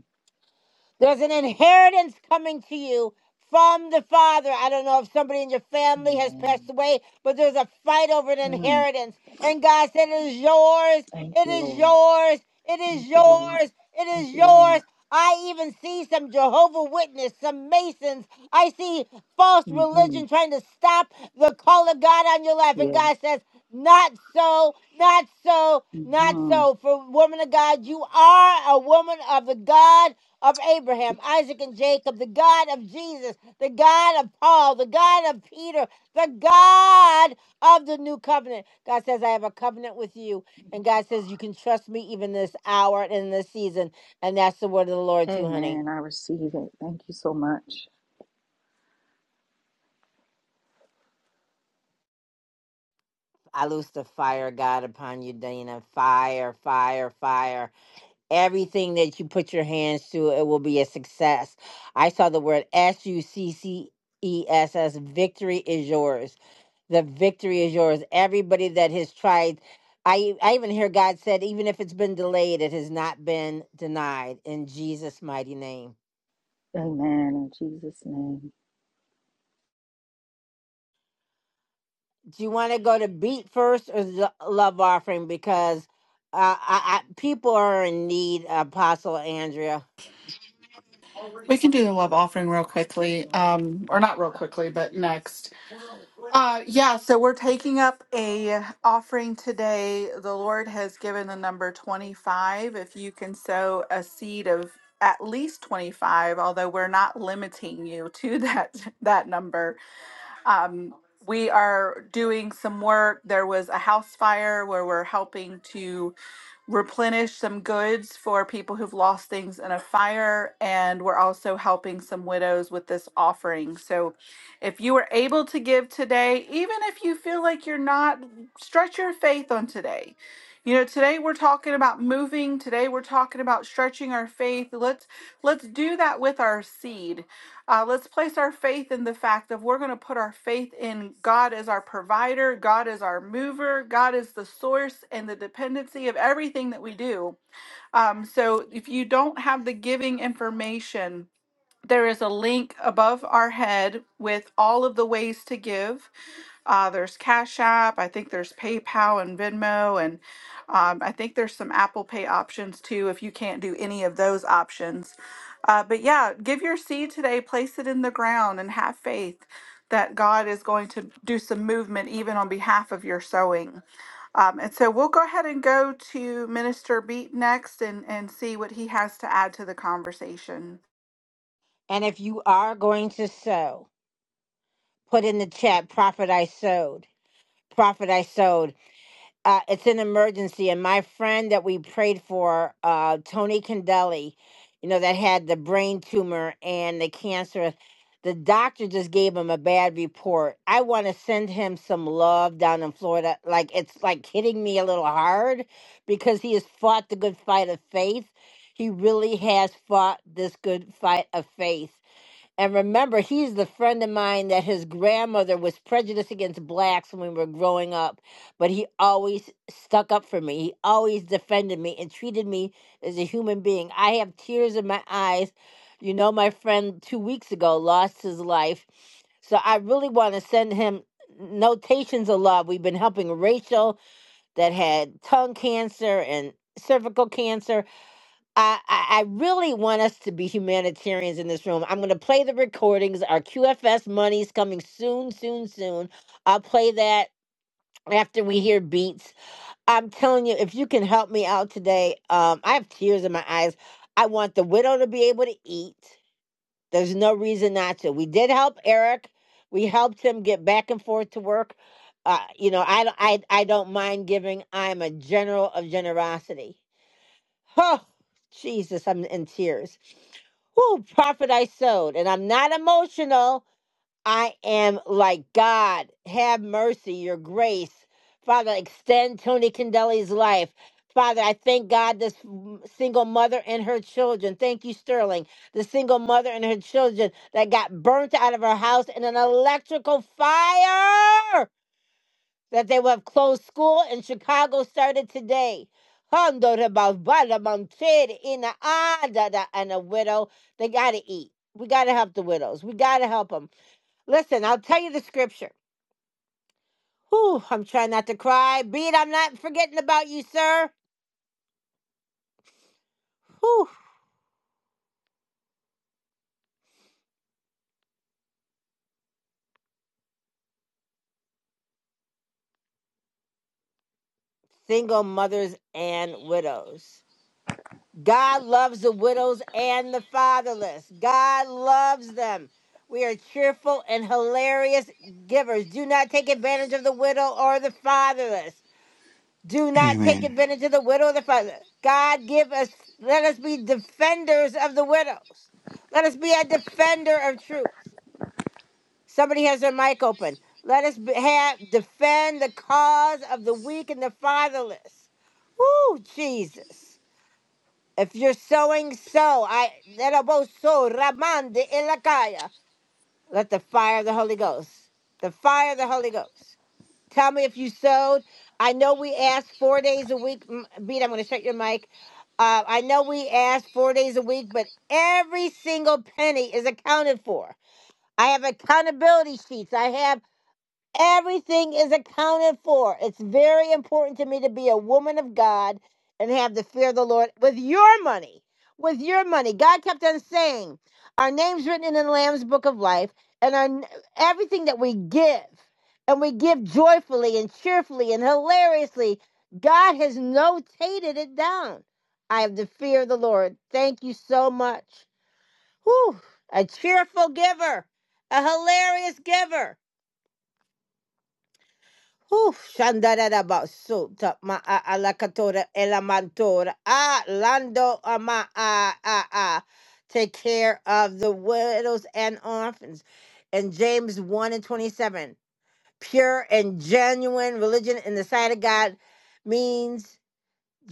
Speaker 1: There's an inheritance coming to you from the Father. I don't know if somebody in your family has passed
Speaker 11: Amen.
Speaker 1: away, but there's a fight over an
Speaker 11: Mm.
Speaker 1: inheritance. And God said, It is yours.
Speaker 11: Thank
Speaker 1: It
Speaker 11: you,
Speaker 1: is
Speaker 11: Lord.
Speaker 1: yours. It is
Speaker 11: Thank you, Lord.
Speaker 1: yours. It
Speaker 11: Thank
Speaker 1: is
Speaker 11: you, Lord.
Speaker 1: yours. I even see some Jehovah Witness, some Masons. I see false
Speaker 11: hmm
Speaker 1: religion trying to stop the call of God on your life. And
Speaker 11: Yes.
Speaker 1: God says, Not so, not so, not
Speaker 11: hmm
Speaker 1: so. For woman of God, you are a woman of the God of
Speaker 11: Thank you,
Speaker 1: Abraham,
Speaker 11: Jesus.
Speaker 1: Isaac, and Jacob, the God of Jesus, the God of Paul, the God of Peter, the God of the new covenant. God says, I have a covenant with you. And
Speaker 11: Thank you.
Speaker 1: God says, You can trust me even this hour and in this season. And that's the word of the Lord, too, honey.
Speaker 11: Amen. I receive it. Thank you so much.
Speaker 1: I loose the fire, God, upon you, Dana. Fire, fire, fire. Everything that you put your hands to, it will be a success. I saw the word S U C C E S S. Victory is yours. The victory is yours. Everybody that has tried, I I even hear God said, even if it's been delayed, it has not been denied. In Jesus' mighty name.
Speaker 11: Amen. In Jesus' name.
Speaker 1: Do you want to go to beat first or the love offering? Because uh, I, I, people are in need, Apostle Andrea.
Speaker 2: we can do the love offering real quickly, um, or not real quickly, but next. Uh, yeah, so we're taking up a offering today. The Lord has given the number 25. If you can sow a seed of at least 25, although we're not limiting you to that that number. Um, we are doing some work. There was a house fire where we're helping to replenish some goods for people who've lost things in a fire. And we're also helping some widows with this offering. So if you were able to give today, even if you feel like you're not, stretch your faith on today. You know, today we're talking about moving. Today we're talking about stretching our faith. Let's let's do that with our seed uh, let's place our faith in the fact that we're going to put our faith in God as our provider, God as our mover, God is the source and the dependency of everything that we do. Um, so if you don't have the giving information, there is a link above our head with all of the ways to give. Uh, there's Cash App. I think there's PayPal and Venmo, and um, I think there's some Apple Pay options too if you can't do any of those options. Uh, but yeah, give your seed today, place it in the ground, and have faith that God is going to do some movement even on behalf of your sowing. Um, and so we'll go ahead and go to Minister Beat next and, and see what he has to add to the conversation.
Speaker 1: And if you are going to sow. put in the chat prophet i sowed prophet i sowed uh, it's an emergency and my friend that we prayed for uh, tony Condelli, you know that had the brain tumor and the cancer the doctor just gave him a bad report i want to send him some love down in florida like it's like hitting me a little hard because he has fought the good fight of faith he really has fought this good fight of faith and remember, he's the friend of mine that his grandmother was prejudiced against blacks when we were growing up, but he always stuck up for me. He always defended me and treated me as a human being. I have tears in my eyes. You know, my friend two weeks ago lost his life. So I really want to send him notations of love. We've been helping Rachel that had tongue cancer and cervical cancer I, I I really want us to be humanitarians in this room. I'm going to play the recordings. Our QFS money's coming soon, soon, soon. I'll play that after we hear beats. I'm telling you, if you can help me out today, um, I have tears in my eyes. I want the widow to be able to eat. There's no reason not to. We did help Eric. We helped him get back and forth to work. Uh, you know, I, don't- I, I don't mind giving. I'm a general of generosity. Oh, Jesus, I'm in tears. Who profit I sowed, and I'm not emotional. I am like God. Have mercy, your grace, Father. Extend Tony Candeli's life, Father. I thank God this m- single mother and her children. Thank you, Sterling. The single mother and her children that got burnt out of her house in an electrical fire that they will have closed school in Chicago started today. Hondo de Barbada Montere ina ada da- And a widow, they got to eat. We got to help the widows. We got to help them. Listen, I'll tell you the scripture. Whew, I'm trying not to cry. Beat, I'm not forgetting about you, sir. Whew, single mothers and widows. God loves the widows and the fatherless. God loves them. We are cheerful and hilarious givers. Do not take advantage of the widow or the fatherless. Do not take
Speaker 12: Amen.
Speaker 1: advantage of the widow or the father. God give us let us be defenders of the widows. Let us be a defender of truth. Somebody has their mic open. Let us be, have defend the cause of the weak and the fatherless. Woo, Jesus. If you're sowing, sow. I so Ramande Elakaya. Let the fire of the Holy Ghost. The fire of the Holy Ghost. Tell me if you sowed. I know we asked four days a week. M- Beat, I'm going to shut your mic. Uh, I know we asked four days a week, but every single penny is accounted for. I have accountability sheets. I have. Everything is accounted for. It's very important to me to be a woman of God and have the fear of the Lord with your money. With your money. God kept on saying, our names written in the Lamb's book of life and our everything that we give and we give joyfully and cheerfully and hilariously, God has notated it down. I have the fear of the Lord. Thank you so much. Whew, a cheerful giver, a hilarious giver. Whew, Shandarada Basuta Ma a Alakatora Elamantora Ah Lando Ama Ah Ah Ah. Take care of the widows and orphans. And James 1 and 27. Pure and genuine religion in the sight of God means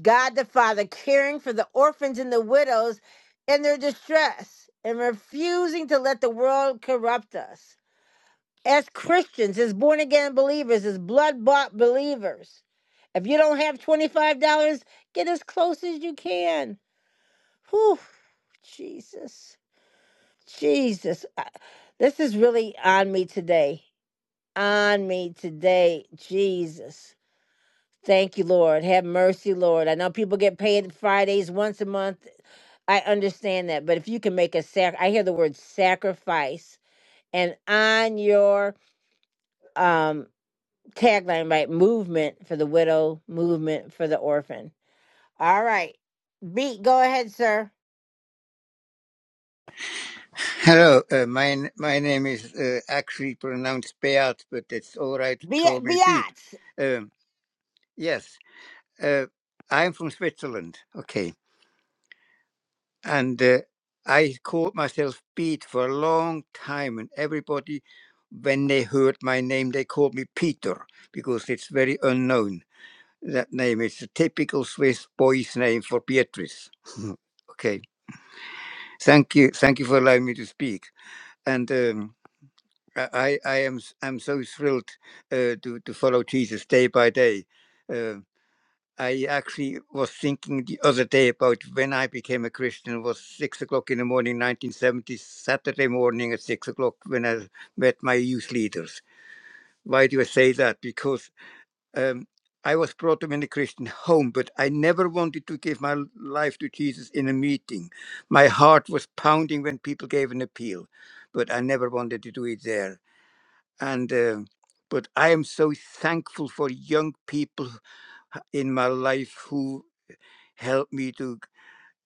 Speaker 1: God the Father caring for the orphans and the widows in their distress and refusing to let the world corrupt us as Christians, as born again believers, as blood bought believers. If you don't have $25, get as close as you can. Whew, Jesus. Jesus. I- This is really on me today. On me today, Jesus. Thank you, Lord. Have mercy, Lord. I know people get paid Fridays once a month. I understand that. But if you can make a sac, I hear the word sacrifice and on your um tagline, right? Movement for the widow, movement for the orphan. All right. B, go ahead, sir.
Speaker 12: Hello, uh, my my name is uh, actually pronounced Beat, but it's all right.
Speaker 1: B,
Speaker 12: Call me Pete.
Speaker 1: Biatz,
Speaker 12: Um, yes, uh, I'm from Switzerland. Okay, and uh, I called myself Pete for a long time, and everybody, when they heard my name, they called me Peter because it's very unknown. That name It's a typical Swiss boy's name for Beatrice. okay, thank you, thank you for allowing me to speak. And um, I, I I am s- I'm so thrilled uh, to to follow Jesus day by day. Uh, I actually was thinking the other day about when I became a Christian It was six o'clock in the morning, 1970, Saturday morning at six o'clock when I met my youth leaders. Why do I say that? Because um, I was brought up in a Christian home, but I never wanted to give my life to Jesus in a meeting. My heart was pounding when people gave an appeal, but I never wanted to do it there and uh, but I am so thankful for young people in my life who help me to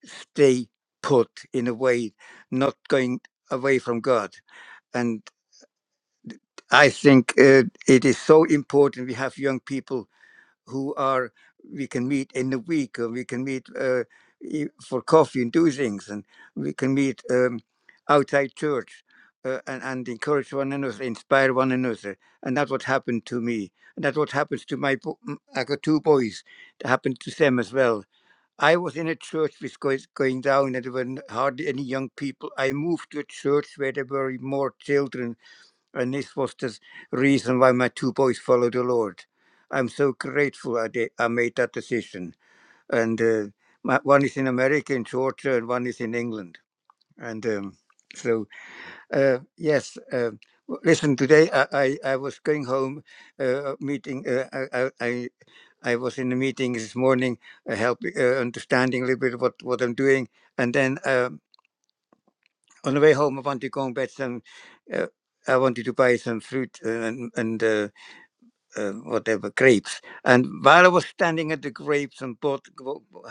Speaker 12: stay put in a way, not going away from God. And I think uh, it is so important we have young people who are we can meet in the week or we can meet uh, e- for coffee and do things and we can meet um, outside church uh, and, and encourage one another inspire one another and that's what happened to me and that's what happens to my bo- m- i got two boys it happened to them as well i was in a church which was going down and there were n- hardly any young people i moved to a church where there were more children and this was the reason why my two boys followed the Lord. I'm so grateful I, did, I made that decision. And uh, my, one is in America, in Georgia, and one is in England. And um, so, uh, yes, uh, listen, today I, I, I was going home, uh, uh, meeting, uh, I, I, I was in a meeting this morning, uh, helping, uh, understanding a little bit what, what I'm doing. And then um on the way home, I wanted to go and get some, uh, I wanted to buy some fruit uh, and, and uh, uh, whatever grapes. And while I was standing at the grapes and bought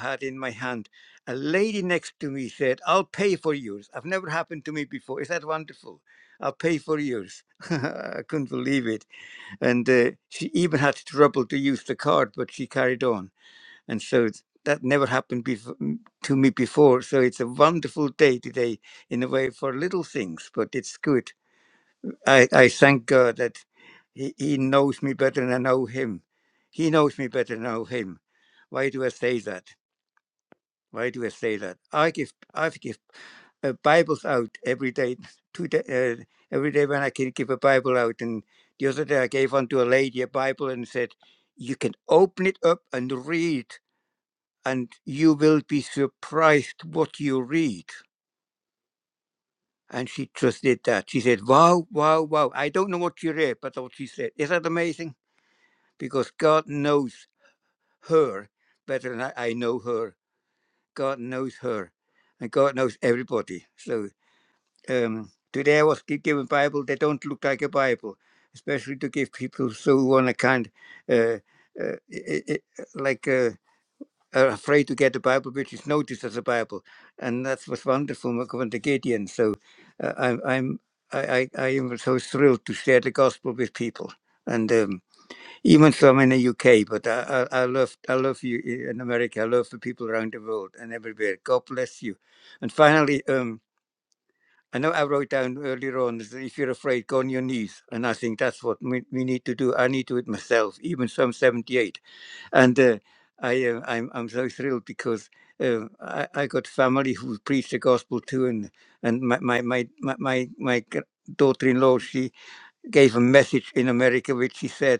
Speaker 12: had in my hand, a lady next to me said, "I'll pay for yours." I've never happened to me before. Is that wonderful? I'll pay for yours. I couldn't believe it. And uh, she even had trouble to use the card, but she carried on. And so it's- that never happened before, to me before. So it's a wonderful day today, in a way, for little things, but it's good I, I thank God that he, he knows me better than I know him. He knows me better than I know him. Why do I say that? Why do I say that? I give I give uh, Bibles out every day, two day, uh, every day when I can give a Bible out. And the other day I gave one to a lady a Bible and said, "You can open it up and read, and you will be surprised what you read." And she just did that. She said, "Wow, wow, wow! I don't know what you read, but what she said is that amazing." because God knows her better than I, I know her. God knows her, and God knows everybody. So um, today I was given Bible. They don't look like a Bible, especially to give people so who want to kind uh, uh, i i like uh, are afraid to get a Bible, which is noticed as a Bible, and that was wonderful when the Gideon. So uh, I'm I'm I, I I am so thrilled to share the gospel with people, and. Um, even so, I'm in the UK, but I, I, I love I love you eh, in America. I love the people around the world and everywhere. God bless you. And finally, um, I know I wrote down earlier on is that if you're afraid, go on your knees. And I think that's what we, we need to do. I need to do it myself, even so I'm 78. And uh, I uh, I'm I'm so thrilled because uh, I, I got family who preach the gospel too, and and my my my my my, my gr- daughter-in-law she gave a message in America which she said.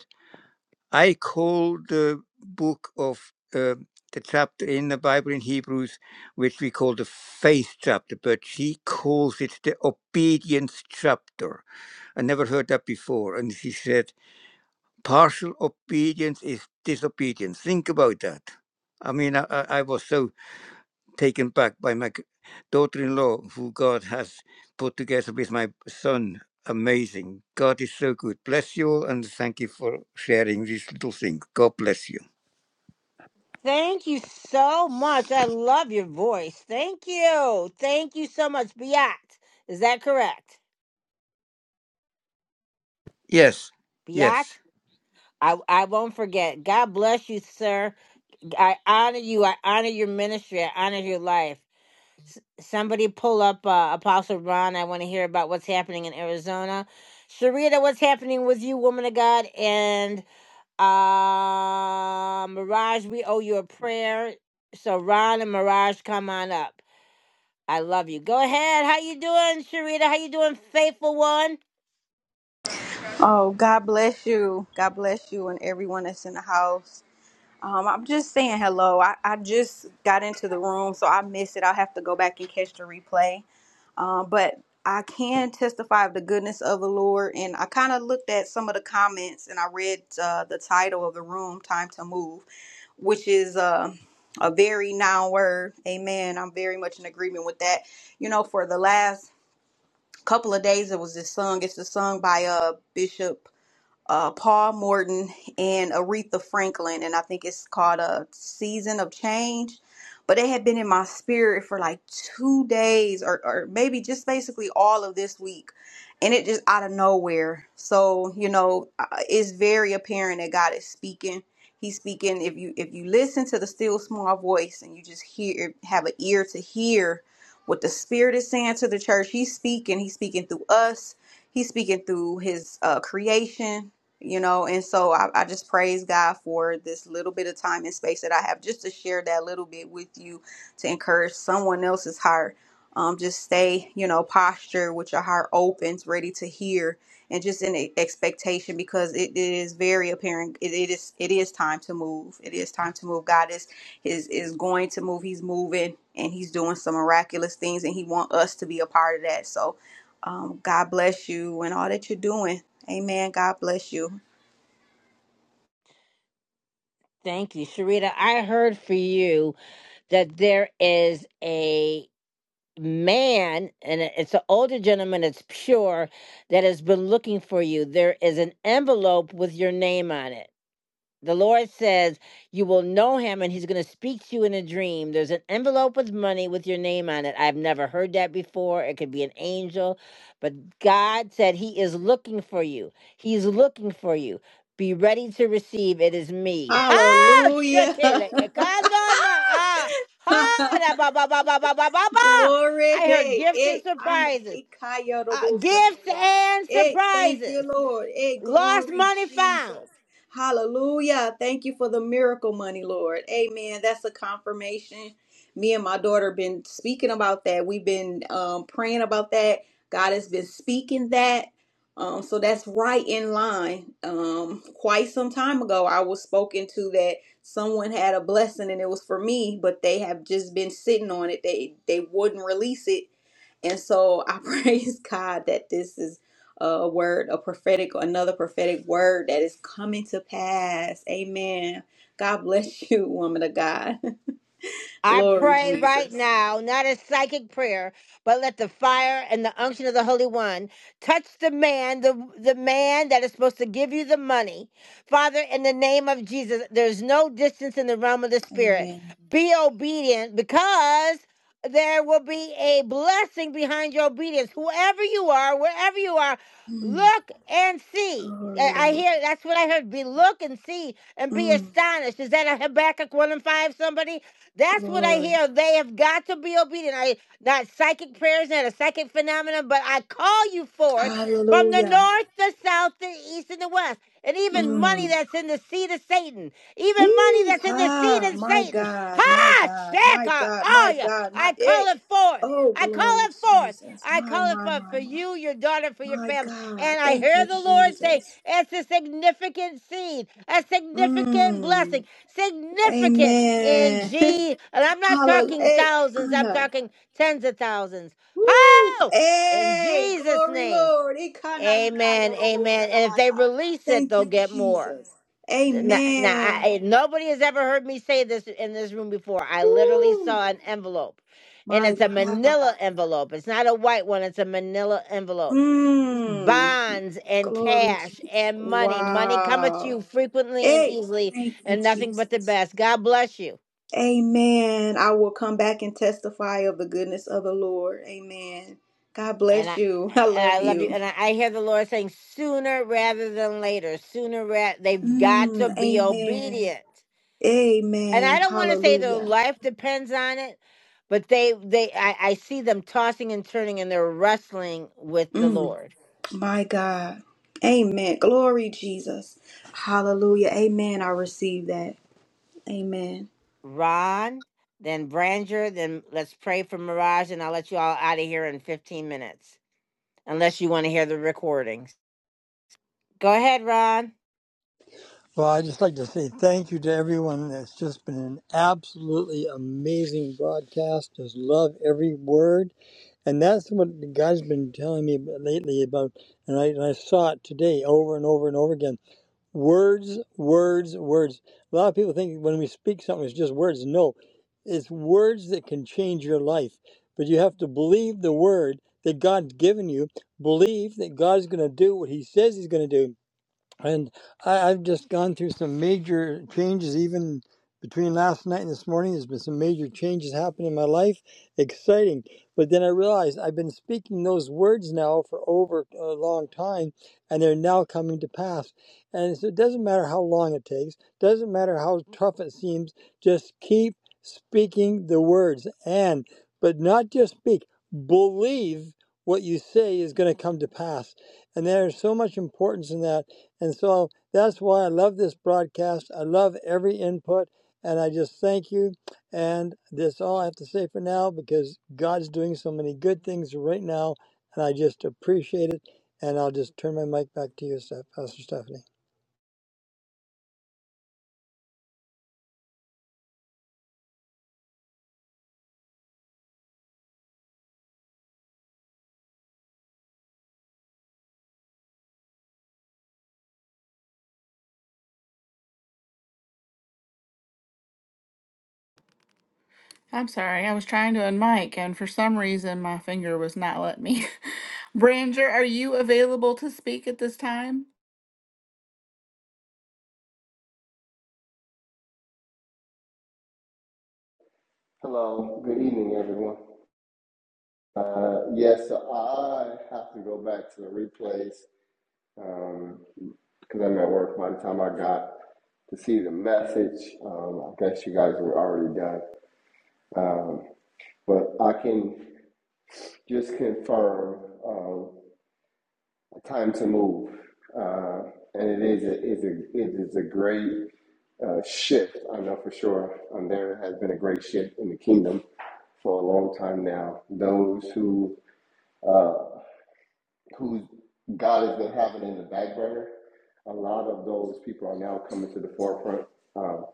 Speaker 12: I call the book of uh, the chapter in the Bible in Hebrews, which we call the faith chapter, but she calls it the obedience chapter. I never heard that before. And she said, partial obedience is disobedience. Think about that. I mean, I, I I was so taken back by my g- daughter-in-law, who God has put together with my son. Amazing. God is so good. Bless you all and thank you for sharing these little things. God bless you.
Speaker 1: thank you so much. I love your voice. Thank you. Thank you so much, Biatz. Is that correct?
Speaker 12: Yes, yes.
Speaker 1: Biatz? I, I won't forget. God bless you, sir. I honor you. I honor your ministry. I honor your life. S- somebody pull up uh, Apostle Ron. I want to hear about what's happening in Arizona. Sharita, what's happening with you, woman of God? And uh, Mirage, we owe you a prayer. So Ron and Mirage, come on up. I love you. Go ahead. How you doing, Sharita? How you doing, faithful one?
Speaker 13: Oh, God bless you. God bless you and everyone that's in the house. Um, I'm just saying hello. I, I just got into the room, so I missed it. I'll have to go back and catch the replay. Um, but I can testify of the goodness of the Lord. And I kind of looked at some of the comments and I read uh, the title of the room, Time to Move, which is uh, a very noun word. Amen. I'm very much in agreement with that. You know, for the last couple of days, it was this song. It's a song by uh, Bishop uh, Paul Morton and Aretha Franklin, and I think it's called a Season of Change. But it had been in my spirit for like two days, or or maybe just basically all of this week, and it just out of nowhere. So you know, uh, it's very apparent that God is speaking. He's speaking. If you if you listen to the still small voice and you just hear have an ear to hear what the Spirit is saying to the church, He's speaking. He's speaking through us. He's speaking through his uh, creation you know and so I, I just praise god for this little bit of time and space that i have just to share that little bit with you to encourage someone else's heart um, just stay you know posture with your heart open ready to hear and just in e- expectation because it, it is very apparent it, it is it is time to move it is time to move god is is is going to move he's moving and he's doing some miraculous things and he wants us to be a part of that so um, God bless you and all that you're doing. Amen. God bless you.
Speaker 1: Thank you, Sharita. I heard for you that there is a. man, and it- it's an older gentleman, it's pure, that has been looking for you. There is an envelope with your name on it. The Lord says you will know him and he's going to speak to you in a dream. There's an envelope with money with your name on it. I've never heard that before. It could be an angel, but God said he is looking for you. He's looking for you. Be ready to receive. It is me. Ha!
Speaker 13: Hallelujah.
Speaker 1: Shekele ekando na ah. Ha! Da ba ba ba ba ba ba ba ba.
Speaker 13: Glory.
Speaker 1: I heard
Speaker 13: Hey,
Speaker 1: gifts and
Speaker 13: hey, Anna,
Speaker 1: surprises.
Speaker 13: Ikaya
Speaker 1: Uh,
Speaker 13: Robo
Speaker 1: gifts
Speaker 13: Shataya.
Speaker 1: and
Speaker 13: Hey, thank you,
Speaker 1: surprises.
Speaker 13: Lord. Hey,
Speaker 1: Lost
Speaker 13: glory,
Speaker 1: money found.
Speaker 13: Jesus. Hallelujah. Thank you for the miracle money, Lord. Amen. That's a confirmation. Me and my daughter been speaking about that. We've been um, praying about that. God has been speaking that. Um, so that's right in line. Um, quite some time ago, I was spoken to that someone had a blessing and it was for me but they have just been sitting on it they they wouldn't release it and so i praise god that this is a word a prophetic another prophetic word that is coming to pass amen god bless you woman of god
Speaker 1: I
Speaker 13: glory
Speaker 1: pray right
Speaker 13: jesus
Speaker 1: now, not a psychic prayer, but let the fire and the unction of the Holy One touch the man, the, the man that is supposed to give you the money. Father, in the name of Jesus, there's no distance in the realm of the Spirit.
Speaker 13: amen
Speaker 1: Be obedient because there will be a blessing behind your obedience. Whoever you are, wherever you are,
Speaker 13: Mm,
Speaker 1: look and see.
Speaker 13: glory
Speaker 1: I
Speaker 13: lord
Speaker 1: hear that's what I heard. Be look and see and be
Speaker 13: Mm,
Speaker 1: astonished. Is that a Habakkuk 1 and 5 somebody? That's what I
Speaker 13: glory
Speaker 1: hear. They have got to be obedient. I not psychic prayers, not a psychic phenomenon, but I call you forth from the
Speaker 13: hallelujah
Speaker 1: north, the south, the east, and the west. And even
Speaker 13: Mm.
Speaker 1: money that's in the seed of Satan. Even money that's in the seed
Speaker 13: Yee-haw,
Speaker 1: of
Speaker 13: my
Speaker 1: Satan.
Speaker 13: God, my
Speaker 1: Ha!
Speaker 13: God, my
Speaker 1: Shaka!
Speaker 13: God, my
Speaker 1: Oh yeah.
Speaker 13: God, my
Speaker 1: I
Speaker 13: hey.
Speaker 1: call it forth.
Speaker 13: Oh,
Speaker 1: I call
Speaker 13: glory,
Speaker 1: it forth.
Speaker 13: Jesus.
Speaker 1: I
Speaker 13: My,
Speaker 1: call it
Speaker 13: my,
Speaker 1: forth
Speaker 13: my,
Speaker 1: for
Speaker 13: my.
Speaker 1: you, your daughter, for your
Speaker 13: My
Speaker 1: family.
Speaker 13: God.
Speaker 1: And I
Speaker 13: Thank
Speaker 1: hear
Speaker 13: you,
Speaker 1: the Lord say,
Speaker 13: Jesus.
Speaker 1: it's a significant seed, a significant
Speaker 13: Mm.
Speaker 1: blessing, significant in
Speaker 13: Amen.
Speaker 1: G. And I'm not
Speaker 13: Hallelujah.
Speaker 1: talking
Speaker 13: Hey,
Speaker 1: thousands, I'm
Speaker 13: Anna.
Speaker 1: talking tens of thousands.
Speaker 13: Woo.
Speaker 1: How? In
Speaker 13: Hey,
Speaker 1: Jesus'
Speaker 13: glory,
Speaker 1: name.
Speaker 13: Lord. Ikana
Speaker 1: Amen.
Speaker 13: ikaya robo
Speaker 1: Amen. And if they
Speaker 13: shanamata.
Speaker 1: release it,
Speaker 13: Thank
Speaker 1: they'll
Speaker 13: you,
Speaker 1: get more.
Speaker 13: Jesus.
Speaker 1: Now, now
Speaker 13: Amen.
Speaker 1: I, nobody has ever heard me say this in this room before. I literally
Speaker 13: Woo.
Speaker 1: saw an envelope, and
Speaker 13: My
Speaker 1: it's a manila
Speaker 13: God.
Speaker 1: envelope. It's not a white one, it's a manila envelope.
Speaker 13: Mm.
Speaker 1: Bonds and
Speaker 13: Glory,
Speaker 1: cash
Speaker 13: Jesus.
Speaker 1: and money. Money cometh to
Speaker 13: Wow.
Speaker 1: you frequently and
Speaker 13: Hey,
Speaker 1: easily,
Speaker 13: thank you,
Speaker 1: and nothing but the
Speaker 13: Jesus.
Speaker 1: best. God bless you.
Speaker 13: Amen. I will come back and testify of the goodness of the Lord. Amen. God
Speaker 1: And
Speaker 13: bless
Speaker 1: I.
Speaker 13: you. I
Speaker 1: And
Speaker 13: love
Speaker 1: I love you,
Speaker 13: you.
Speaker 1: and I, I hear the Lord saying, "Sooner rather than later. Sooner, ra- they've got to
Speaker 13: Mm,
Speaker 1: be
Speaker 13: amen.
Speaker 1: obedient." and I
Speaker 13: Amen.
Speaker 1: don't want to say their
Speaker 13: Hallelujah.
Speaker 1: life depends on it, but they they I, I see them tossing and turning and they're wrestling with the
Speaker 13: Mm,
Speaker 1: Lord.
Speaker 13: my God. Amen. Glory, Jesus. Hallelujah. Amen. I receive that. Amen.
Speaker 1: Ron, then Branger, then let's pray for Mirage, and I'll let you all out of here in fifteen minutes, unless you want to hear the recordings. Go ahead, Ron.
Speaker 14: Well, I'd just like to say thank you to everyone. That's just been an absolutely amazing broadcast. Just love every word. And that's what God's been telling me lately about, and I, and I saw it today over and over and over again. Words, words, words. A lot of people think when we speak something, it's just words. No, it's words that can change your life. But you have to believe the word that God's given you, believe that God's going to do what He says He's going to do and I, I've just gone through some major changes. Even between last night and this morning, there's been some major changes happening in my life. Exciting, but then I realized I've been speaking those words now for over a long time, and they're now coming to pass. And so it doesn't matter how long it takes, doesn't matter how tough it seems. Just keep speaking the words, and but not just speak, believe. What you say is going to come to pass. And there's so much importance in that and so that's why I love this broadcast. I love every input. And I just thank you. And that's all I have to say for now because God's doing so many good things right now. And I just appreciate it. And I'll just turn my mic back to you, Pastor Stephanie.
Speaker 2: I'm sorry, I was trying to unmic and for some reason my finger was not letting me. Branger, are you available to speak at this time?
Speaker 15: Hello, good evening, everyone. Uh, yes, so I have to go back to the replays because I'm at work by the time I got to see the message. Um, I guess you guys were already done. Um, but I can just confirm um, time to move. Uh, and it is a, is a, it is a great uh, shift. I know for sure um, there has been a great shift in the kingdom for a long time now. Those who uh, who God has been having in the back burner, a lot of those people are now coming to the forefront um,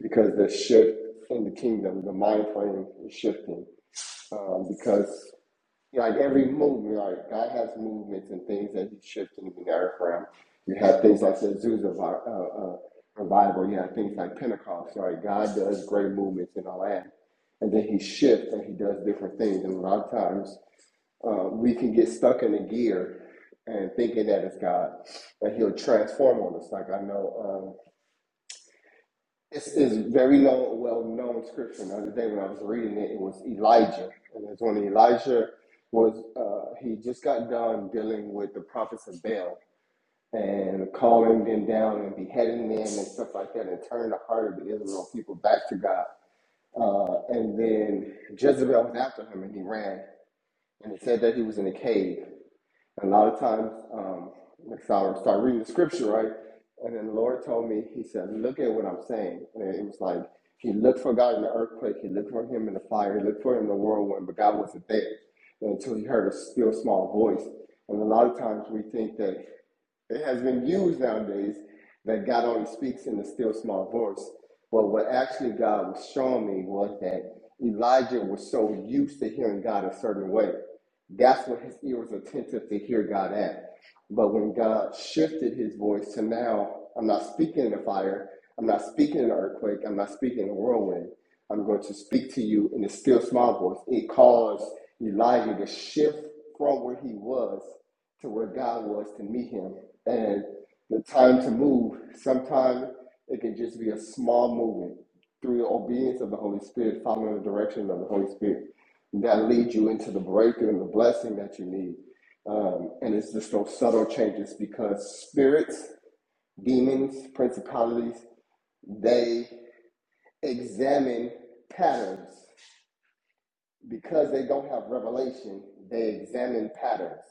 Speaker 15: because the shift in the kingdom, the mind frame is shifting. Um, because like every movement, like God has movements and things that He's shifting in the earth realm. You have things like the Azusa uh, uh, revival. You have things like Pentecost. Right? God does great movements in our land, and then He shifts and He does different things. And a lot of times. Uh, we can get stuck in a gear and thinking that it's God, that He'll transform on us. Like I know, um, it's, it's very long, well-known scripture. The other day when I was reading it, it was Elijah, and it's when Elijah was uh, he just got done dealing with the prophets of Baal and calling them down and beheading them and stuff like that, and turning the heart of the Israel people back to God. Uh, and then Jezebel was after him, and he ran. And it said that he was in a cave. And a lot of times, um, like so I would start reading the scripture, right? And then the Lord told me, He said, Look at what I'm saying. And it was like, He looked for God in the earthquake, He looked for Him in the fire, He looked for Him in the whirlwind, but God wasn't there until He heard a still small voice. And a lot of times we think that it has been used nowadays that God only speaks in a still small voice. But what actually God was showing me was that Elijah was so used to hearing God a certain way. That's what his ear was attentive to hear God at. But when God shifted his voice to now, I'm not speaking in the fire, I'm not speaking in the earthquake, I'm not speaking in a whirlwind. I'm going to speak to you in a still small voice. It caused Elijah to shift from where he was to where God was to meet him. And the time to move, sometimes it can just be a small movement through the obedience of the Holy Spirit, following the direction of the Holy Spirit that leads you into the breakthrough and the blessing that you need. Um, and it's just those subtle changes because spirits, demons, principalities, they examine patterns because they don't have revelation, they examine patterns.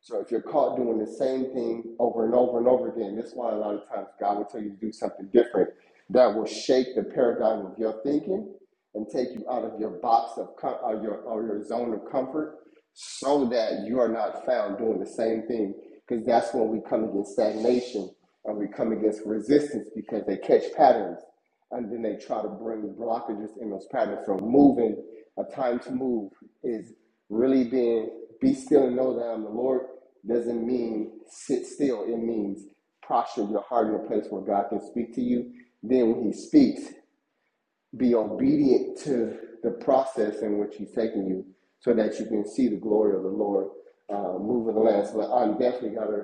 Speaker 15: So if you're caught doing the same thing over and over and over again, that's why a lot of times God will tell you to do something different that will shake the paradigm of your thinking and take you out of your box of com- or your or your zone of comfort, so that you are not found doing the same thing. Because that's when we come against stagnation and we come against resistance because they catch patterns and then they try to bring blockages in those patterns. So moving, a time to move is really being be still and know that I'm the Lord doesn't mean sit still. It means posture your heart in a place where God can speak to you. Then when he speaks, be obedient to the process in which he's taking you so that you can see the glory of the Lord uh, move in the land. So I'm definitely going to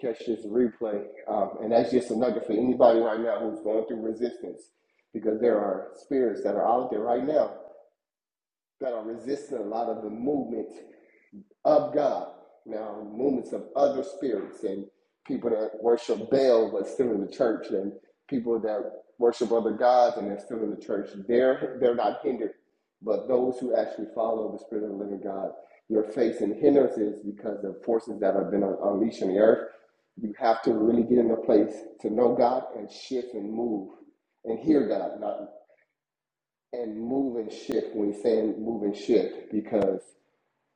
Speaker 15: catch this replay. Um, and that's just a nugget for anybody right now who's going through resistance because there are spirits that are out there right now that are resisting a lot of the movement of God. Now, movements of other spirits and people that worship Baal but still in the church, and people that worship other gods and they're still in the church. They're they're not hindered, but those who actually follow the Spirit of the Living God, you're facing hindrances because of forces that have been unleashed on the earth. You have to really get in a place to know God and shift and move and hear God, not and move and shift when he's saying move and shift because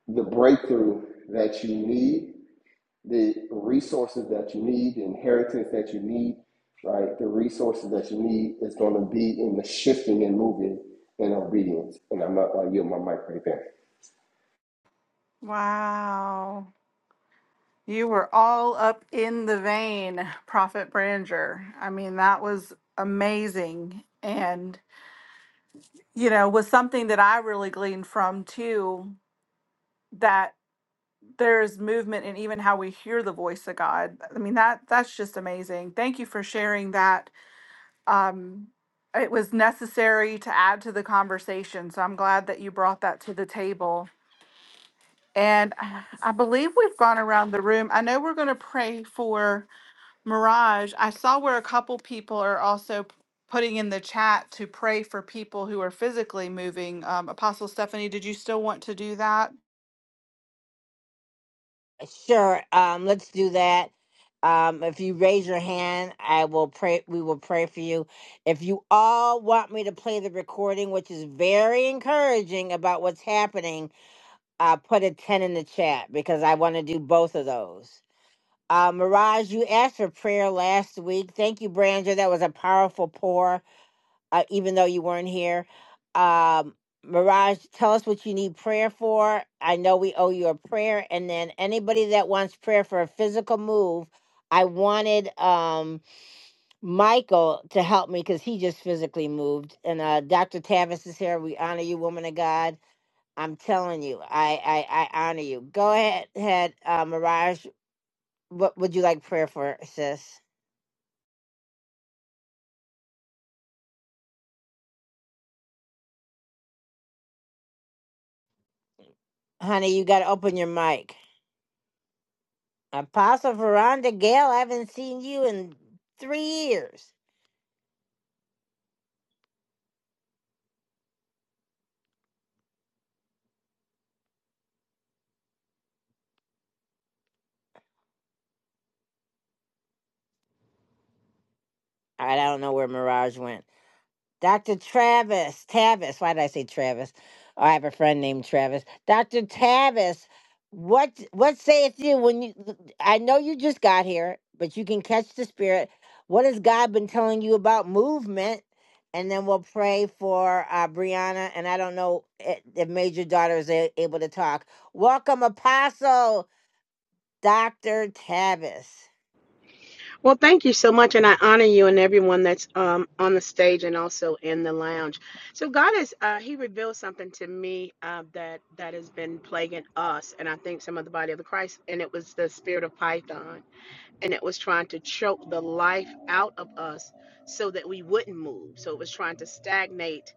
Speaker 15: the breakthrough that you need, the resources that you need, the inheritance that you need, right? The resources that you need is going to be in the shifting and moving and obedience. And I'm not going to yield my mic right there.
Speaker 2: Wow. You were all up in the vein, Prophet Branger. I mean, that was amazing. And, you know, was something that I really gleaned from too, that there is movement in even how we hear the voice of God. I mean, that that's just amazing. Thank you for sharing that um, it was necessary to add to the conversation. So I'm glad that you brought that to the table. And I believe we've gone around the room. I know we're going to pray for Mirage. I saw where a couple people are also putting in the chat to pray for people who are physically moving. Um, Apostle Stephanie, did you still want to do that?
Speaker 1: Sure. Um, let's do that. Um, if you raise your hand, I will pray. We will pray for you. If you all want me to play the recording, which is very encouraging about what's happening, uh, put a 10 in the chat because I want to do both of those. Uh, Mirage, you asked for prayer last week. Thank you, Branger. That was a powerful pour, uh, even though you weren't here. Um, Mirage, tell us what you need prayer for. I know we owe you a prayer. And then anybody that wants prayer for a physical move, I wanted um, Michael to help me because he just physically moved. And uh, Dr. Tavis is here. We honor you, woman of God. I'm telling you, I I, I honor you. Go ahead, head, uh, Mirage. What would you like prayer for, sis? Honey, you got to open your mic. Apostle Veranda Gale, I haven't seen you in three years. All right, I don't know where Mirage went. Dr. Travis, Tavis, why did I say Travis? Oh, I have a friend named Travis. Dr. Tavis, what what saith you when you I know you just got here, but you can catch the spirit. What has God been telling you about movement? And then we'll pray for uh, Brianna. And I don't know i- if Major Daughter is a- able to talk. Welcome, Apostle Dr. Tavis.
Speaker 16: Well, thank you so much, and I honor you and everyone that's um, on the stage and also in the lounge. So God has uh, He revealed something to me uh, that that has been plaguing us, and I think some of the body of the Christ, and it was the spirit of Python and it was trying to choke the life out of us so that we wouldn't move. So it was trying to stagnate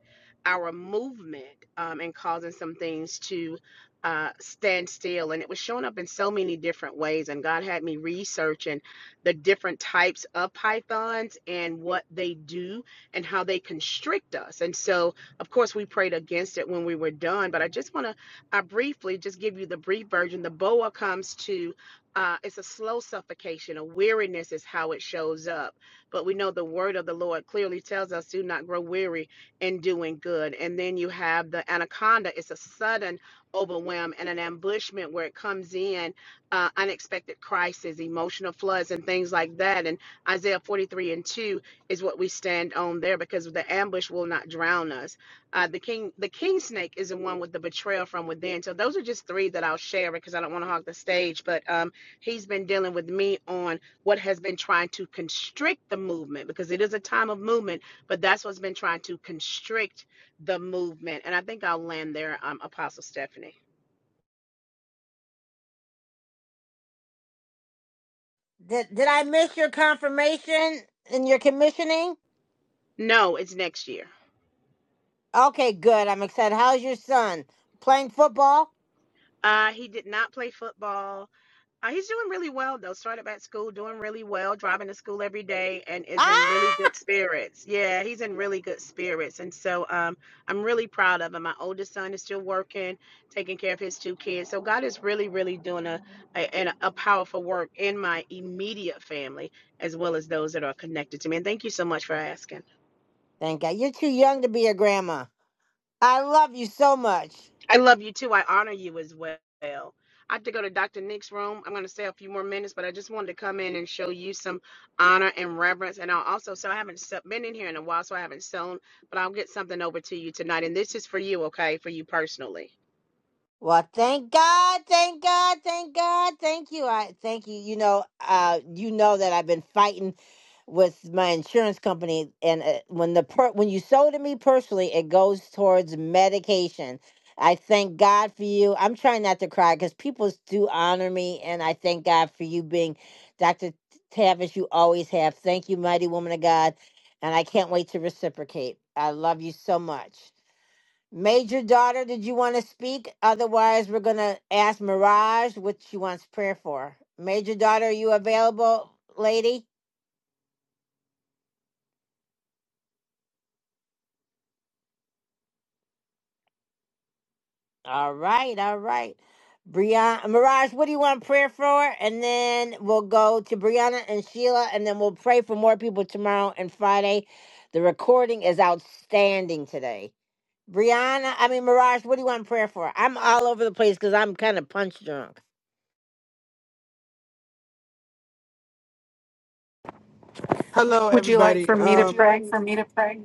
Speaker 16: our movement um, and causing some things to uh, stand still. And it was showing up in so many different ways. And God had me researching the different types of pythons and what they do and how they constrict us. And so, of course, we prayed against it when we were done. But I just want to I briefly just give you the brief version. The boa comes to uh, it's a slow suffocation. A weariness is how it shows up. But we know the word of the Lord clearly tells us do not grow weary in doing good. And then you have the anaconda. It's a sudden overwhelm and an ambushment where it comes in, uh, unexpected crisis, emotional floods, and things like that. And Isaiah 43 and 2 is what we stand on there because the ambush will not drown us. Uh, the king, the king snake is the one with the betrayal from within. So those are just three that I'll share because I don't want to hog the stage. But um, He's been dealing with me on what has been trying to constrict the movement because it is a time of movement, but that's what's been trying to constrict the movement. And I think I'll land there, um, Apostle Stephanie.
Speaker 1: Did, did I miss your confirmation and your commissioning?
Speaker 16: No, it's next year.
Speaker 1: Okay, good. I'm excited. How's your son? Playing football?
Speaker 16: Uh, he did not play football. Uh, he's doing really well though. Started back school, doing really well, driving to school every day, and is in
Speaker 1: Ah!
Speaker 16: really good spirits. Yeah, he's in really good spirits, and so um, I'm really proud of him. My oldest son is still working, taking care of his two kids. So God is really, really doing a a, and a powerful work in my immediate family as well as those that are connected to me. And thank you so much for asking.
Speaker 1: Thank God. You're too young to be a grandma. I love you so much.
Speaker 16: I love you too. I honor you as well. I have to go to Dr. Nick's room. I'm going to stay a few more minutes, but I just wanted to come in and show you some honor and reverence. And I'll also, so I haven't se- been in here in a while, so I haven't sewn, but I'll get something over to you tonight. And this is for you, okay? For you personally.
Speaker 1: Well, thank God, thank God, thank God, thank you. I thank you. You know, uh, you know that I've been fighting with my insurance company, and uh, when the per- when you sold to me personally, it goes towards medication. I thank God for you. I'm trying not to cry because people do honor me, and I thank God for you being Dr. Tavish. You always have. Thank you, mighty woman of God, and I can't wait to reciprocate. I love you so much. Major daughter, did you want to speak? Otherwise, we're going to ask Mirage what she wants prayer for. Major daughter, are you available, lady? All right, all right. Brianna, Mirage, what do you want prayer for? And then we'll go to Brianna and Sheila, and then we'll pray for more people tomorrow and Friday. The recording is outstanding today. Brianna, I mean, Mirage, what do you want prayer for? I'm all over the place because I'm kind of punch drunk.
Speaker 17: Hello,
Speaker 2: Would you like
Speaker 17: everybody.
Speaker 2: for
Speaker 17: Would
Speaker 2: me to
Speaker 17: Um, you
Speaker 2: pray?
Speaker 17: like for me to pray?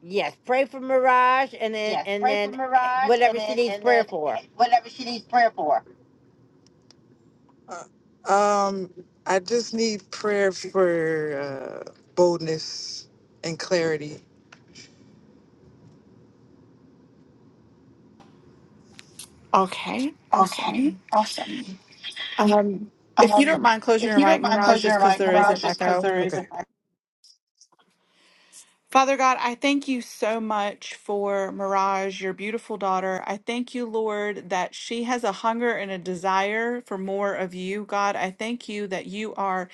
Speaker 1: Yes, pray for Mirage, and then
Speaker 17: Yeah,
Speaker 1: and
Speaker 17: pray for
Speaker 1: then eh,
Speaker 17: Mirage, and
Speaker 1: whatever she
Speaker 17: then
Speaker 1: needs
Speaker 17: and
Speaker 1: prayer
Speaker 17: then
Speaker 1: for.
Speaker 17: whatever she needs prayer for. uh, um, I just need prayer for uh, boldness and clarity.
Speaker 2: Okay,
Speaker 17: Okay,
Speaker 2: awesome.
Speaker 17: awesome.
Speaker 2: Um, if you don't
Speaker 17: Um,
Speaker 2: mind closing
Speaker 17: if
Speaker 2: your
Speaker 17: you
Speaker 2: mic,
Speaker 17: don't mind
Speaker 2: Mirage,
Speaker 17: close
Speaker 2: just
Speaker 17: your
Speaker 2: because
Speaker 17: mic,
Speaker 2: there is an
Speaker 17: Mirage, just because
Speaker 2: echo.
Speaker 17: there Okay.
Speaker 2: Father God, I thank you so much for Mirage, your beautiful daughter. I thank you, Lord, that she has a hunger and a desire for more of you, God. I thank you that you are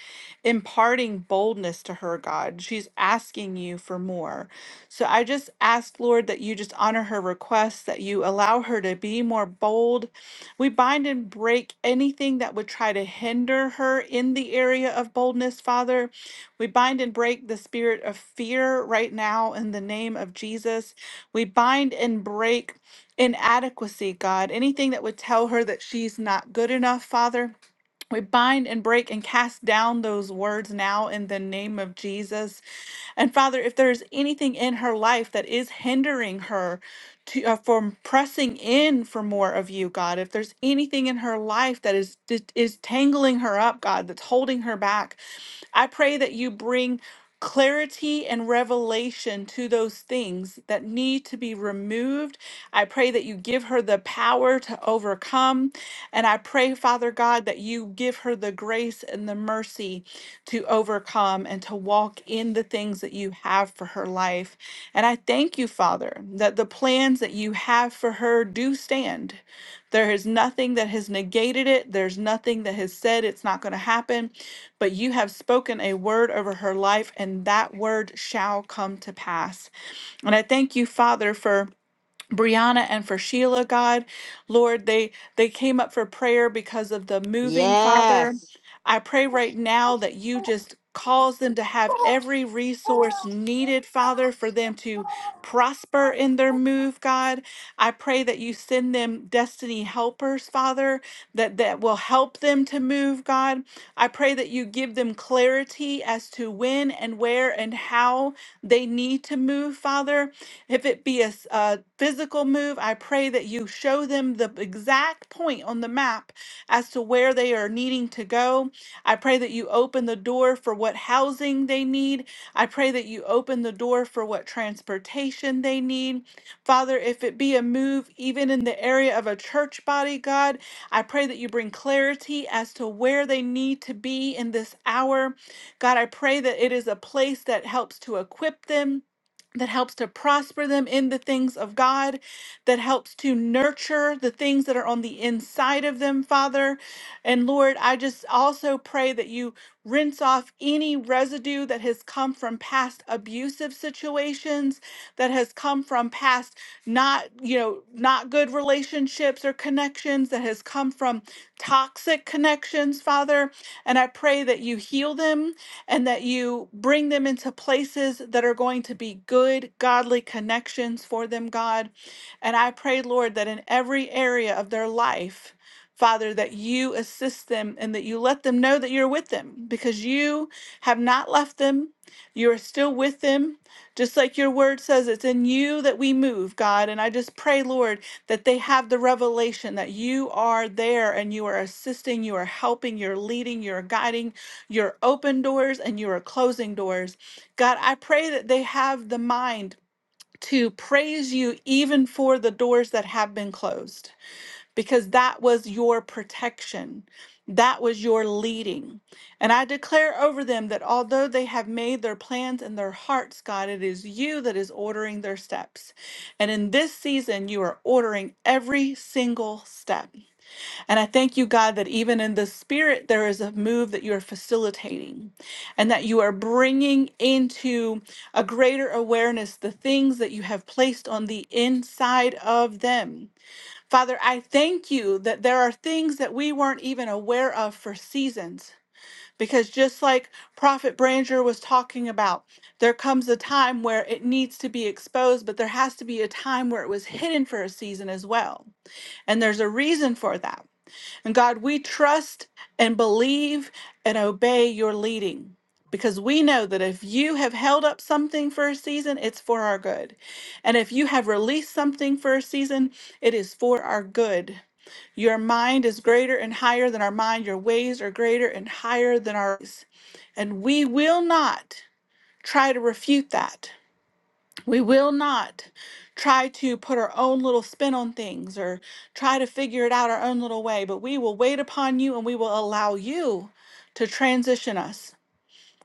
Speaker 2: imparting boldness to her, God. She's asking you for more. So I just ask, Lord, that you just honor her request, that you allow her to be more bold. We bind and break anything that would try to hinder her in the area of boldness, Father. We bind and break the spirit of fear right now in the name of Jesus. We bind and break inadequacy, God. Anything that would tell her that she's not good enough, Father. We bind and break and cast down those words now in the name of Jesus. And Father, if there's anything in her life that is hindering her to, uh, from pressing in for more of you, God, if there's anything in her life that is that is tangling her up, God, that's holding her back, I pray that you bring clarity and revelation to those things that need to be removed. I pray that you give her the power to overcome. And I pray, Father God, that you give her the grace and the mercy to overcome and to walk in the things that you have for her life. And I thank you, Father, that the plans that you have for her do stand. There is nothing that has negated it. There's nothing that has said it's not going to happen. But you have spoken a word over her life, and that word shall come to pass. And I thank you, Father, for. Brianna and for Sheila, God, Lord, they they came up for prayer because of the moving, Father.
Speaker 1: Yes.
Speaker 2: I pray right now that you just cause them to have every resource needed, Father, for them to prosper in their move, God. I pray that you send them destiny helpers, Father, that that will help them to move, God. I pray that you give them clarity as to when and where and how they need to move, Father. If it be a s- a physical move, I pray that you show them the exact point on the map as to where they are needing to go. I pray that you open the door for what housing they need. I pray that you open the door for what transportation they need. Father, if it be a move even in the area of a church body, God, I pray that you bring clarity as to where they need to be in this hour. God, I pray that it is a place that helps to equip them that helps to prosper them in the things of God, that helps to nurture the things that are on the inside of them, Father. And Lord, I just also pray that you rinse off any residue that has come from past abusive situations, that has come from past not, you know, not good relationships or connections, that has come from toxic connections, Father. And I pray that you heal them and that you bring them into places that are going to be good, godly connections for them, God. And I pray, Lord, that in every area of their life, Father, that you assist them and that you let them know that you're with them because you have not left them. You are still with them. Just like your word says, it's in you that we move, God. And I just pray, Lord, that they have the revelation that you are there and you are assisting, you are helping, you're leading, you're guiding, you're open doors and you are closing doors. God, I pray that they have the mind to praise you even for the doors that have been closed, because that was your protection. That was your leading. And I declare over them that although they have made their plans in their hearts, God, it is you that is ordering their steps. And in this season, you are ordering every single step. And I thank you, God, that even in the spirit, there is a move that you are facilitating and that you are bringing into a greater awareness the things that you have placed on the inside of them. Father, I thank you that there are things that we weren't even aware of for seasons. Because just like Prophet Branger was talking about, there comes a time where it needs to be exposed, but there has to be a time where it was hidden for a season as well. And there's a reason for that. And God, we trust and believe and obey your leading because we know that if you have held up something for a season, it's for our good. And if you have released something for a season, it is for our good. Your mind is greater and higher than our mind. Your ways are greater and higher than ours. And we will not try to refute that. We will not try to put our own little spin on things or try to figure it out our own little way, but we will wait upon you and we will allow you to transition us.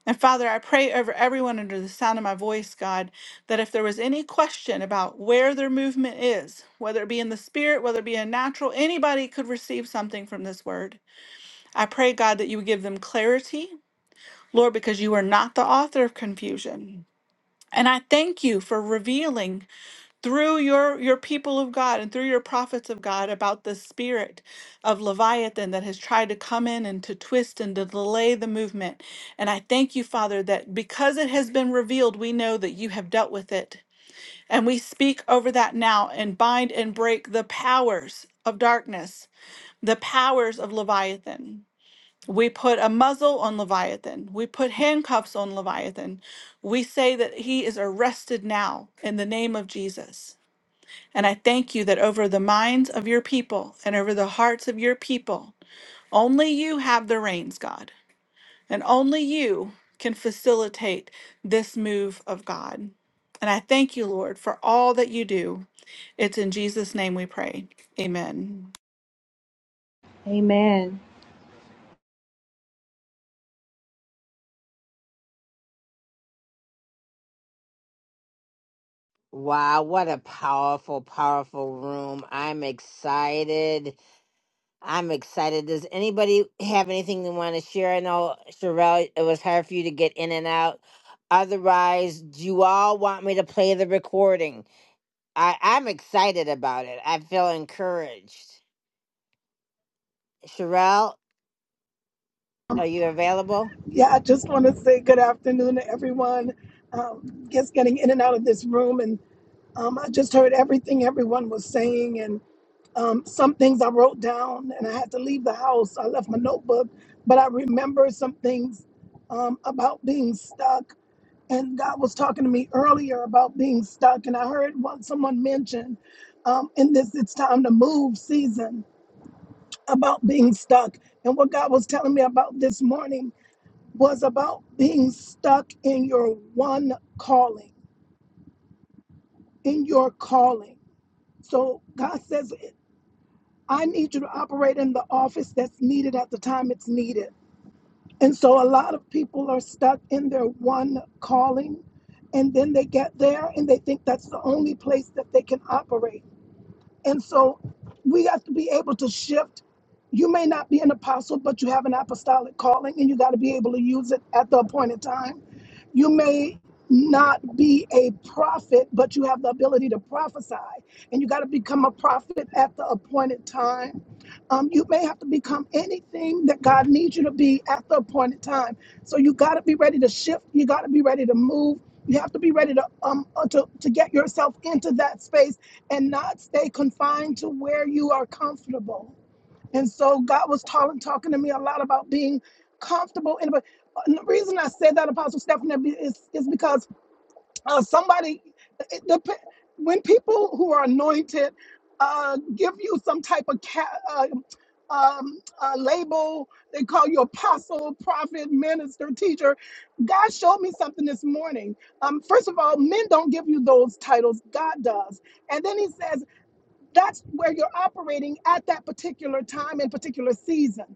Speaker 2: And Father, I pray over everyone under the sound of my voice, God, that if there was any question about where their movement is, whether it be in the spirit, whether it be in natural, anybody could receive something from this word. I pray, God, that you would give them clarity, Lord, because you are not the author of confusion. And I thank you for revealing through your your people of God and through your prophets of God about the spirit of Leviathan that has tried to come in and to twist and to delay the movement. And I thank you, Father, that because it has been revealed, we know that you have dealt with it. And we speak over that now and bind and break the powers of darkness, the powers of Leviathan. We put a muzzle on Leviathan. We put handcuffs on Leviathan. We say that he is arrested now in the name of Jesus. And I thank you that over the minds of your people and over the hearts of your people, only you have the reins, God. And only you can facilitate this move of God. And I thank you, Lord, for all that you do. It's in Jesus' name we pray. Amen.
Speaker 13: Amen.
Speaker 1: Wow, what a powerful, powerful room. I'm excited. I'm excited. Does anybody have anything they want to share? I know, Sherelle, it was hard for you to get in and out. Otherwise, do you all want me to play the recording? I, I'm excited about it. I feel encouraged. Sherelle, are you available?
Speaker 18: Yeah, I just want to say good afternoon to everyone. Um, just getting in and out of this room, and um, I just heard everything everyone was saying, and um, some things I wrote down, and I had to leave the house. I left my notebook, but I remember some things um, about being stuck. And God was talking to me earlier about being stuck, and I heard one someone mention um, in this "It's Time to Move" season about being stuck, and what God was telling me about this morning was about being stuck in your one calling, in your calling. So God says, I need you to operate in the office that's needed at the time it's needed. And so a lot of people are stuck in their one calling, and then they get there and they think that's the only place that they can operate. And so we have to be able to shift. You may not be an apostle, but you have an apostolic calling and you got to be able to use it at the appointed time. You may not be a prophet, but you have the ability to prophesy and you got to become a prophet at the appointed time. Um, you may have to become anything that God needs you to be at the appointed time. So you got to be ready to shift. You got to be ready to move. You have to be ready to um uh, to, to get yourself into that space and not stay confined to where you are comfortable. And so God was talking talking to me a lot about being comfortable. And, but and the reason I said that, Apostle Stephanie, be- is, is because uh, somebody, it dep- when people who are anointed uh, give you some type of ca- uh, um, uh, label, they call you apostle, prophet, minister, teacher. God showed me something this morning. Um, first of all, men don't give you those titles, God does. And then he says, that's where you're operating at that particular time and particular season.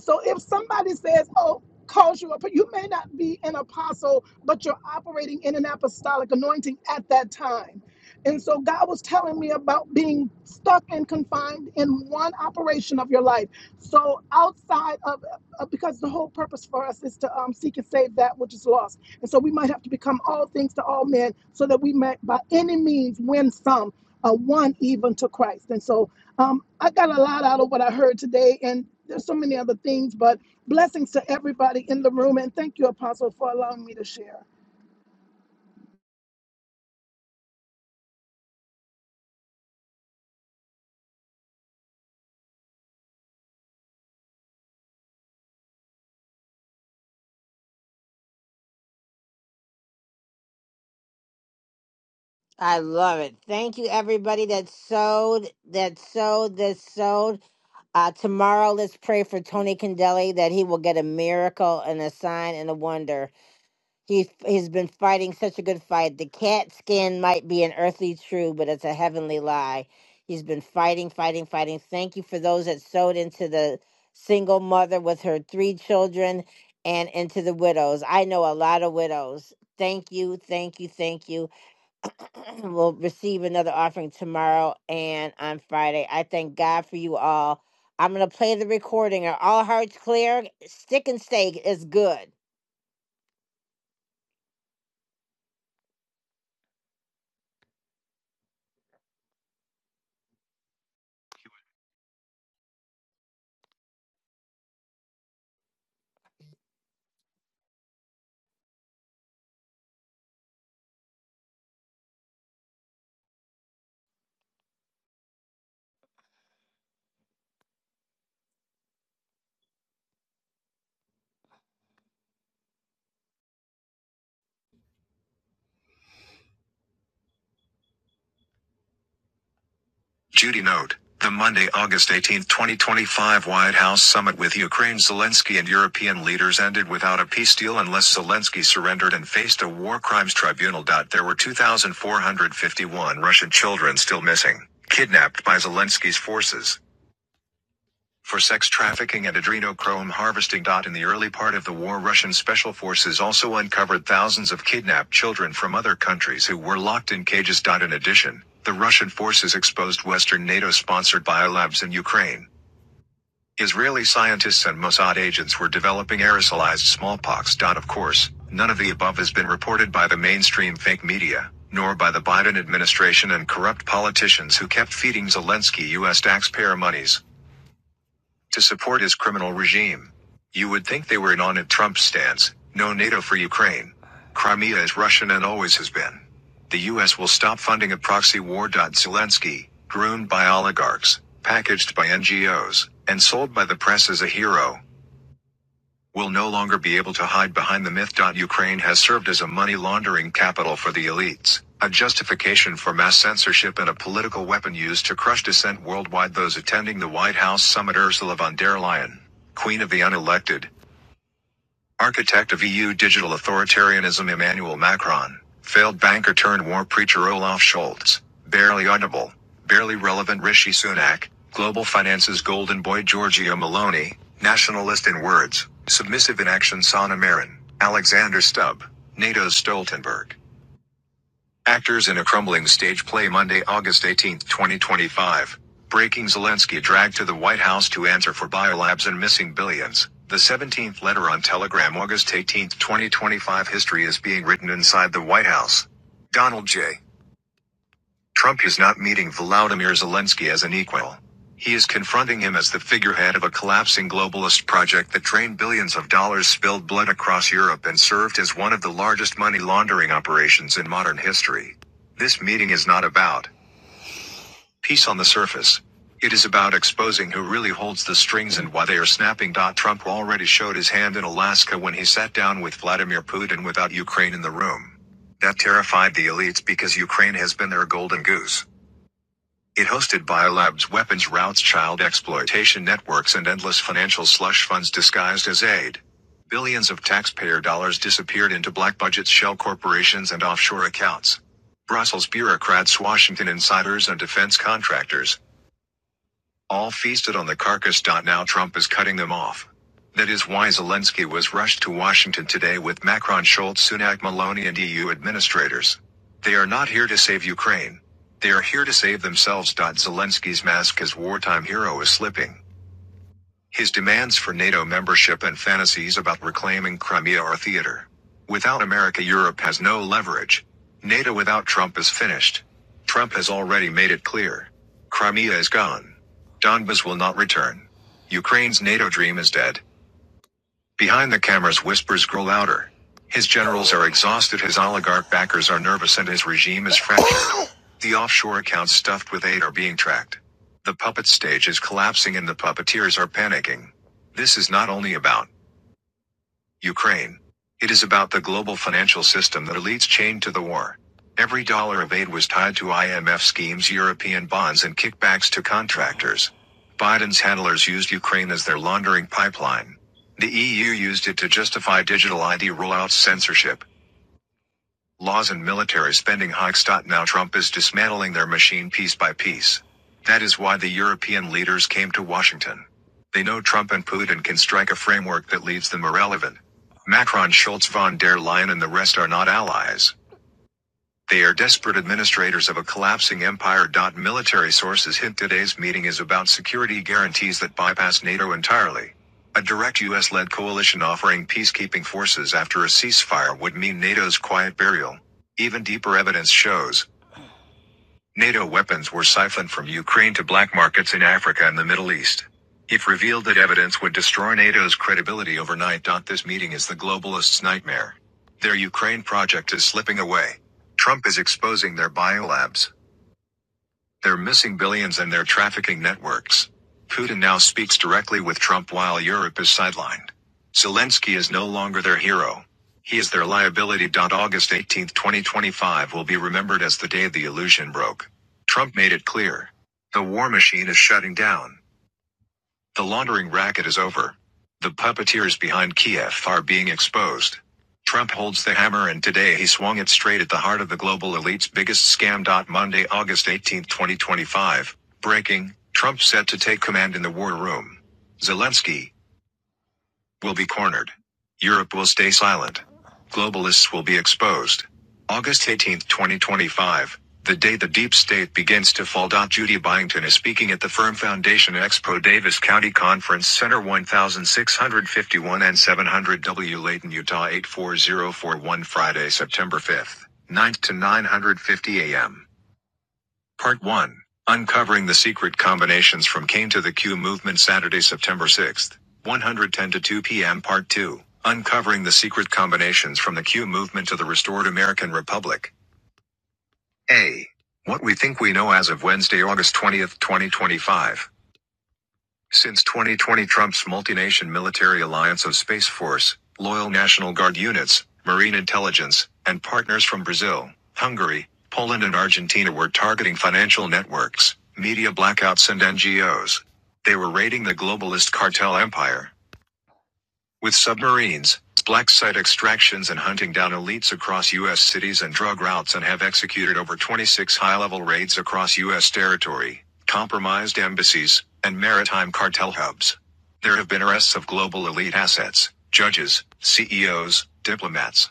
Speaker 18: So if somebody says, "Oh," calls you up, you may not be an apostle, but you're operating in an apostolic anointing at that time. And so God was telling me about being stuck and confined in one operation of your life. So outside of, uh, because the whole purpose for us is to um, seek and save that which is lost. And so we might have to become all things to all men so that we might by any means win some uh, one even to Christ. And so um, I got a lot out of what I heard today, and there's so many other things, but blessings to everybody in the room. And thank you, Apostle, for allowing me to share.
Speaker 1: I love it. Thank you, everybody that sewed, that sewed, that sewed. Uh, tomorrow, let's pray for Tony Candeli that he will get a miracle and a sign and a wonder. He he's been fighting such a good fight. The cat skin might be an earthly true, but it's a heavenly lie. He's been fighting, fighting, fighting. Thank you for those that sewed into the single mother with her three children and into the widows. I know a lot of widows. Thank you, thank you, thank you. will receive another offering tomorrow and on Friday. I thank God for you all. I'm going to play the recording. Are all hearts clear? Stick and stake is good. Judy Note. The Monday, August eighteenth, 2025 White House summit with Ukraine Zelensky and European leaders ended without a peace deal unless Zelensky surrendered and faced a war crimes tribunal. There were 2,451 Russian children still missing, kidnapped by Zelensky's forces. for sex trafficking and adrenochrome harvesting. In the early part of the war, Russian special forces also uncovered thousands of kidnapped children from other countries who were locked in cages. In addition, the Russian forces exposed Western NATO sponsored biolabs in Ukraine. Israeli scientists and Mossad agents were developing aerosolized smallpox. Of course, none of the above has been reported by the mainstream fake media, nor by the Biden administration and corrupt politicians who kept feeding Zelensky U.S. taxpayer monies to support his criminal regime. You would think they were in on a Trump stance, no NATO for Ukraine. Crimea is Russian and always has been. The US will stop funding a proxy war. Zelensky, groomed by oligarchs, packaged by NGOs, and sold by the press as a hero, will no longer be able to hide behind the myth. Ukraine has served as a money laundering capital for the elites, a justification for mass censorship and a political weapon used to crush dissent worldwide. Those attending the White House summit Ursula von der Leyen, Queen of the Unelected, Architect of EU digital authoritarianism Emmanuel Macron, failed banker turned war preacher Olaf Scholz, barely audible, barely relevant Rishi Sunak, global finances golden boy Giorgio Maloney, nationalist in words, submissive in action Sana Marin, Alexander Stubb, NATO's Stoltenberg. Actors in a crumbling stage play Monday, August 18, 2025. Breaking Zelensky dragged to the White House to answer for biolabs and missing billions. The 17th letter on Telegram, August 18, 2025. History is being written inside the White House. Donald J. Trump is not meeting Volodymyr Zelensky as an equal. He is confronting him as the figurehead of a collapsing globalist project that drained billions of dollars, spilled blood across Europe, and served as one of the largest money laundering operations in modern history. This meeting is not about peace on the surface. It is about exposing who really holds the strings and why they are snapping. Trump already showed his hand in Alaska when he sat down with Vladimir Putin without Ukraine in the room. That terrified the elites because Ukraine has been their golden goose. It hosted biolabs, weapons routes, child exploitation networks, and endless financial slush funds disguised as aid. Billions of taxpayer dollars disappeared into black budgets, shell corporations, and offshore accounts. Brussels bureaucrats, Washington insiders, and defense contractors all feasted on the carcass. Now Trump is cutting them off. That is why Zelensky was rushed to Washington today with Macron, Schultz, Sunak, Maloney, and EU administrators. They are not here to save Ukraine. They are here to save themselves. Zelensky's mask as wartime hero is slipping. His demands for NATO membership and fantasies about reclaiming Crimea are theater. Without America, Europe has no leverage. NATO without Trump is finished. Trump has already made it clear. Crimea is gone. Donbas will not return. Ukraine's NATO dream is dead. Behind the camera's whispers grow louder. His generals are exhausted, his oligarch backers are nervous, and his regime is fractured. The offshore accounts stuffed with aid are being tracked. The puppet stage is collapsing, and the puppeteers are panicking. This is not only about Ukraine. It is about the global financial system that elites chained to the war. Every dollar of aid was tied to IMF schemes, European bonds, and kickbacks to contractors. Biden's handlers used Ukraine as their laundering pipeline. The EU used it to justify digital ID rollout censorship. Laws and military spending hikes. Now Trump is dismantling their machine piece by piece. That is why the European leaders came to Washington. They know Trump and Putin can strike a framework that leaves them irrelevant. Macron, Schultz, von der Leyen, and the rest are not allies. They are desperate administrators of a collapsing empire. Military sources hint today's meeting is about security guarantees that bypass NATO entirely. A direct US led coalition offering peacekeeping forces after a ceasefire would mean NATO's quiet burial. Even deeper evidence shows NATO weapons were siphoned from Ukraine to black markets in Africa and the Middle East. If revealed that evidence would destroy NATO's credibility overnight. This meeting is the globalists' nightmare. Their Ukraine project is slipping away. Trump is exposing their biolabs. They're missing billions and their trafficking networks. Putin now speaks directly with Trump while Europe is sidelined. Zelensky is no longer their hero. He is their liability. August 18, 2025 will be remembered as the day the illusion broke. Trump made it clear. The war machine is shutting down. The laundering racket is over. The puppeteers behind Kiev are being exposed. Trump holds the hammer and today he swung it straight at the heart of the global elite's biggest scam. Monday, August 18, 2025. Breaking Trump set to take command in the war room. Zelensky, will be cornered. Europe will stay silent. Globalists will be exposed. August eighteenth, twenty 2025, the day the deep state begins to fall. Judy Byington is speaking at the Firm Foundation Expo Davis County Conference Center 1651 and 700 W Layton, Utah 84041 Friday, September 5th, 9 to 950 a.m. Part 1 Uncovering the Secret Combinations from Kane to the Q Movement, Saturday, September 6th, 110 to 2 p.m. Part 2 Uncovering the Secret Combinations from the Q Movement to the Restored American Republic. A. What we think we know as of Wednesday, August 20th, 2025. Since 2020, Trump's multinational military alliance of Space Force, loyal National Guard units, Marine intelligence, and partners from Brazil, Hungary, Poland, and Argentina were targeting financial networks, media blackouts, and NGOs. They were raiding the globalist cartel empire. With submarines, black site extractions and hunting down elites across U.S. cities and drug routes and have executed over 26 high-level raids across U.S. territory, compromised embassies, and maritime cartel hubs. There have been arrests of global elite assets, judges, CEOs, diplomats,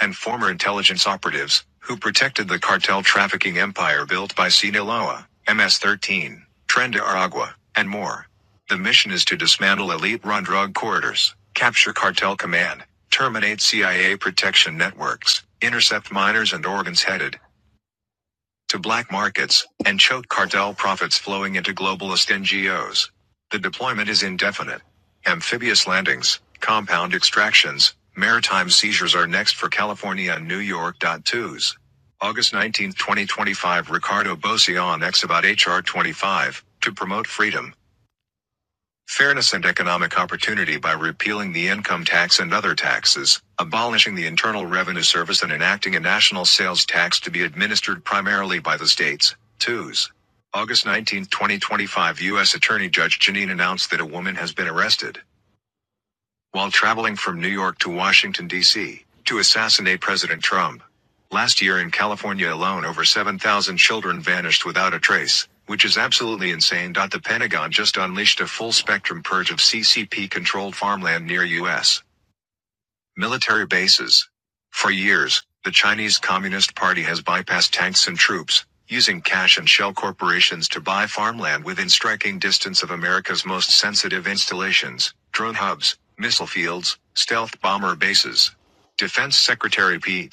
Speaker 1: and former intelligence operatives who protected the cartel trafficking empire built by Sinaloa, MS-13, Tren de Aragua, and more. The mission is to dismantle elite-run drug corridors, capture cartel command, terminate CIA protection networks, intercept miners and organs headed to black markets, and choke cartel profits flowing into globalist NGOs. The deployment is indefinite. Amphibious landings, compound extractions, maritime seizures are next for California and New York. Twos. August 19, 2025 Ricardo Bosion X about HR 25, to promote freedom, Fairness and economic opportunity by repealing the income tax and other taxes, abolishing the Internal Revenue Service and enacting a national sales tax to be administered primarily by the states. 2s. August 19, 2025 U.S. Attorney Judge Janine announced that a woman has been arrested while traveling from New York to Washington, D.C., to assassinate President Trump. Last year in California alone, over 7,000 children vanished without a trace, which is absolutely insane. The Pentagon just unleashed a full spectrum purge of CCP controlled farmland near U.S. Military bases. For years, the Chinese Communist Party has bypassed tanks and troops, using cash and shell corporations to buy farmland within striking distance of America's most sensitive installations, drone hubs, missile fields, stealth bomber bases. Defense Secretary Pete.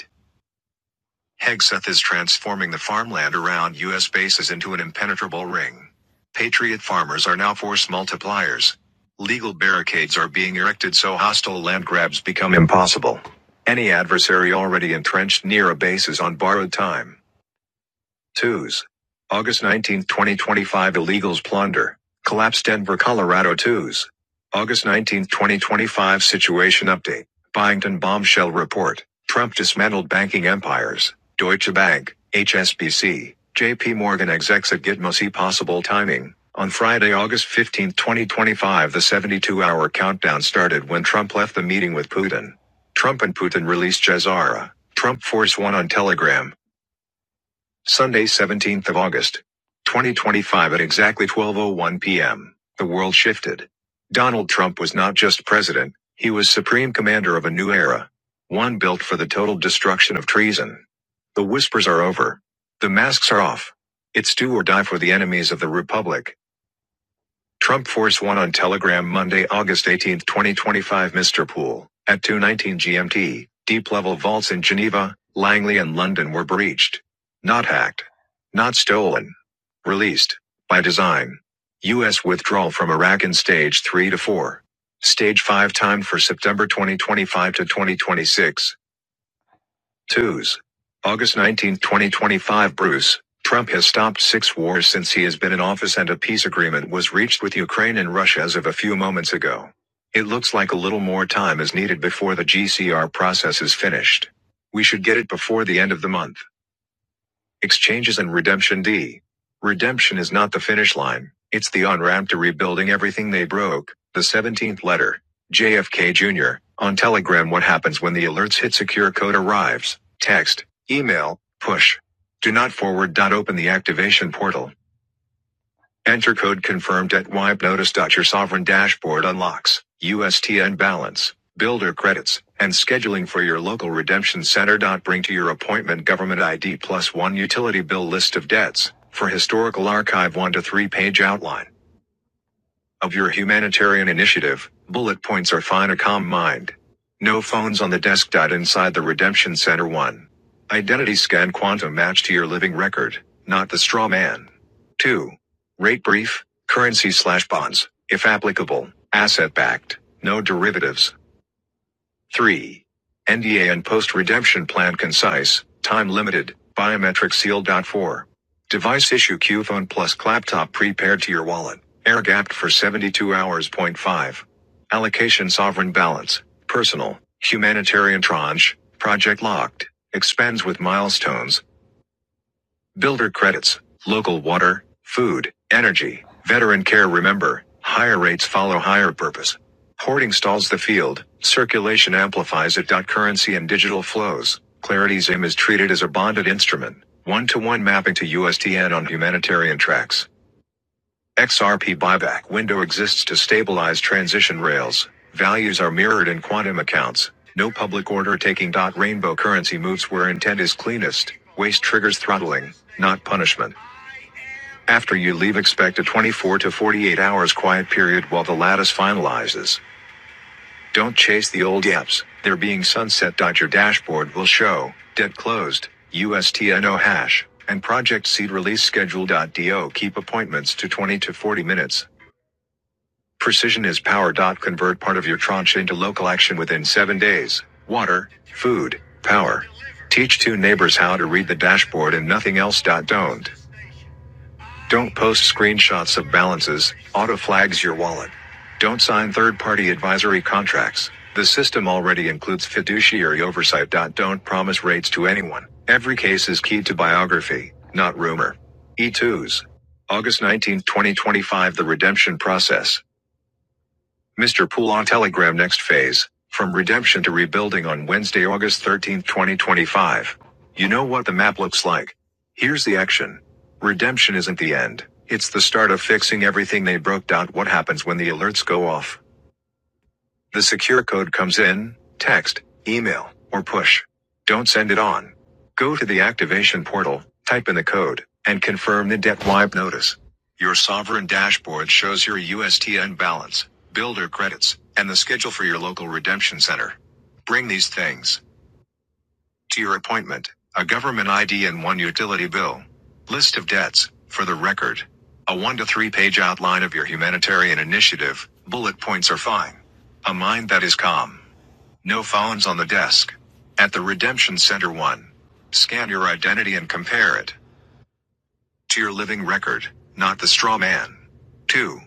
Speaker 1: Hegseth is transforming the farmland around U.S. bases into an impenetrable ring. Patriot farmers are now force multipliers. Legal barricades are being erected so hostile land grabs become impossible. Any adversary already entrenched near a base is on borrowed time. Twos. August 19, 2025 Illegals plunder. Collapse Denver, Colorado twos. August 19, 2025 Situation update. Byington bombshell report. Trump dismantled banking empires. Deutsche Bank, HSBC, JP Morgan execs at Gitmo see possible timing. On Friday, August 15, 2025, the 72 hour countdown started when Trump left the meeting with Putin. Trump and Putin released Jezara. Trump Force One on Telegram. Sunday, 17th of August, 2025 at exactly 12:01 p.m. The world shifted. Donald Trump was not just president, he was supreme commander of a new era, one built for the total destruction of treason. The whispers are over. The masks are off. It's do or die for the enemies of the republic. Trump Force 1 on Telegram Monday, August 18, 2025 Mr. Poole, at 2.19 GMT, deep-level vaults in Geneva, Langley and London were breached. Not hacked. Not stolen. Released. By design. U.S. withdrawal from Iraq in stage 3 to 4. Stage 5 timed for September 2025 to 2026. Twos. August 19, 2025 Bruce, Trump has stopped six wars since he has been in office and a peace agreement was reached with Ukraine and Russia as of a few moments ago. It looks like a little more time is needed before the GCR process is finished. We should get it before the end of the month. Exchanges and redemption D. Redemption is not the finish line, it's the on ramp to rebuilding everything they broke. The 17th letter. JFK Jr. On Telegram, what happens when the alerts hit secure code arrives? Text, email, push. Do not forward. Open the activation portal. Enter code confirmed at wipe notice. Your sovereign dashboard unlocks USTN balance, builder credits, and scheduling for your local redemption center. Bring to your appointment government ID plus one utility bill list of debts for historical archive one to three page outline. Of your humanitarian initiative, bullet points are fine a calm mind. No phones on the desk. Dot Inside the Redemption Center 1. Identity scan quantum match to your living record, not the straw man. 2. Rate brief, currency slash bonds, if applicable, asset backed, no derivatives. 3. NDA and post-redemption plan concise, time-limited, biometric sealed. 4. Device issue Q phone plus laptop prepared to your wallet, air gapped for 72 hours. Point 5. Allocation sovereign balance, personal, humanitarian tranche, project locked, expands with milestones, Builder credits, local water, food, energy, veteran care. Remember, higher rates follow higher purpose. Hoarding stalls the field, circulation amplifies it. Currency and digital flows. Clarity's aim is treated as a bonded instrument, one to one mapping to USTN on humanitarian tracks. XRP buyback window exists to stabilize transition rails. Values are mirrored in quantum accounts. No public order taking. Rainbow currency moves where intent is cleanest. Waste triggers throttling, not punishment. After you leave, expect a 24 to 48 hours quiet period while the lattice finalizes. Don't chase the old apps. They're being sunset. Your dashboard will show debt closed, USTNO hash, and project seed release schedule. Do keep appointments to 20 to 40 minutes. Precision is power. Convert part of your tranche into local action within seven days. Water, food, power. Teach two neighbors how to read the dashboard and nothing else. Don't. Don't post screenshots of balances, auto flags your wallet. Don't sign third party advisory contracts. The system already includes fiduciary oversight. Don't promise rates to anyone. Every case is key to biography, not rumor. E2s. August 19, 2025. The redemption process. Mr. Poole on Telegram next phase, from redemption to rebuilding on Wednesday, August 13, 2025. You know what the map looks like. Here's the action. Redemption isn't the end. It's the start of fixing everything they broke. What happens when the alerts go off? The secure code comes in, text, email, or push. Don't send it on. Go to the activation portal, type in the code, and confirm the debt wipe notice. Your sovereign dashboard shows your USTN balance, builder credits, and the schedule for your local redemption center. Bring these things to your appointment, a government ID and one utility bill. List of debts, for the record. A one to three page outline of your humanitarian initiative, bullet points are fine. A mind that is calm no phones on the desk. At the Redemption Center 1. Scan your identity and compare it to your living record, not the straw man. 2.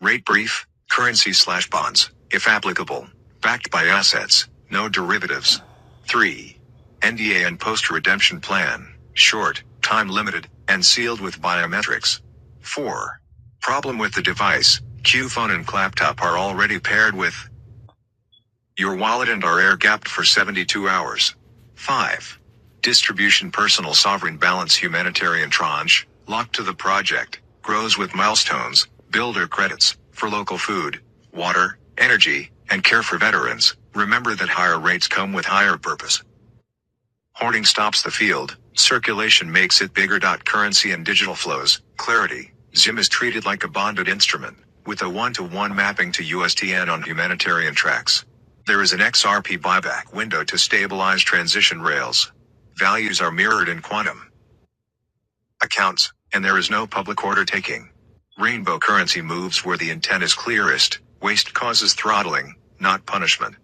Speaker 1: Rate brief, currency slash bonds, if applicable, backed by assets, no derivatives. 3. NDA and post redemption plan, short, time limited, and sealed with biometrics. 4. Problem with the device, Q phone and laptop are already paired with your wallet and our air gapped for 72 hours. 5. Distribution Personal Sovereign Balance Humanitarian Tranche, locked to the project, grows with milestones, builder credits, for local food, water, energy, and care for veterans. Remember that higher rates come with higher purpose. Hoarding stops the field, circulation makes it bigger. Currency and digital flows, clarity. Zim is treated like a bonded instrument, with a one to one mapping to USTN on humanitarian tracks. There is an XRP buyback window to stabilize transition rails. Values are mirrored in quantum accounts, and there is no public order taking. Rainbow currency moves where the intent is clearest, waste causes throttling, not punishment.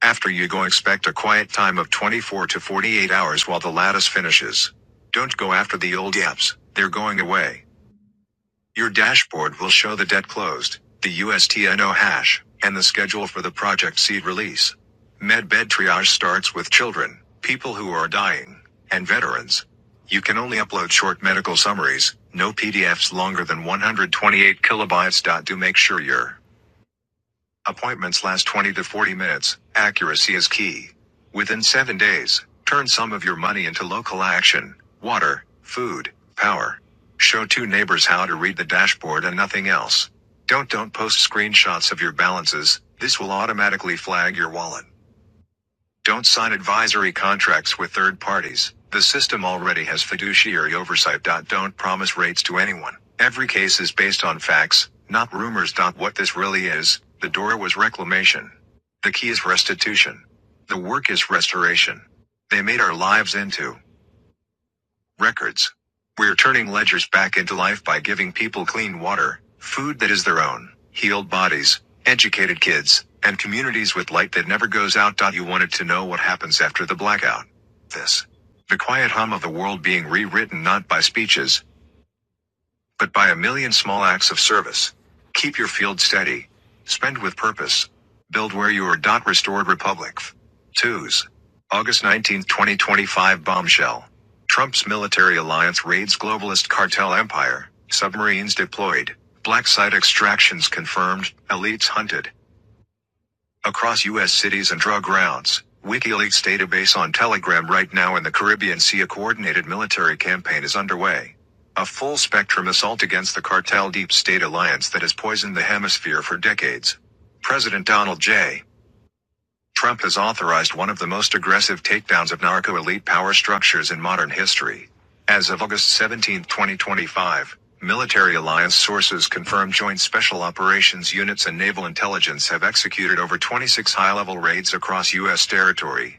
Speaker 1: After you go expect a quiet time of 24 to 48 hours while the lattice finishes. Don't go after the old apps, they're going away. Your dashboard will show the debt closed, the USTNO hash, and the schedule for the project seed release. Medbed triage starts with children, people who are dying, and veterans. You can only upload short medical summaries, no PDFs longer than 128 kilobytes. Do make sure your Appointments last 20 to 40 minutes. Accuracy is key. Within seven days, turn some of your money into local action water, food, power. Show two neighbors how to read the dashboard and nothing else. Don't don't post screenshots of your balances, this will automatically flag your wallet. Don't sign advisory contracts with third parties. The system already has fiduciary oversight. Don't promise rates to anyone. Every case is based on facts, not rumors. What this really is, the door was reclamation. The key is restitution. The work is restoration. They made our lives into records. We're turning ledgers back into life by giving people clean water, food that is their own, healed bodies, educated kids, and communities with light that never goes out. You wanted to know what happens after the blackout. This. The quiet hum of the world being rewritten not by speeches, but by a million small acts of service. Keep your field steady. Spend with purpose. Build where you are. Dot restored republic. Twos. August nineteenth, 2025 bombshell. Trump's military alliance raids globalist cartel empire. Submarines deployed. Black site extractions confirmed. Elites hunted. Across U.S. cities and drug routes, WikiLeaks database on Telegram right now in the Caribbean Sea a coordinated military campaign is underway. A full spectrum assault against the cartel deep state alliance that has poisoned the hemisphere for decades. President Donald J. Trump has authorized one of the most aggressive takedowns of narco elite power structures in modern history. As of August 17, 2025, military alliance sources confirm joint special operations units and naval intelligence have executed over 26 high level raids across U.S. territory,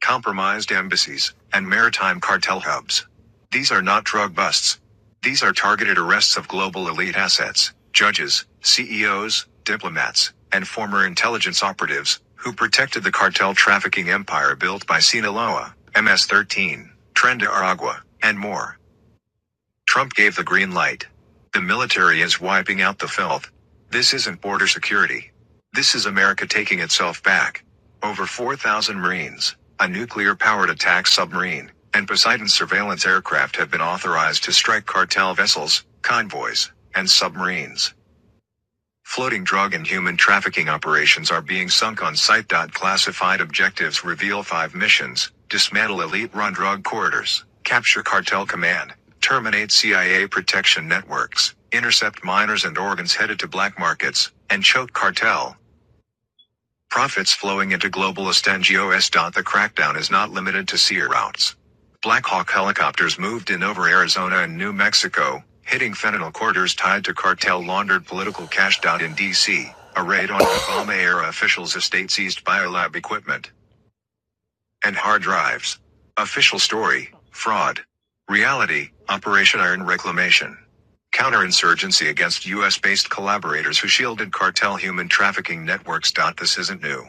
Speaker 1: compromised embassies, and maritime cartel hubs. These are not drug busts. These are targeted arrests of global elite assets, judges, CEOs, diplomats, and former intelligence operatives who protected the cartel trafficking empire built by Sinaloa, MS 13, Tren de Aragua, and more. Trump gave the green light. The military is wiping out the filth. This isn't border security. This is America taking itself back. Over 4,000 Marines, a nuclear powered attack submarine, and Poseidon surveillance aircraft have been authorized to strike cartel vessels, convoys, and submarines. Floating drug and human trafficking operations are being sunk on site. Classified objectives reveal five missions dismantle elite run drug corridors, capture cartel command, terminate CIA protection networks, intercept miners and organs headed to black markets, and choke cartel. Profits flowing into globalist NGOs. The crackdown is not limited to sea routes. Black Hawk helicopters moved in over Arizona and New Mexico, hitting fentanyl quarters tied to cartel laundered political cash. In D.C., a raid on Obama era officials' estate seized biolab equipment and hard drives. Official story, fraud. Reality, Operation Iron Reclamation. Counterinsurgency against US-based collaborators who shielded cartel human trafficking networks. This isn't new.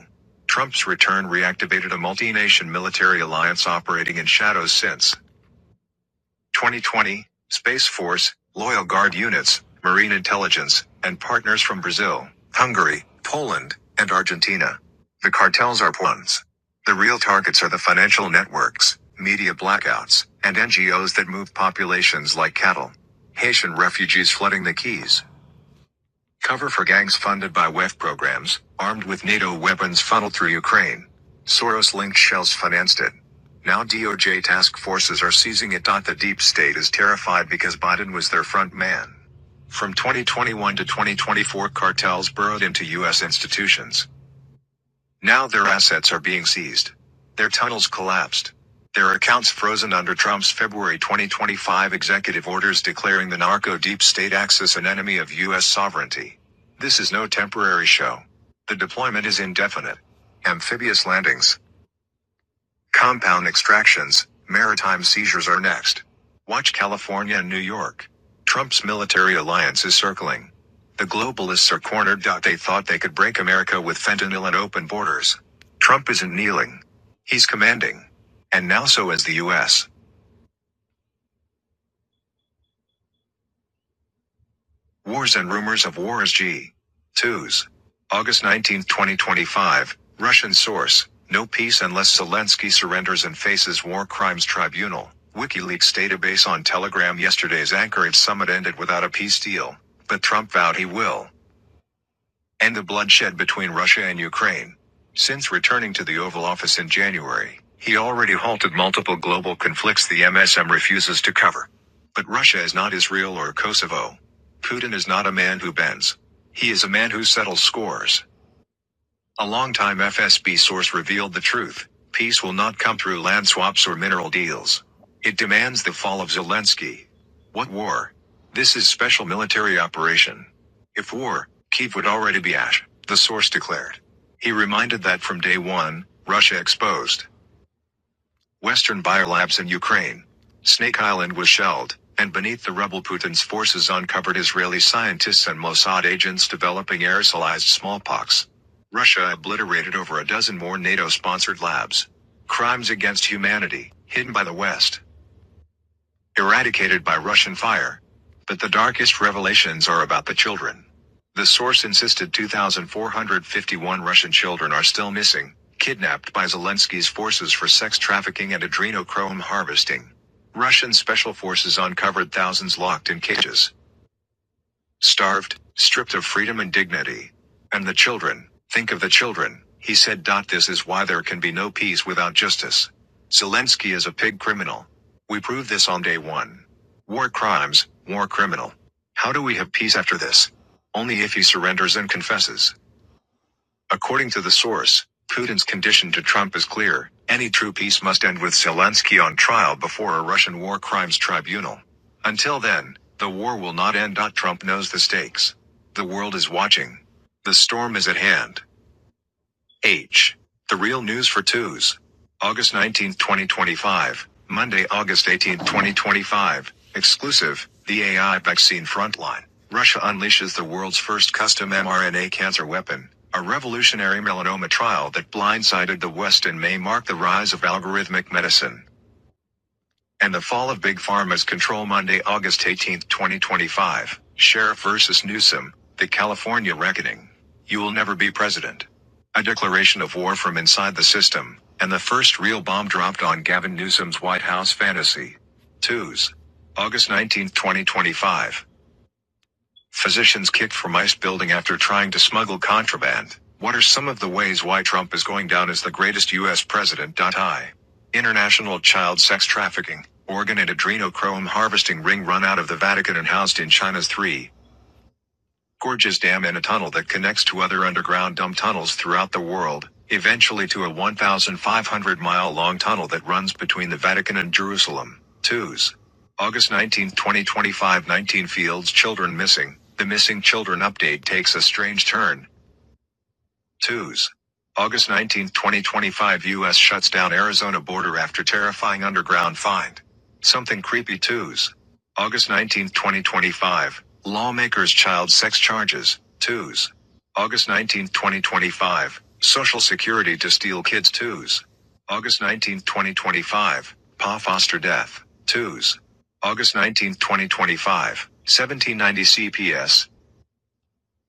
Speaker 1: Trump's return reactivated a multi-nation military alliance operating in shadows since. 2020, Space Force, Loyal Guard units, Marine intelligence, and partners from Brazil, Hungary, Poland, and Argentina. The cartels are pawns. The real targets are the financial networks, media blackouts, and NGOs that move populations like cattle. Haitian refugees flooding the Keys. Cover for gangs funded by WEF programs, armed with NATO weapons funneled through Ukraine. Soros linked shells financed it. Now DOJ task forces are seizing it. The deep state is terrified because Biden was their front man. From 2021 to 2024, cartels burrowed into U.S. institutions. Now their assets are being seized. Their tunnels collapsed. Their accounts frozen under Trump's February 2025 executive orders declaring the narco deep state axis an enemy of U.S. sovereignty. This is no temporary show. The deployment is indefinite. Amphibious landings. Compound extractions, maritime seizures are next. Watch California and New York. Trump's military alliance is circling. The globalists are cornered. They thought they could break America with fentanyl and open borders. Trump isn't kneeling. He's commanding. And now so is the U.S. Wars and Rumors of War is G. 2s. August 19, 2025. Russian source. No peace unless Zelensky surrenders and faces war crimes tribunal. WikiLeaks database on Telegram yesterday's Anchorage summit ended without a peace deal, but Trump vowed he will and the bloodshed between Russia and Ukraine. Since returning to the Oval Office in January, he already halted multiple global conflicts the MSM refuses to cover. But Russia is not Israel or Kosovo. Putin is not a man who bends. He is a man who settles scores. A longtime FSB source revealed the truth. Peace will not come through land swaps or mineral deals. It demands the fall of Zelensky. What war? This is special military operation. If war, Kiev would already be ash, the source declared. He reminded that from day one, Russia exposed. Western biolabs in Ukraine. Snake Island was shelled, and beneath the rubble Putin's forces uncovered Israeli scientists and Mossad agents developing aerosolized smallpox. Russia obliterated over a dozen more NATO-sponsored labs. Crimes against humanity, hidden by the West eradicated by Russian fire. But the darkest revelations are about the children. The source insisted 2,451 Russian children are still missing, kidnapped by Zelensky's forces for sex trafficking and adrenochrome harvesting. Russian special forces uncovered thousands locked in cages starved, stripped of freedom and dignity. And the children, think of the children, he said. This is why there can be no peace without justice. Zelensky is a pig criminal. We proved this on day one. War crimes, war criminal. How do we have peace after this? Only if he surrenders and confesses. According to the source, Putin's condition to Trump is clear. Any true peace must end with Zelensky on trial before a Russian war crimes tribunal. Until then, the war will not end. Trump knows the stakes. The world is watching. The storm is at hand. H. The Real News for Twos. August nineteenth, 2025. Monday, August eighteenth, 2025. Exclusive. The AI Vaccine Frontline. Russia unleashes the world's first custom mRNA cancer weapon. A revolutionary melanoma trial that blindsided the West in May marked the rise of algorithmic medicine and the fall of big pharma's control Monday, August 18, 2025. Sheriff versus Newsom, the California reckoning. You will never be president. A declaration of war from inside the system, and the first real bomb dropped on Gavin Newsom's White House fantasy. Twos. August 19, 2025. Physicians kicked from ICE building after trying to smuggle contraband. What are some of the ways why Trump is going down as the greatest U.S. president? I. International child sex trafficking, organ and adrenochrome harvesting ring run out of the Vatican and housed in China's 3. Gorges Dam and a tunnel that connects to other underground dump tunnels throughout the world, eventually to a 1,500 mile long tunnel that runs between the Vatican and Jerusalem. 2s. August 19, 2025 19 Fields Children Missing. The Missing Children update takes a strange turn. Twos. August 19, 2025 U.S. shuts down Arizona border after terrifying underground find. Something creepy twos. August 19, 2025. Lawmakers child sex charges. Twos. August 19, 2025. Social security to steal kids twos. August 19, 2025. Pa Foster death. Twos. August 19, 2025. 1790 CPS.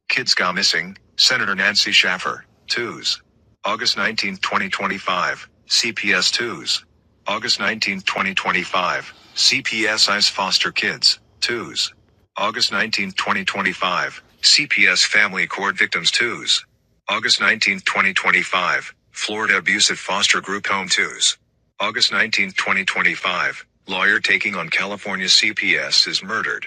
Speaker 1: Kids go missing. Senator Nancy Schaffer. Twos. August 19, 2025. CPS twos. August 19, 2025. CPS ICE foster kids. Twos. August 19, 2025. CPS family court victims twos. August 19, 2025. Florida abusive foster group home twos. August 19, 2025. Lawyer taking on California CPS is murdered.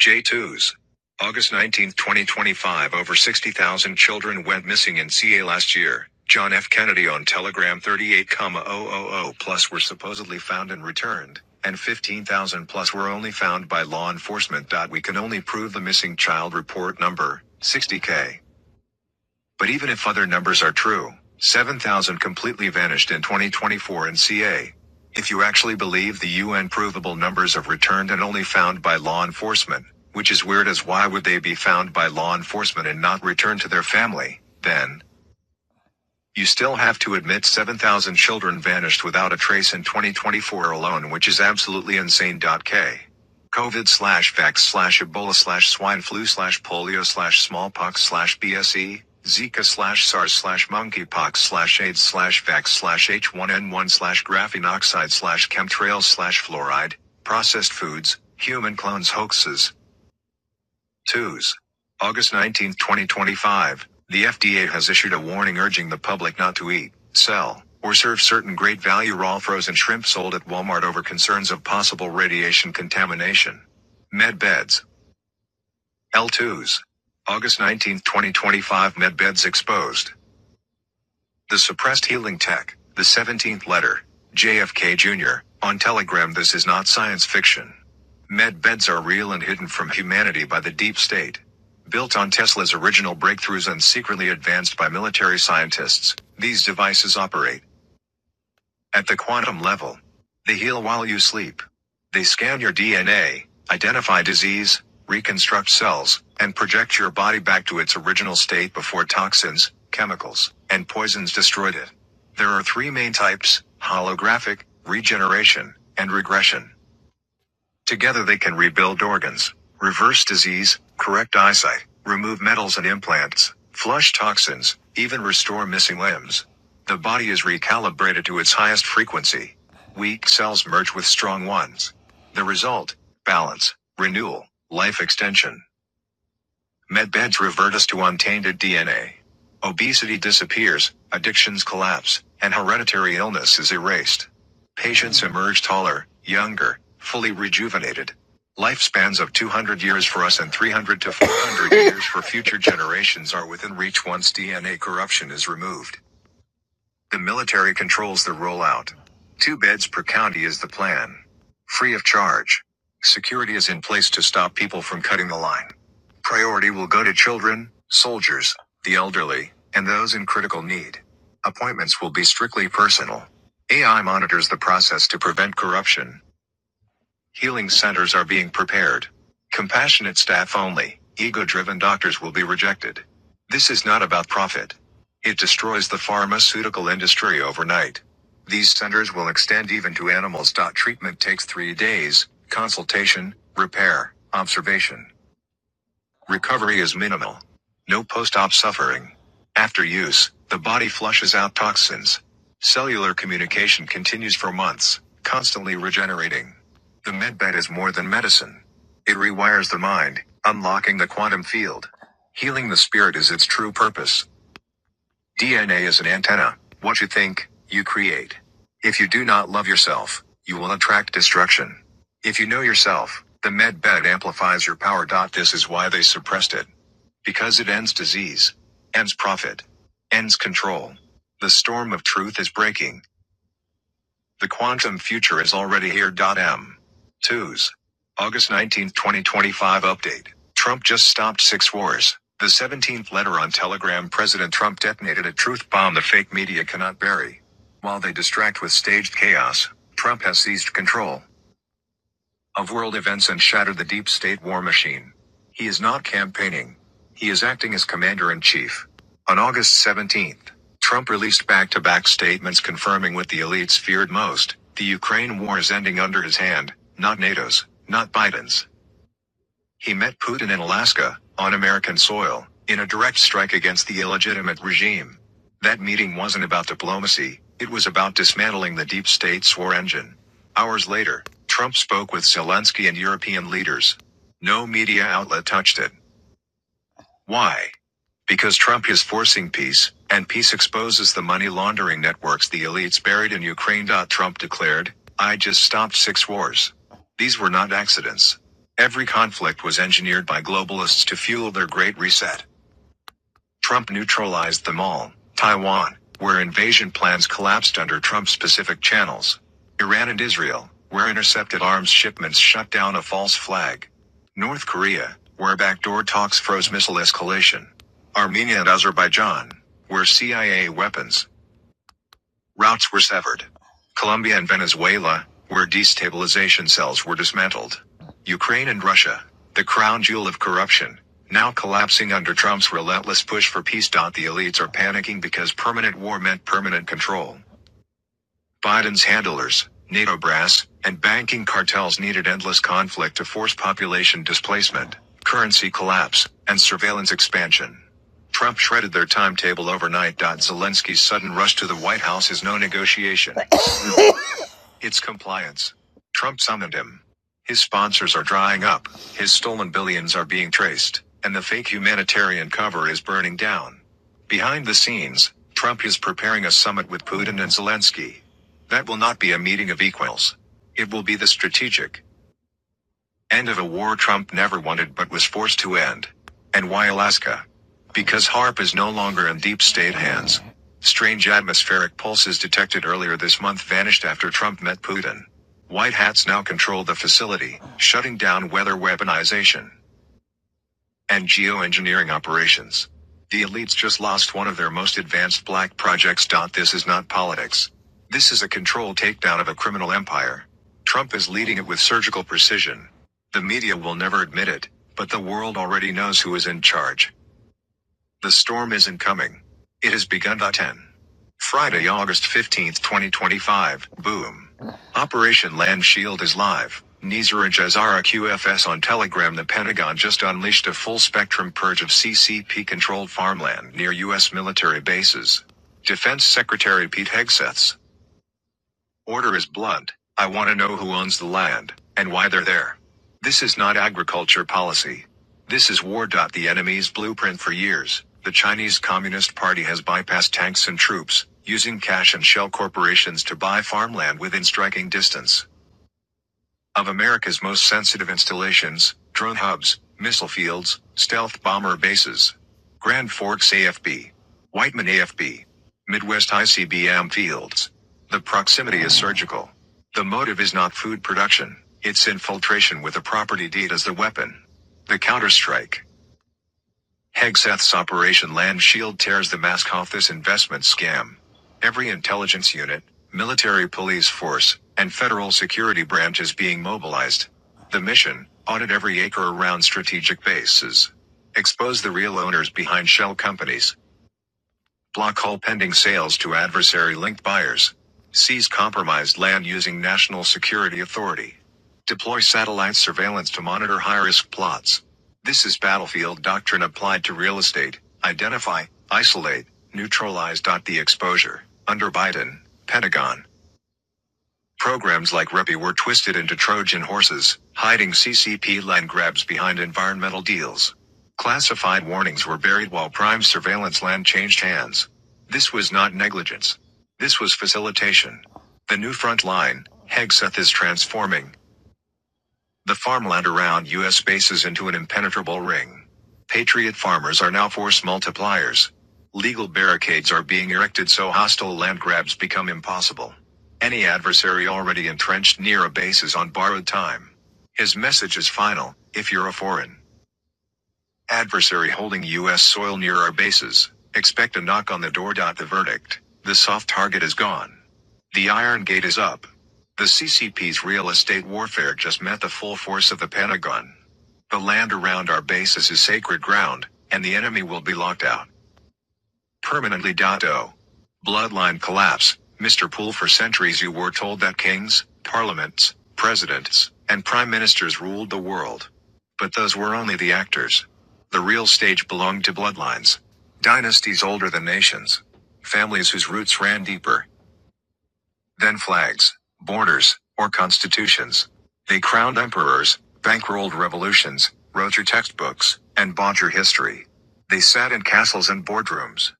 Speaker 1: J2s. August 19, 2025 Over 60,000 children went missing in CA last year. John F. Kennedy on Telegram 38,000 plus were supposedly found and returned, and 15,000 plus were only found by law enforcement. We can only prove the missing child report number, 60K. But even if other numbers are true, 7,000 completely vanished in 2024 in CA. If you actually believe the UN provable numbers of returned and only found by law enforcement, which is weird as why would they be found by law enforcement and not returned to their family, then you still have to admit 7,000 children vanished without a trace in 2024 alone, which is absolutely insane. K. COVID slash vax slash Ebola slash swine flu slash polio slash smallpox slash BSE, Zika slash SARS slash monkeypox slash AIDS slash vax slash H1N1 slash graphene oxide slash chemtrails slash fluoride, processed foods, human clones hoaxes, Twos. August 19, 2025. The FDA has issued a warning urging the public not to eat, sell, or serve certain great value raw frozen shrimp sold at Walmart over concerns of possible radiation contamination. Med L2s. August 19, 2025. Med exposed. The suppressed healing tech, the 17th letter, JFK Jr., on Telegram. This is not science fiction. Med beds are real and hidden from humanity by the deep state. Built on Tesla's original breakthroughs and secretly advanced by military scientists, these devices operate. At the quantum level, they heal while you sleep. They scan your DNA, identify disease, reconstruct cells, and project your body back to its original state before toxins, chemicals, and poisons destroyed it. There are three main types holographic, regeneration, and regression. Together they can rebuild organs, reverse disease, correct eyesight, remove metals and implants, flush toxins, even restore missing limbs. The body is recalibrated to its highest frequency. Weak cells merge with strong ones. The result balance, renewal, life extension. Medbeds revert us to untainted DNA. Obesity disappears, addictions collapse, and hereditary illness is erased. Patients emerge taller, younger, fully rejuvenated. Lifespans of 200 years for us and 300 to 400 years for future generations are within reach once DNA corruption is removed. The military controls the rollout. Two beds per county is the plan. Free of charge. Security is in place to stop people from cutting the line. Priority will go to children, soldiers, the elderly, and those in critical need. Appointments will be strictly personal. AI monitors the process to prevent corruption. Healing centers are being prepared. Compassionate staff only, ego driven doctors will be rejected. This is not about profit. It destroys the pharmaceutical industry overnight. These centers will extend even to animals. Treatment takes three days consultation, repair, observation. Recovery is minimal. No post-op suffering. After use, the body flushes out toxins. Cellular communication continues for months, constantly regenerating. The medbed is more than medicine. It rewires the mind, unlocking the quantum field. Healing the spirit is its true purpose. DNA is an antenna. What you think, you create. If you do not love yourself, you will attract destruction. If you know yourself, the medbed amplifies your power. This is why they suppressed it. Because it ends disease, ends profit, ends control. The storm of truth is breaking. The quantum future is already here. M. 2s. August nineteenth, 2025 update. Trump just stopped six wars. The 17th letter on Telegram President Trump detonated a truth bomb the fake media cannot bury. While they distract with staged chaos, Trump has seized control of world events and shatter the deep state war machine. He is not campaigning. He is acting as commander in chief. On August 17th, Trump released back to back statements confirming what the elites feared most the Ukraine war is ending under his hand, not NATO's, not Biden's. He met Putin in Alaska, on American soil, in a direct strike against the illegitimate regime. That meeting wasn't about diplomacy, it was about dismantling the deep state's war engine. Hours later, Trump spoke with Zelensky and European leaders. No media outlet touched it. Why? Because Trump is forcing peace, and peace exposes the money laundering networks the elites buried in Ukraine. Trump declared, I just stopped six wars. These were not accidents. Every conflict was engineered by globalists to fuel their great reset. Trump neutralized them all. Taiwan, where invasion plans collapsed under Trump specific channels. Iran and Israel, where intercepted arms shipments shut down a false flag. North Korea, where backdoor talks froze missile escalation. Armenia and Azerbaijan, where CIA weapons, Routes were severed. Colombia and Venezuela, where destabilization cells were dismantled. Ukraine and Russia, the crown jewel of corruption, now collapsing under Trump's relentless push for peace. The elites are panicking because permanent war meant permanent control. Biden's handlers, NATO brass, and banking cartels needed endless conflict to force population displacement, currency collapse, and surveillance expansion. Trump shredded their timetable overnight. Zelensky's sudden rush to the White House is no negotiation. It's compliance. Trump summoned him. His sponsors are drying up, his stolen billions are being traced, and the fake humanitarian cover is burning down. Behind the scenes, Trump is preparing a summit with Putin and Zelensky. That will not be a meeting of equals. It will be the strategic, End of a war Trump never wanted but was forced to end. And why Alaska? Because HARP is no longer in deep state hands. Strange atmospheric pulses detected earlier this month vanished after Trump met Putin. White hats now control the facility, shutting down weather weaponization and geoengineering operations. The elites just lost one of their most advanced black projects. This is not politics. This is a control takedown of a criminal empire. Trump is leading it with surgical precision. The media will never admit it, but the world already knows who is in charge. The storm isn't coming. It has begun. 10. Friday, August 15th, 2025. Boom. Operation Land Shield is live. Nizar and Jazara QFS on Telegram. The Pentagon just unleashed a full spectrum purge of CCP controlled farmland near U.S. military bases. Defense Secretary Pete Hegseths. Order is blunt. I want to know who owns the land, and why they're there. This is not agriculture policy. This is war. The enemy's blueprint for years. The Chinese Communist Party has bypassed tanks and troops, using cash and shell corporations to buy farmland within striking distance. Of America's most sensitive installations, drone hubs, missile fields, stealth bomber bases. Grand Forks AFB. Whiteman AFB. Midwest ICBM fields. The proximity is surgical. The motive is not food production, it's infiltration with a property deed as the weapon. The counterstrike. Hegseth's Operation Land Shield tears the mask off this investment scam. Every intelligence unit, military police force, and federal security branch is being mobilized. The mission audit every acre around strategic bases, expose the real owners behind shell companies Block all pending sales to adversary linked buyers. Seize compromised land using national security authority. Deploy satellite surveillance to monitor high risk plots. This is battlefield doctrine applied to real estate. Identify, isolate, neutralize. The exposure. Under Biden, Pentagon. Programs like Repi were twisted into Trojan horses, hiding CCP land grabs behind environmental deals. Classified warnings were buried while prime surveillance land changed hands. This was not negligence. This was facilitation. The new front line, Hegseth is transforming the farmland around U.S. bases into an impenetrable ring. Patriot farmers are now force multipliers. Legal barricades are being erected so hostile land grabs become impossible. Any adversary already entrenched near a base is on borrowed time. His message is final if you're a foreign. Adversary holding U.S. soil near our bases. Expect a knock on the door. The verdict. The soft target is gone. The Iron Gate is up. The CCP's real estate warfare just met the full force of the Pentagon. The land around our bases is sacred ground, and the enemy will be locked out. Permanently. O. Bloodline collapse. Mr. Poole, for centuries you were told that kings, parliaments, presidents, and prime ministers ruled the world. But those were only the actors. The real stage belonged to bloodlines. Dynasties older than nations. Families whose roots ran deeper then flags, borders, or constitutions. They crowned emperors, bankrolled revolutions, wrote your textbooks, and bought your history. They sat in castles and boardrooms.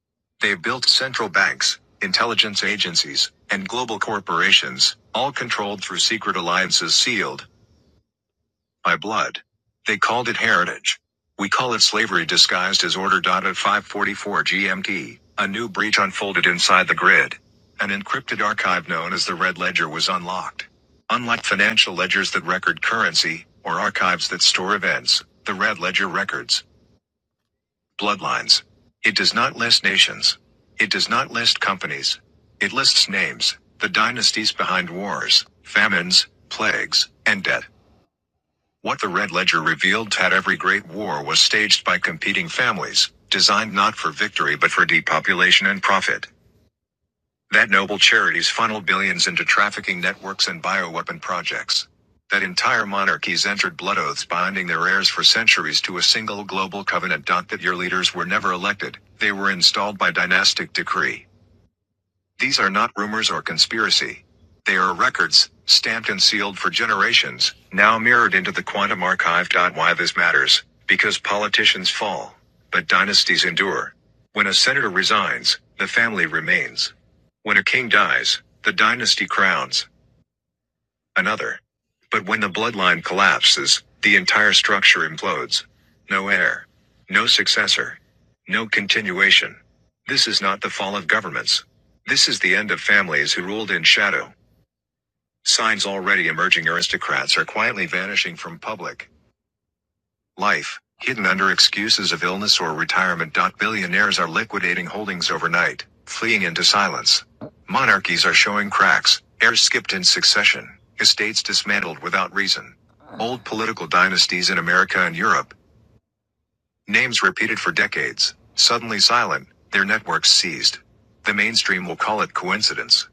Speaker 1: They built central banks, intelligence agencies, and global corporations, all controlled through secret alliances sealed, by blood. They called it heritage. We call it slavery disguised as order. At 544 GMT, a new breach unfolded inside the grid. An encrypted archive known as the Red Ledger was unlocked. Unlike financial ledgers that record currency, or archives that store events, the Red Ledger records bloodlines. It does not list nations. It does not list companies. It lists names, the dynasties behind wars, famines, plagues, and death. What the Red Ledger revealed had every great war was staged by competing families, designed not for victory but for depopulation and profit. That noble charities funneled billions into trafficking networks and bioweapon projects. That entire monarchies entered blood oaths binding their heirs for centuries to a single global covenant. That your leaders were never elected, they were installed by dynastic decree. These are not rumors or conspiracy. They are records, stamped and sealed for generations, now mirrored into the quantum archive. Why this matters? Because politicians fall, but dynasties endure. When a senator resigns, the family remains. When a king dies, the dynasty crowns another. But when the bloodline collapses, the entire structure implodes. No heir. No successor. No continuation. This is not the fall of governments. This is the end of families who ruled in shadow. Signs already emerging aristocrats are quietly vanishing from public. Life, hidden under excuses of illness or retirement. Billionaires are liquidating holdings overnight, fleeing into silence. Monarchies are showing cracks, heirs skipped in succession, estates dismantled without reason. Old political dynasties in America and Europe, Names repeated for decades, suddenly silent, their networks seized. The mainstream will call it coincidence.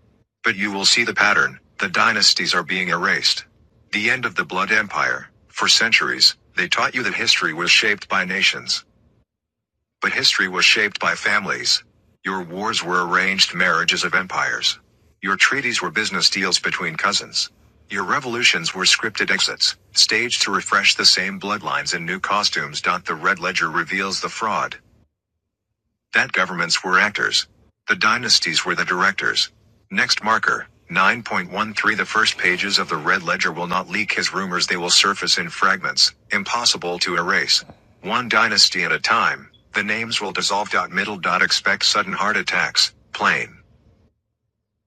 Speaker 1: But you will see the pattern, the dynasties are being erased. The end of the Blood Empire. For centuries, they taught you that history was shaped by nations. But history was shaped by families. Your wars were arranged marriages of empires. Your treaties were business deals between cousins. Your revolutions were scripted exits, staged to refresh the same bloodlines in new costumes. The Red Ledger reveals the fraud that governments were actors. The dynasties were the directors. Next marker. 9.13 The first pages of the Red Ledger will not leak his rumors, they will surface in fragments, impossible to erase. One dynasty at a time, the names will dissolve. Middle. Expect sudden heart attacks, plain.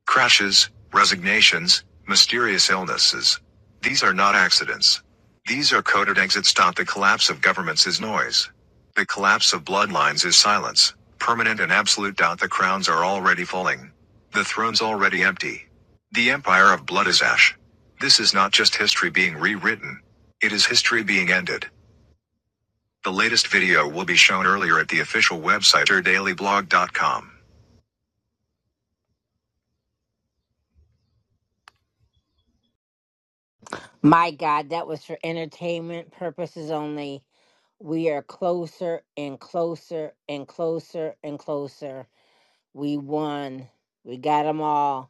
Speaker 1: Crashes, resignations, mysterious illnesses. These are not accidents. These are coded exits. The collapse of governments is noise. The collapse of bloodlines is silence, permanent and absolute. The crowns are already falling. The throne's already empty. The empire of blood is ash. This is not just history being rewritten. It is history being ended. The latest video will be shown earlier at the official website or dailyblog.com. My God, that was for entertainment purposes only. We are closer and closer and closer and closer. We won. We got them all.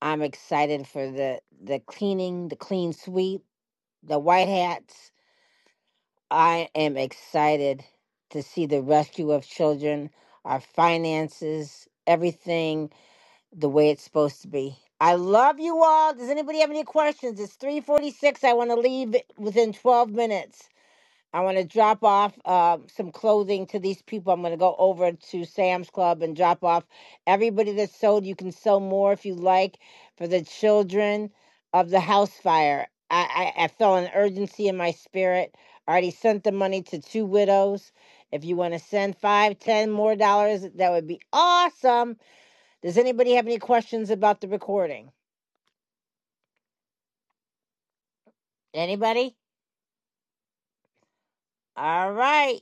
Speaker 1: I'm excited for the the cleaning, the clean sweep, the white hats. I am excited to see the rescue of children, our finances, everything the way it's supposed to be. I love you all. Does anybody have any questions? It's 346. I want to leave within 12 minutes. I want to drop off uh, some clothing to these people. I'm going to go over to Sam's Club and drop off everybody that sewed. You can sew more if you like for the children of the house fire. I, I, I felt an urgency in my spirit. I already sent the money to two widows. If you want to send five, ten more dollars, that would be awesome does anybody have any questions about the recording? Anybody? All right.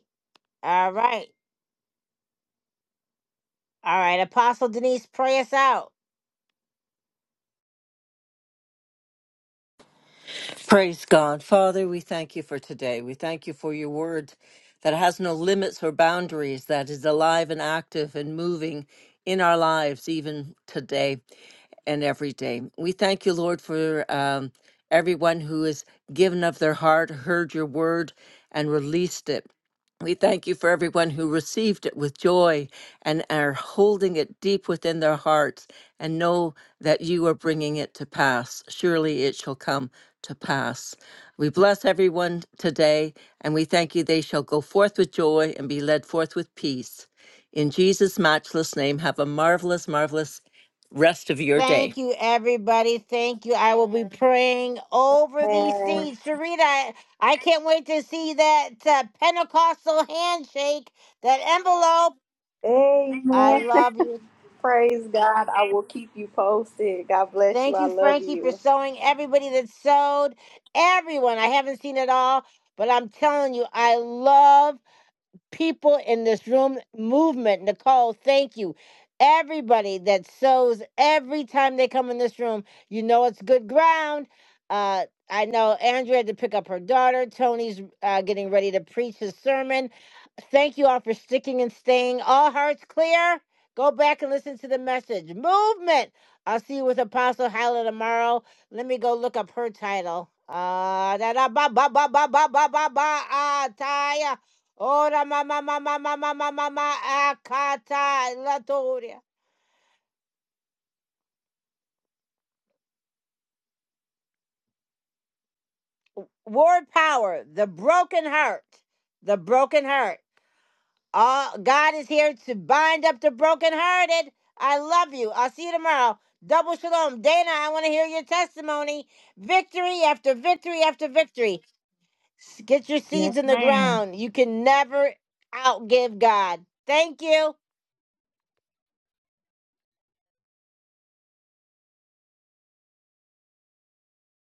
Speaker 1: All right. All right. Apostle Denise, pray us out.
Speaker 9: Praise God. Father, we thank you for today. We thank you for your word that has no limits or boundaries, that is alive and active and moving in our lives, even today and every day. We thank you, Lord, for um, everyone who has given of their heart, heard your word, and released it. We thank you for everyone who received it with joy and are holding it deep within their hearts and know that you are bringing it to pass. Surely it shall come to pass. We bless everyone today and we thank you they shall go forth with joy and be led forth with peace. In Jesus' matchless name, have a marvelous, marvelous rest of your day.
Speaker 1: Thank you, everybody. Thank you. I will be praying over these
Speaker 13: Amen.
Speaker 1: seeds. Sharita, I, I can't wait to see that uh, Pentecostal handshake, that envelope. I
Speaker 13: Amen.
Speaker 1: love you.
Speaker 13: Praise God. I will keep you posted. God bless you.
Speaker 1: Thank
Speaker 13: I
Speaker 1: you,
Speaker 13: love
Speaker 1: Frankie, for
Speaker 13: you.
Speaker 1: sewing. Everybody that sewed, everyone. I haven't seen it all, but I'm telling you, I love people in this room movement. Nicole, thank you. Everybody that sows every time they come in this room, you know it's good ground. Uh, I know Andrea had to pick up her daughter. Tony's uh, getting ready to preach his sermon. Thank you all for sticking and staying. All hearts clear. Go back and listen to the message. Movement. I'll see you with Apostle Hyla tomorrow. Let me go look up her title. Uh, da da ba ba ba ba ba ba ba ba. Ah, Taya. Ora mama mama mama mama akata latoria. Word power, the broken heart, the broken heart. All God is here to bind up the brokenhearted. I love you. I'll see you tomorrow. Double shalom, Dana. I want to hear your testimony. Victory after victory after victory. Get your seeds
Speaker 11: Yes,
Speaker 1: in the
Speaker 11: ma'am.
Speaker 1: ground. You can never outgive God. Thank you.